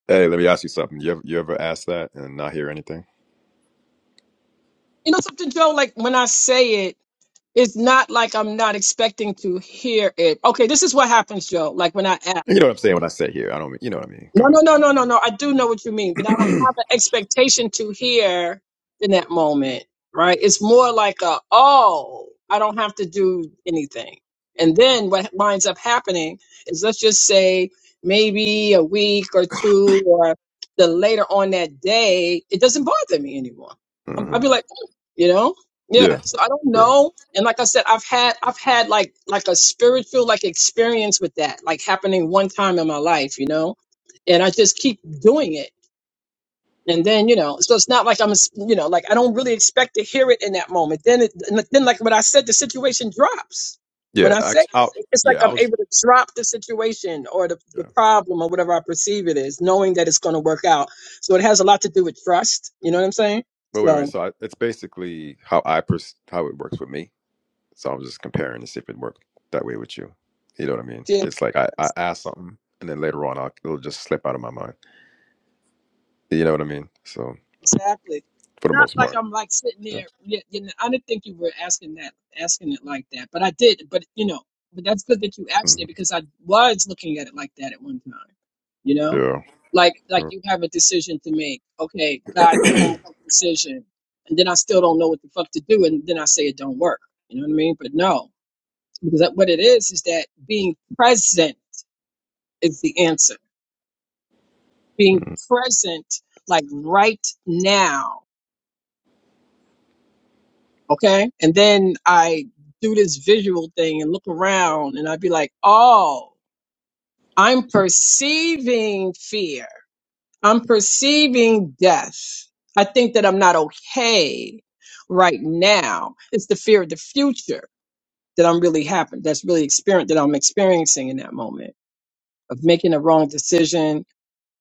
Hey, let me ask you something. You ever, you ever ask that and not hear anything? You know something, Joe? Like when I say it, it's not like I'm not expecting to hear it. Okay, this is what happens, Joe. Like when I You know what I'm saying when I say here. I don't mean you know what I mean. Go no, no, no, no, no, no. I do know what you mean, but I don't ahead. have an expectation to hear in that moment, right? It's more like a, oh, I don't have to do anything. And then what winds up happening is let's just say maybe a week or two or the later on that day, it doesn't bother me anymore. I'm- hmm I'll be like, oh, you know? Yeah, Yeah. So I don't bro. know. And like I said, I've had I've had like like a spiritual like experience with that, like happening one time in my life, you know? and I just keep doing it. And then you know, so it's not like I'm, you know, like I don't really expect to hear it in that moment. Then, it, then like what I said, the situation drops. When Yeah, I I, say I it, it's like yeah I I'm was able to drop the situation or the, yeah. the problem or whatever I perceive it is, knowing that it's going to work out. So it has a lot to do with trust. You know what I'm saying? But wait, wait. So So I, it's basically how I pers- how it works with me. So I was just comparing to see if it worked that way with you. You know what I mean? yeah, It's like I, I ask something and then later on I'll, it'll just slip out of my mind. You know what I mean? So Exactly. for the Not most like part, I'm like sitting yeah, there. Yeah, you know, I didn't think you were asking that, asking it like that, but I did. But you know, but that's good that you asked hmm it because I was looking at it like that at one time. You know, yeah. like like yeah. you have a decision to make. Okay, God help me Mhm. with this decision, and then I still don't know what the fuck to do, and then I say it don't work. You know what I mean? But no, because that, what it is is that being present is the answer. Being present, like right now Okay. And then I do this visual thing and look around and I'd be like, oh, I'm perceiving fear. I'm perceiving death. I think that I'm not okay right now. It's the fear of the future that I'm really happen that's really experience that I'm experiencing in that moment of making a wrong decision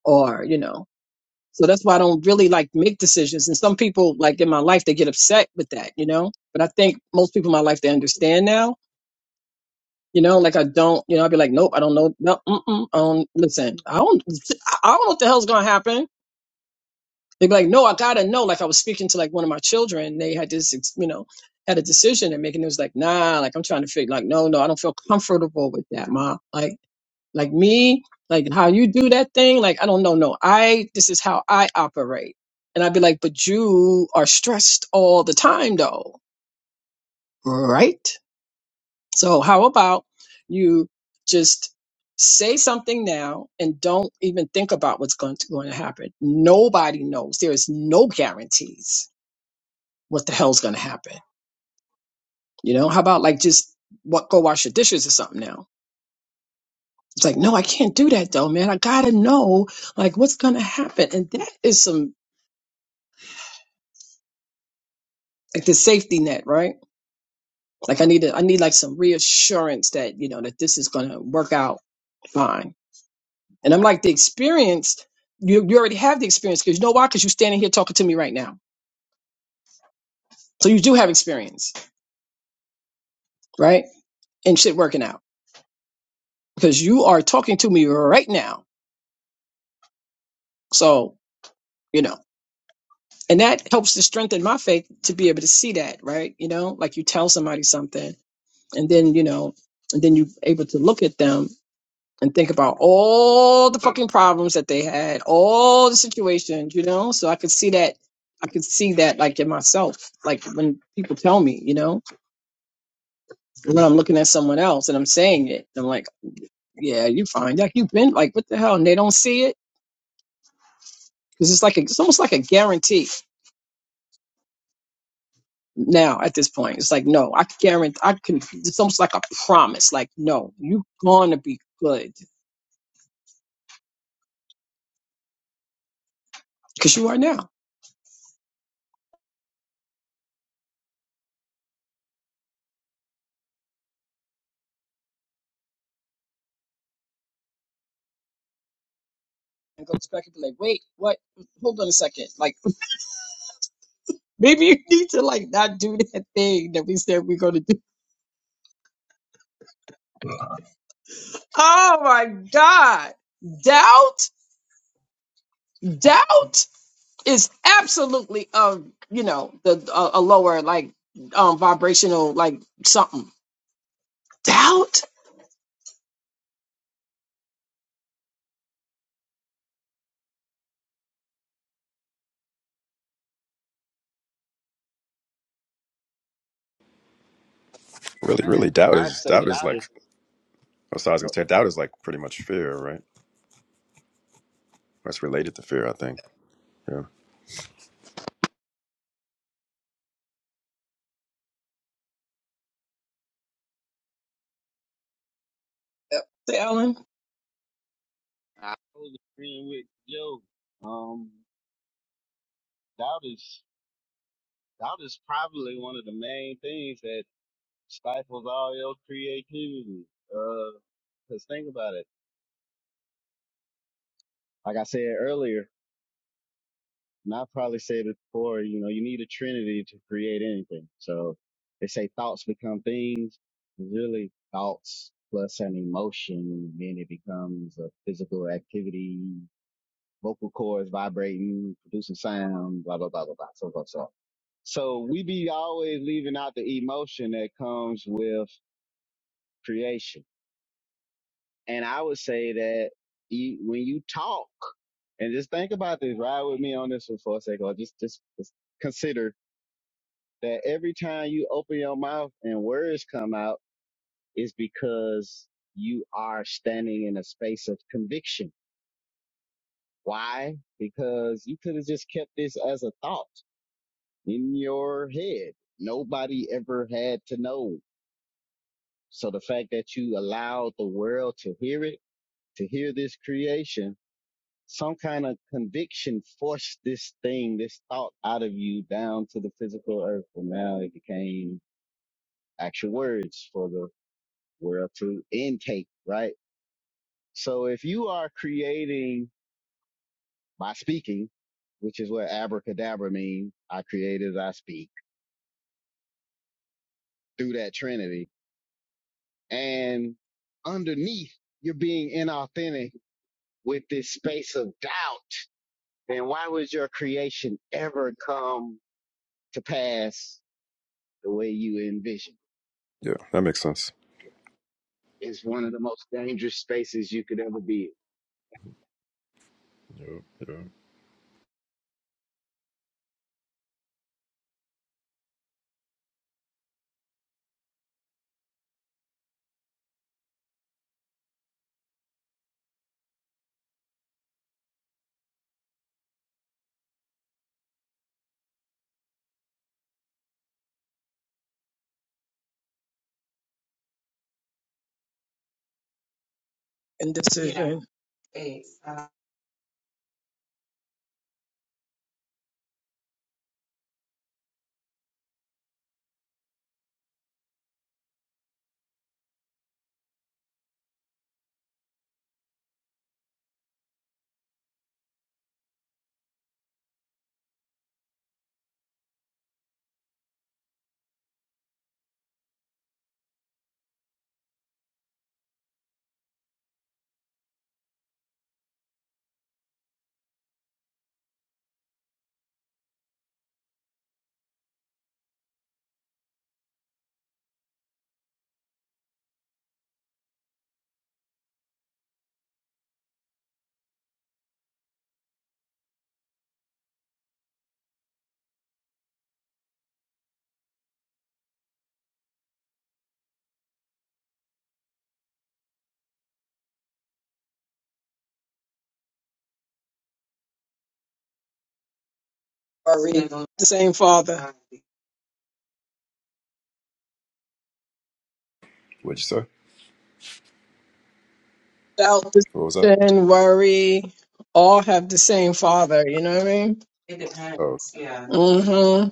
or, you know. So that's why I don't really like make decisions. And some people like in my life they get upset with that, you know? But I think most people in my life they understand now You know, like I don't, you know, I'd be like, nope, I don't know. No, mm-mm, I don't, listen, I don't, I don't know what the hell's going to happen. They'd be like, no, I got to know. Like I was speaking to like one of my children. They had this, ex- you know, had a decision and making it was like, nah, like I'm trying to figure, like, no, no, I don't feel comfortable with that, ma. Like, like me, like how you do that thing. Like, I don't know. No, I, this is how I operate. And I'd be like, but you are stressed all the time though, right? So, how about you just say something now and don't even think about what's going to, going to happen? Nobody knows. There is no guarantees what the hell's going to happen. You know, how about like just what go wash your dishes or something now? It's like, no, I can't do that though, man. I gotta know like what's gonna happen. And that is some like the safety net, right? Like I need to, I need like some reassurance that, you know, that this is gonna work out fine And I'm like, the experience, you, you already have the experience because you know why? Because you're standing here talking to me right now. So you do have experience, right? And shit working out because you are talking to me right now. So, you know, and that helps to strengthen my faith to be able to see that, right? You know, like you tell somebody something and then, you know, and then you're able to look at them and think about all the fucking problems that they had, all the situations, you know? So I could see that I could see that like in myself, like when people tell me, you know. And then I'm looking at someone else and I'm saying it. I'm like, yeah, you fine. Like you've been like, what the hell? And they don't see it because it's like a, it's almost like a guarantee now at this point. It's like, no, I guarantee. I can. It's almost like a promise. Like, no, you're going to be good because you are now. And goes back and be like, wait, what? Hold on a second. Like. Maybe you need to like not do that thing that we said we're gonna do. Oh my God. Doubt, doubt is absolutely um, you know, the a, a lower like um vibrational like something. Doubt? Really, Man, really, doubt I'd is say doubt is doubt like. is. So I was gonna Oh, say doubt is like pretty much fear, right? That's related to fear, I think. Yeah, Yep. The Ellen I was agreeing with Joe. Um, doubt is doubt is probably one of the main things that stifles all your creativity. Uh, 'cause think about it. Like I said earlier, And I probably said it before, you know, you need a trinity to create anything. So they say thoughts become things, really thoughts plus an emotion, and then it becomes a physical activity, vocal cords vibrating, producing sound, blah, blah, blah, blah, blah, so, so, so. So we be always leaving out the emotion that comes with creation. And I would say that you, when you talk, and just think about this, ride with me on this one for a second, or just, just, just consider that every time you open your mouth and words come out is because you are standing in a space of conviction. Why? Because you could have just kept this as a thought in your head. Nobody ever had to know. So the fact that you allowed the world to hear it, to hear this creation, some kind of conviction forced this thing, this thought out of you down to the physical earth. And now it became actual words for the world to intake, right? So if you are creating by speaking, which is what abracadabra means, I create as I speak through that Trinity. And underneath, you're being inauthentic with this space of doubt. Then why would your creation ever come to pass the way you envision? yeah, that makes sense. It's one of the most dangerous spaces you could ever be in Yeah, yeah. and decision. Yeah. Worry. The same father. What'd you say? Doubt, What was that? decision, worry. All have the same father, you know what I mean? Oh, Mm-hmm.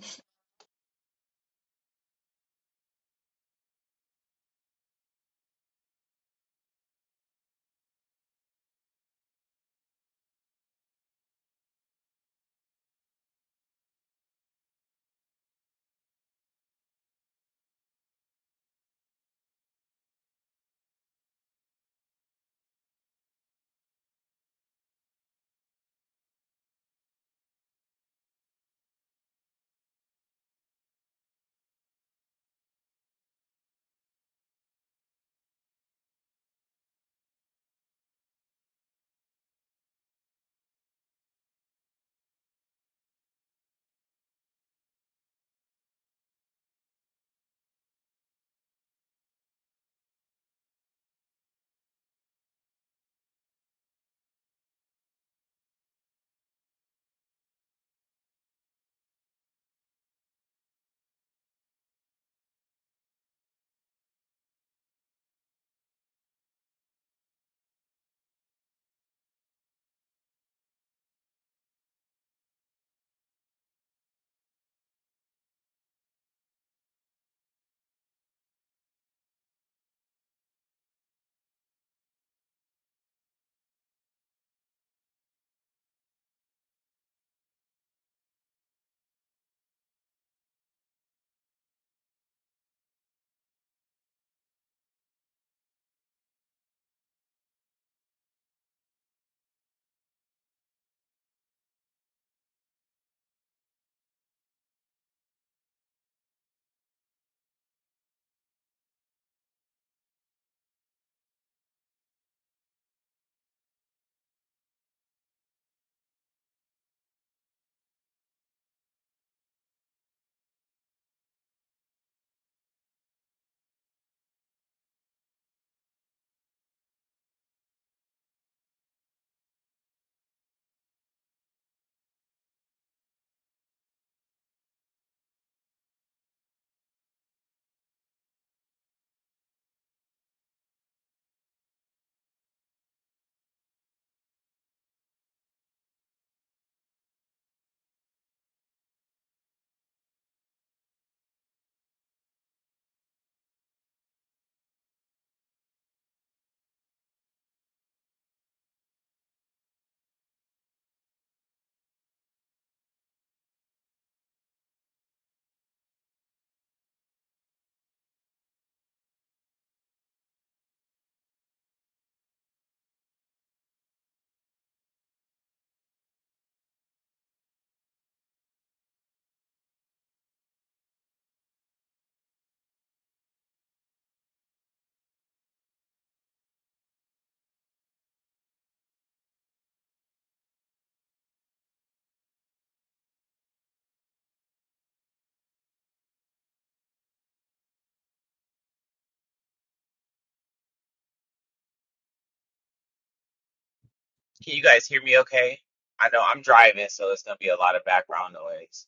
Can you guys hear me okay? I know I'm driving, so it's gonna be a lot of background noise.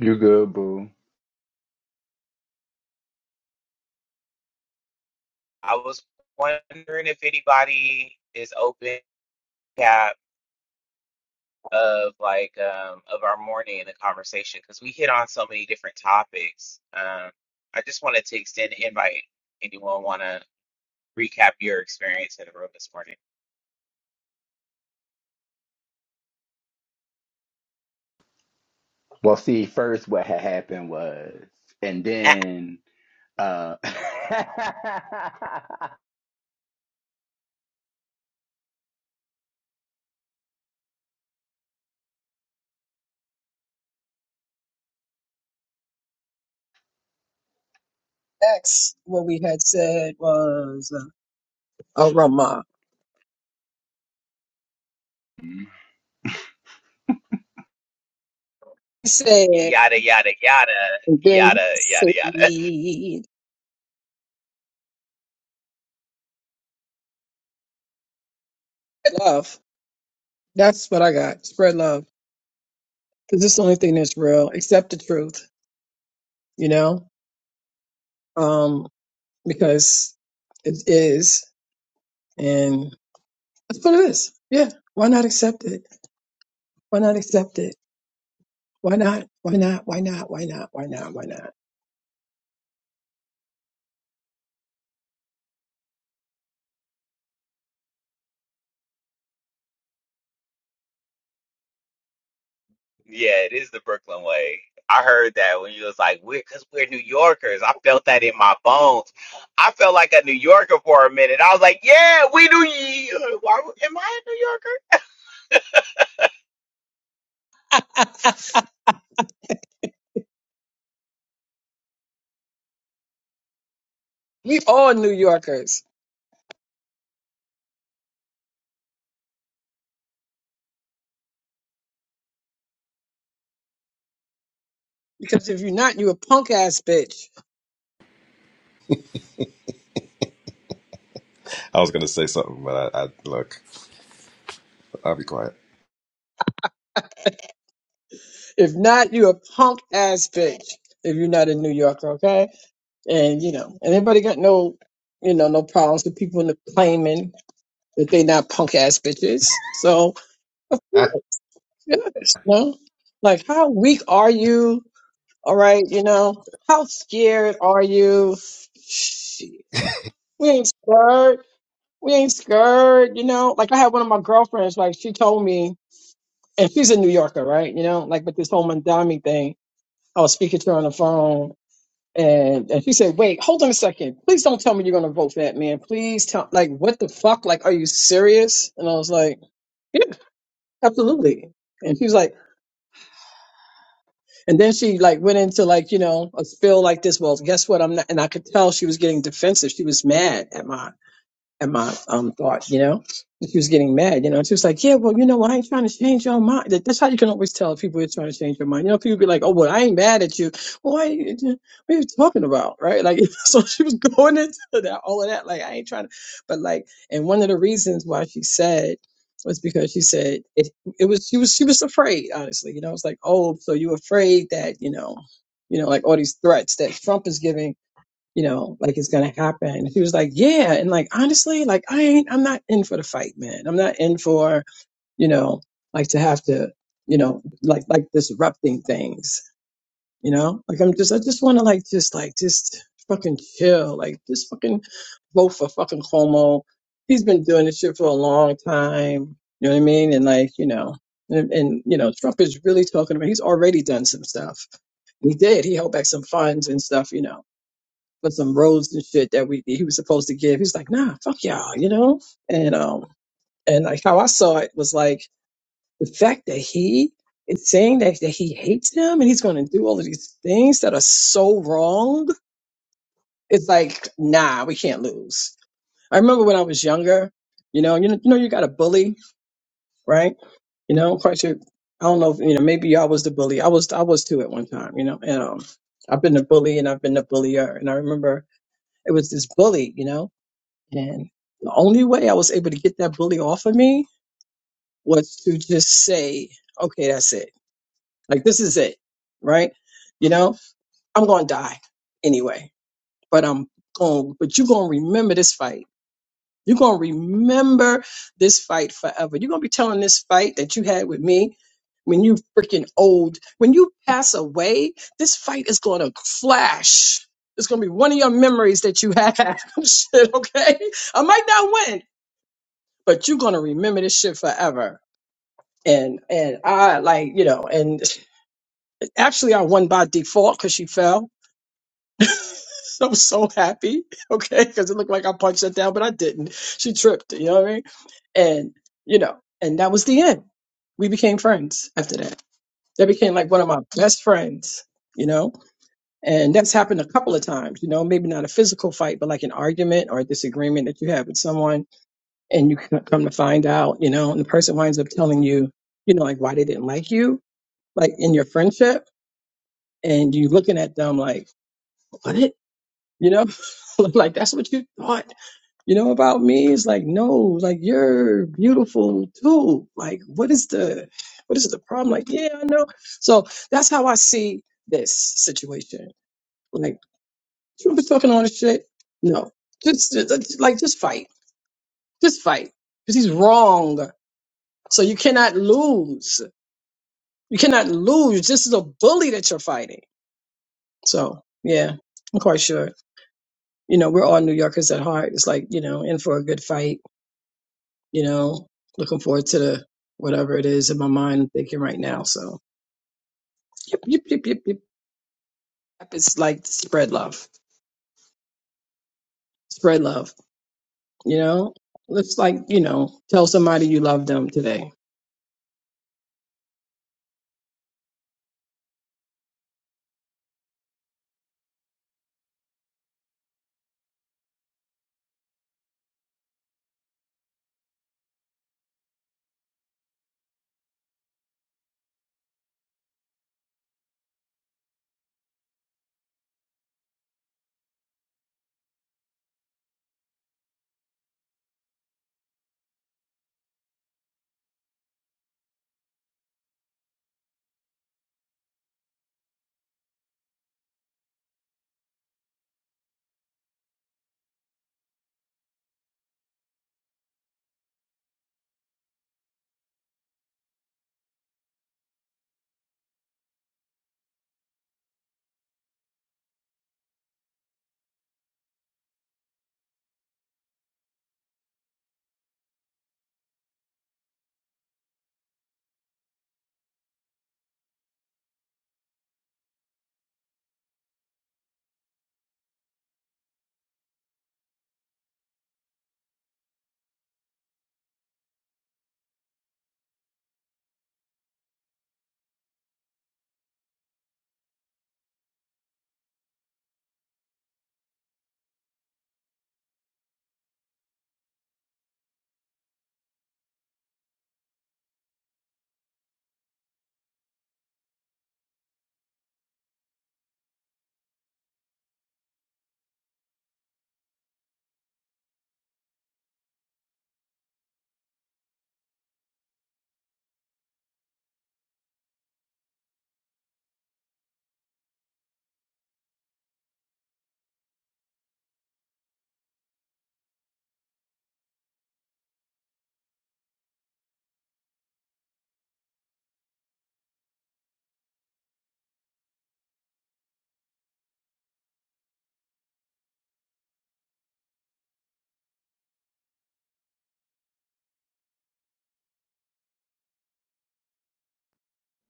You good, boo. I was wondering if anybody is open cap of like um of our morning in the conversation because we hit on so many different topics. Um, I just wanted to extend an invite. Anyone want to recap your experience in the room this morning? Well, see, first what had happened was, and then uh X, what we had said was uh, aroma. He said, Yada, yada, yada, and then he yada, said, yada, yada. spread love. That's what I got. Spread love. Because it's the only thing that's real. Accept the truth, you know? Um, because it is. And that's what it is. Yeah. Why not accept it? Why not accept it? Why not? Why not? Why not? Why not? Why not? Why not? Yeah, it is the Brooklyn way. I heard that when you was like, we're, cause we're New Yorkers. I felt that in my bones. I felt like a New Yorker for a minute. I was like, yeah, we do. Why, would- am I a New Yorker? We all New Yorkers. Because if you're not, you a punk ass bitch. I was gonna say something, but I, I look. I'll be quiet. If not, you a punk ass bitch. If you're not a New Yorker, okay? and you know, and everybody got no, you know, no problems with people in the claiming that they not punk ass bitches. So of course, yes, you know, like how weak are you? All right, you know, how scared are you? Shit, we ain't scared. We ain't scared. You know, like I had one of my girlfriends. Like she told me, and she's a New Yorker, right? You know, like with this whole Mandami thing. I was speaking to her on the phone And, and he said, wait, hold on a second. Please don't tell me you're going to vote for that man. Please tell, like, what the fuck? Like, are you serious? And I was like, yeah, absolutely. And he was like, and then she like went into like, you know, a spill like this. Well, guess what? I'm not, and I could tell she was getting defensive. She was mad at my and my um thought, you know. And She was getting mad, you know. And She was like, "Yeah, well, you know, I ain't trying to change your mind." That- That's how you can always tell if people are trying to change your mind. You know, people be like, "Oh, well, I ain't mad at you." Well, why you- what are you talking about, right? Like, so she was going into that all of that. Like, I ain't trying to, but like, and one of the reasons why she said was because she said it. It was she was she was afraid, honestly. You know, it's like, "Oh, so you afraid that you know." You know, like all these threats that Trump is giving you know, like it's gonna happen. He was like, Yeah. And like honestly, like I ain't I'm not in for the fight, man. I'm not in for, you know, like to have to, you know, like like disrupting things, you know? Like I'm just I just wanna like just like just fucking chill. Like just fucking vote for fucking Cuomo. He's been doing this shit for a long time. You know what I mean? And like, you know, and, and you know, Trump is really talking about he's already done some stuff. He did. He held back some funds and stuff, you know for some roads and shit that we he was supposed to give. He's like, nah, fuck y'all, you know? And um and like how I saw it was like the fact that he is saying that, that he hates them and he's gonna do all of these things that are so wrong, it's like, nah, we can't lose. I remember when I was younger, you know, you know, you know you got a bully, right? You know, I'm quite sure I don't know if you know, maybe y'all was the bully. I was I was too at one time, you know, and um I've been a bully and I've been a bullier and I remember it was this bully, you know. And the only way I was able to get that bully off of me was to just say, okay, that's it. Like, this is it, right? You know, I'm going to die anyway, but I'm going, but you're going to remember this fight. You're going to remember this fight forever. You're going to be telling this fight that you had with me when you freaking old, when you pass away, this fight is going to flash. It's going to be one of your memories that you have. Shit, okay? I might not win, but you're gonna remember this shit forever. And and I like you know, and actually I won by default because she fell. I was so happy, okay, because it looked like I punched her down, but I didn't. She tripped, you know what I mean? And you know, and that was the end. We became friends after that. That became like one of my best friends, you know. And that's happened a couple of times, you know, maybe not a physical fight, but like an argument or a disagreement that you have with someone and you c- come to find out, you know, and the person winds up telling you, you know, like why they didn't like you, like in your friendship, and you looking at them like, what, you know, like that's what you thought, you know, about me. It's like, no, like you're beautiful too. Like, what is the, what is the problem? Like, yeah, I know. So that's how I see this situation. Like, Trump is talking all this shit. No, just, just like just fight, just fight, because he's wrong. So you cannot lose. You cannot lose. This is a bully that you're fighting. So yeah, I'm quite sure. You know, we're all New Yorkers at heart. It's like, you know, in for a good fight, you know, looking forward to the whatever it is in my mind I'm thinking right now. So yep, yep, yep, yep, yep. It's like spread love. Spread love. You know? It's like, you know, tell somebody you love them today.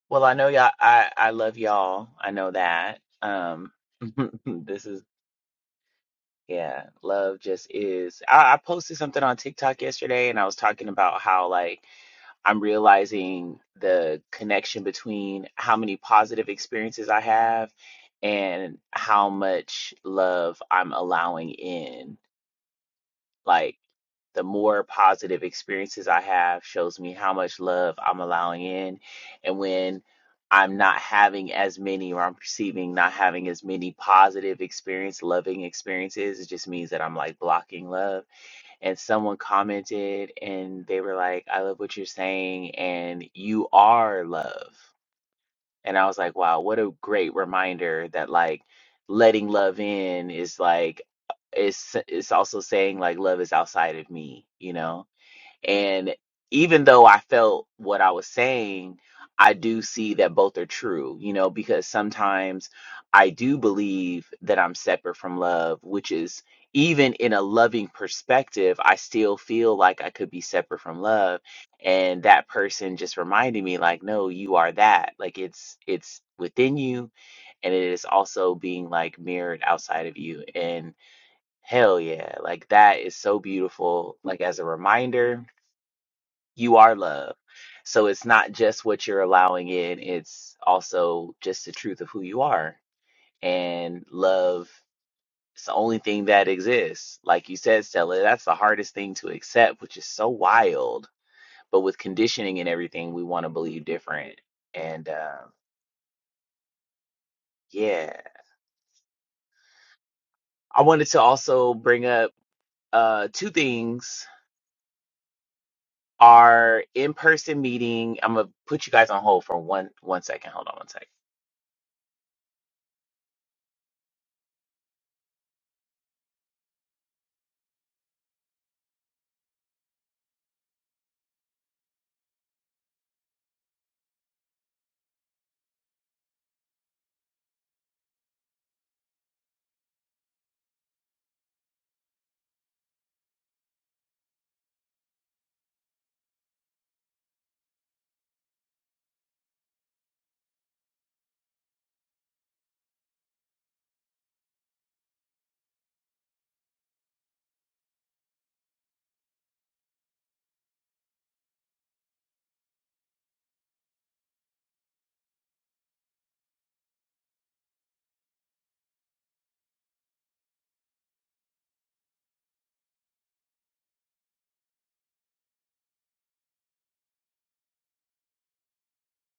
Well, I know y'all, I, I love y'all. I know that. Um, this is, yeah, love just is. I, I posted something on TikTok yesterday and I was talking about how like, I'm realizing the connection between how many positive experiences I have and how much love I'm allowing in. Like the more positive experiences I have shows me how much love I'm allowing in. And when I'm not having as many or I'm perceiving not having as many positive experience, loving experiences, it just means that I'm like blocking love and someone commented and they were like, I love what you're saying, and you are love. And I was like, wow, what a great reminder that like letting love in is like, it's, it's also saying like love is outside of me, you know? And even though I felt what I was saying, I do see that both are true, you know, because sometimes I do believe that I'm separate from love, which is even in a loving perspective, I still feel like I could be separate from love. And that person just reminded me, like, no, you are that. Like it's it's within you and it is also being like mirrored outside of you. And hell yeah, like that is so beautiful, like as a reminder you are love. So it's not just what you're allowing in, it's also just the truth of who you are. And love is the only thing that exists. Like you said, Stella, that's the hardest thing to accept, which is so wild. But with conditioning and everything, we want to believe different. And uh, yeah, I wanted to also bring up uh, two things. Our in-person meeting, I'm gonna put you guys on hold for one one second. Hold on one second.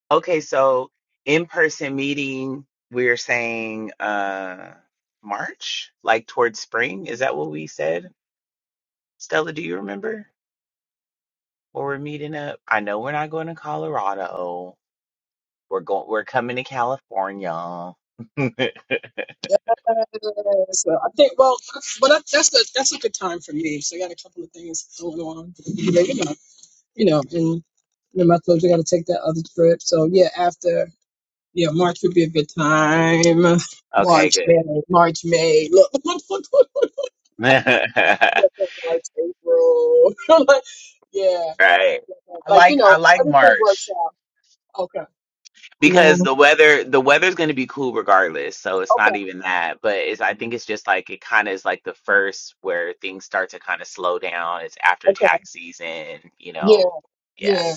Okay, so in-person meeting, we're saying uh March, like towards spring. Is that what we said? Stella, do you remember where we're meeting up? I know we're not going to Colorado. We're going we're coming to California. So I think well, but that- that's a that's a good time for me. So I got a couple of things going on. you know, and remember I told you I got to take that other trip. So yeah, after yeah, March would be a good time. Okay, March, May, good. March, May. Look, look, look, look, look, March, April. Like, yeah, Right. I like you like I know, like everything March. works out. Okay. because Mm, the weather the weather's going to be cool regardless so it's not okay. even that but it's i think it's just like it kind of is like the first where things start to kind of slow down it's after Okay. tax season you Yeah. know yeah Yeah.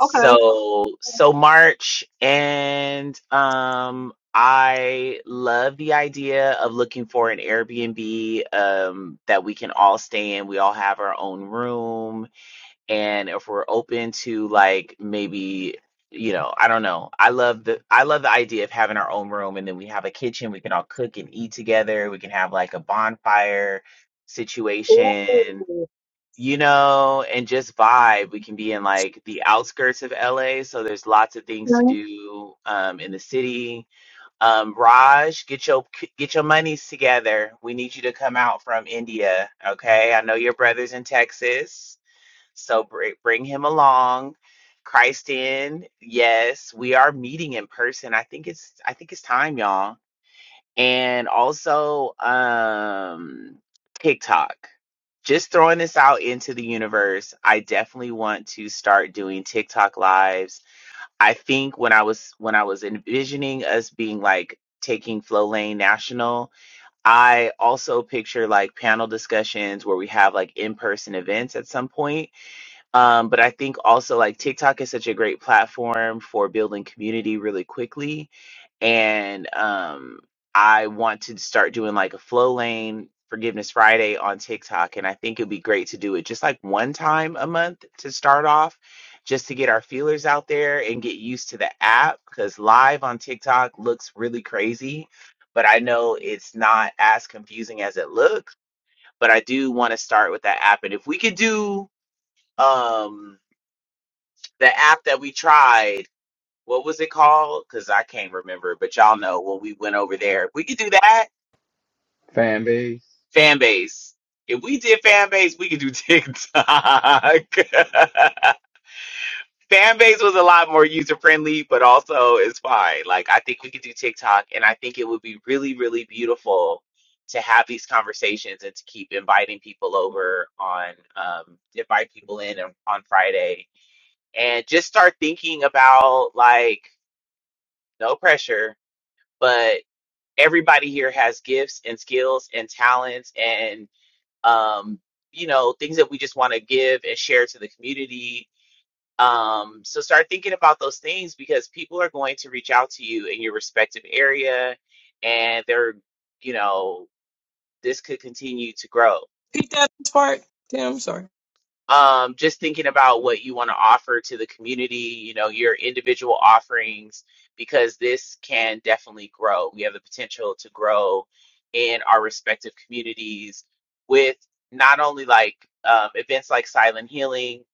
Okay. so march and um i love the idea of looking for an airbnb um that we can all stay in we all have our own room and if we're open to like maybe you know i don't know i love the i love the idea of having our own room and then we have a kitchen we can all cook and eat together we can have like a bonfire Ooh. Okay. situation you know and just vibe we can be in like the outskirts of la so there's lots of things to do um in the city um raj get your get your monies together we need you to come out from india okay i know your brother's in texas so bring bring him along. Christ in. Yes, we are meeting in person. I think it's I think it's time, y'all. And also um TikTok. Just throwing this out into the universe. I definitely want to start doing TikTok lives. I think when I was when I was envisioning us being like taking Flow Lane National, I also picture like panel discussions where we have like in-person events at some point um, but I think also like TikTok is such a great platform for building community really quickly. And um, I want to start doing like a flow lane Forgiveness Friday on TikTok. And I think it'd be great to do it just like one time a month to start off, just to get our feelers out there and get used to the app because live on TikTok looks really crazy. But I know it's not as confusing as it looks. But I do want to start with that app. And if we could do, um, the app that we tried. What was it called? Because I can't remember, but y'all know when we went over there. If We could do that. fan base. Fan base. If we did fan base, we could do TikTok. fan base was a lot more user friendly, but also it's fine. Like I think we could do TikTok, and I think it would be really, really beautiful to have these conversations and to keep inviting people over on um invite people in on on Friday and just start thinking about like no pressure, but everybody here has gifts and skills and talents and um you know things that we just want to give and share to the community. Um so start thinking about those things because people are going to reach out to you in your respective area and they're you know this could continue to grow. Repeat that part. Damn, I'm sorry. um, just thinking about what you want to offer to the community, you know, your individual offerings, because this can definitely grow. We have the potential to grow in our respective communities with not only like um, events like Silent Healing,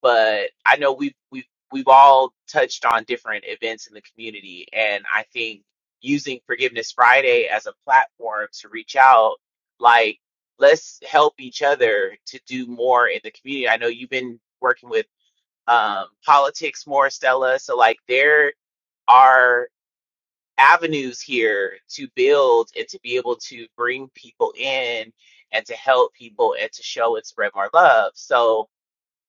but I know we've we've we've all touched on different events in the community, and I think using Forgiveness Friday as a platform to reach out, like let's help each other to do more in the community. I know you've been working with um, politics more, Stella. So, like, there are avenues here to build and to be able to bring people in and to help people and to show and spread more love. So,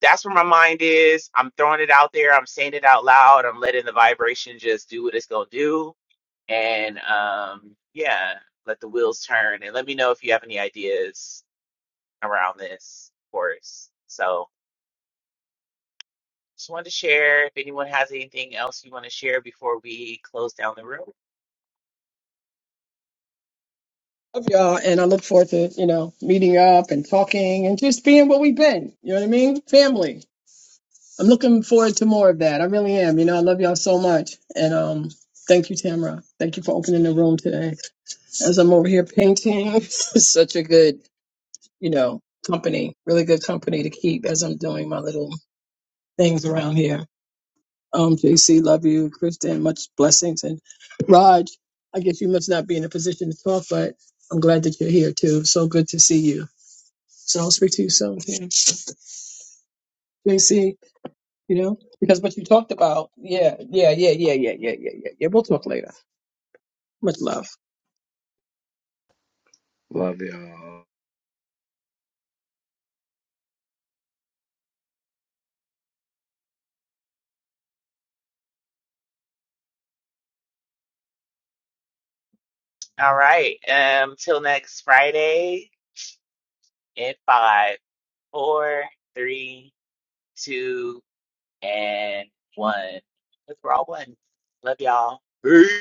that's where my mind is. I'm throwing it out there. I'm saying it out loud. I'm letting the vibration just do what it's going to do. And um, yeah, let the wheels turn. And let me know if you have any ideas around this course. So just wanted to share if anyone has anything else you want to share before we close down the room. Love y'all, and I look forward to you know meeting up and talking and just being what we've been. You know what I mean? Family. I'm looking forward to more of that. I really am. You know, I love y'all so much. And um, thank you, Tamara. Thank you for opening the room today. As I'm over here painting, it's such a good, you know, company, really good company to keep as I'm doing my little things around here. Um, JC, love you. Kristen, much blessings. And Raj, I guess you must not be in a position to talk, but I'm glad that you're here too. So good to see you. So I'll speak to you soon, Tam. JC. You know, because what you talked about, yeah, yeah, yeah, yeah, yeah, yeah, yeah, yeah, yeah. We'll talk later. Much love. Love y'all. All right. Um till next Friday at five, four, three, two, and one. Because we're all one. Love y'all. Peace.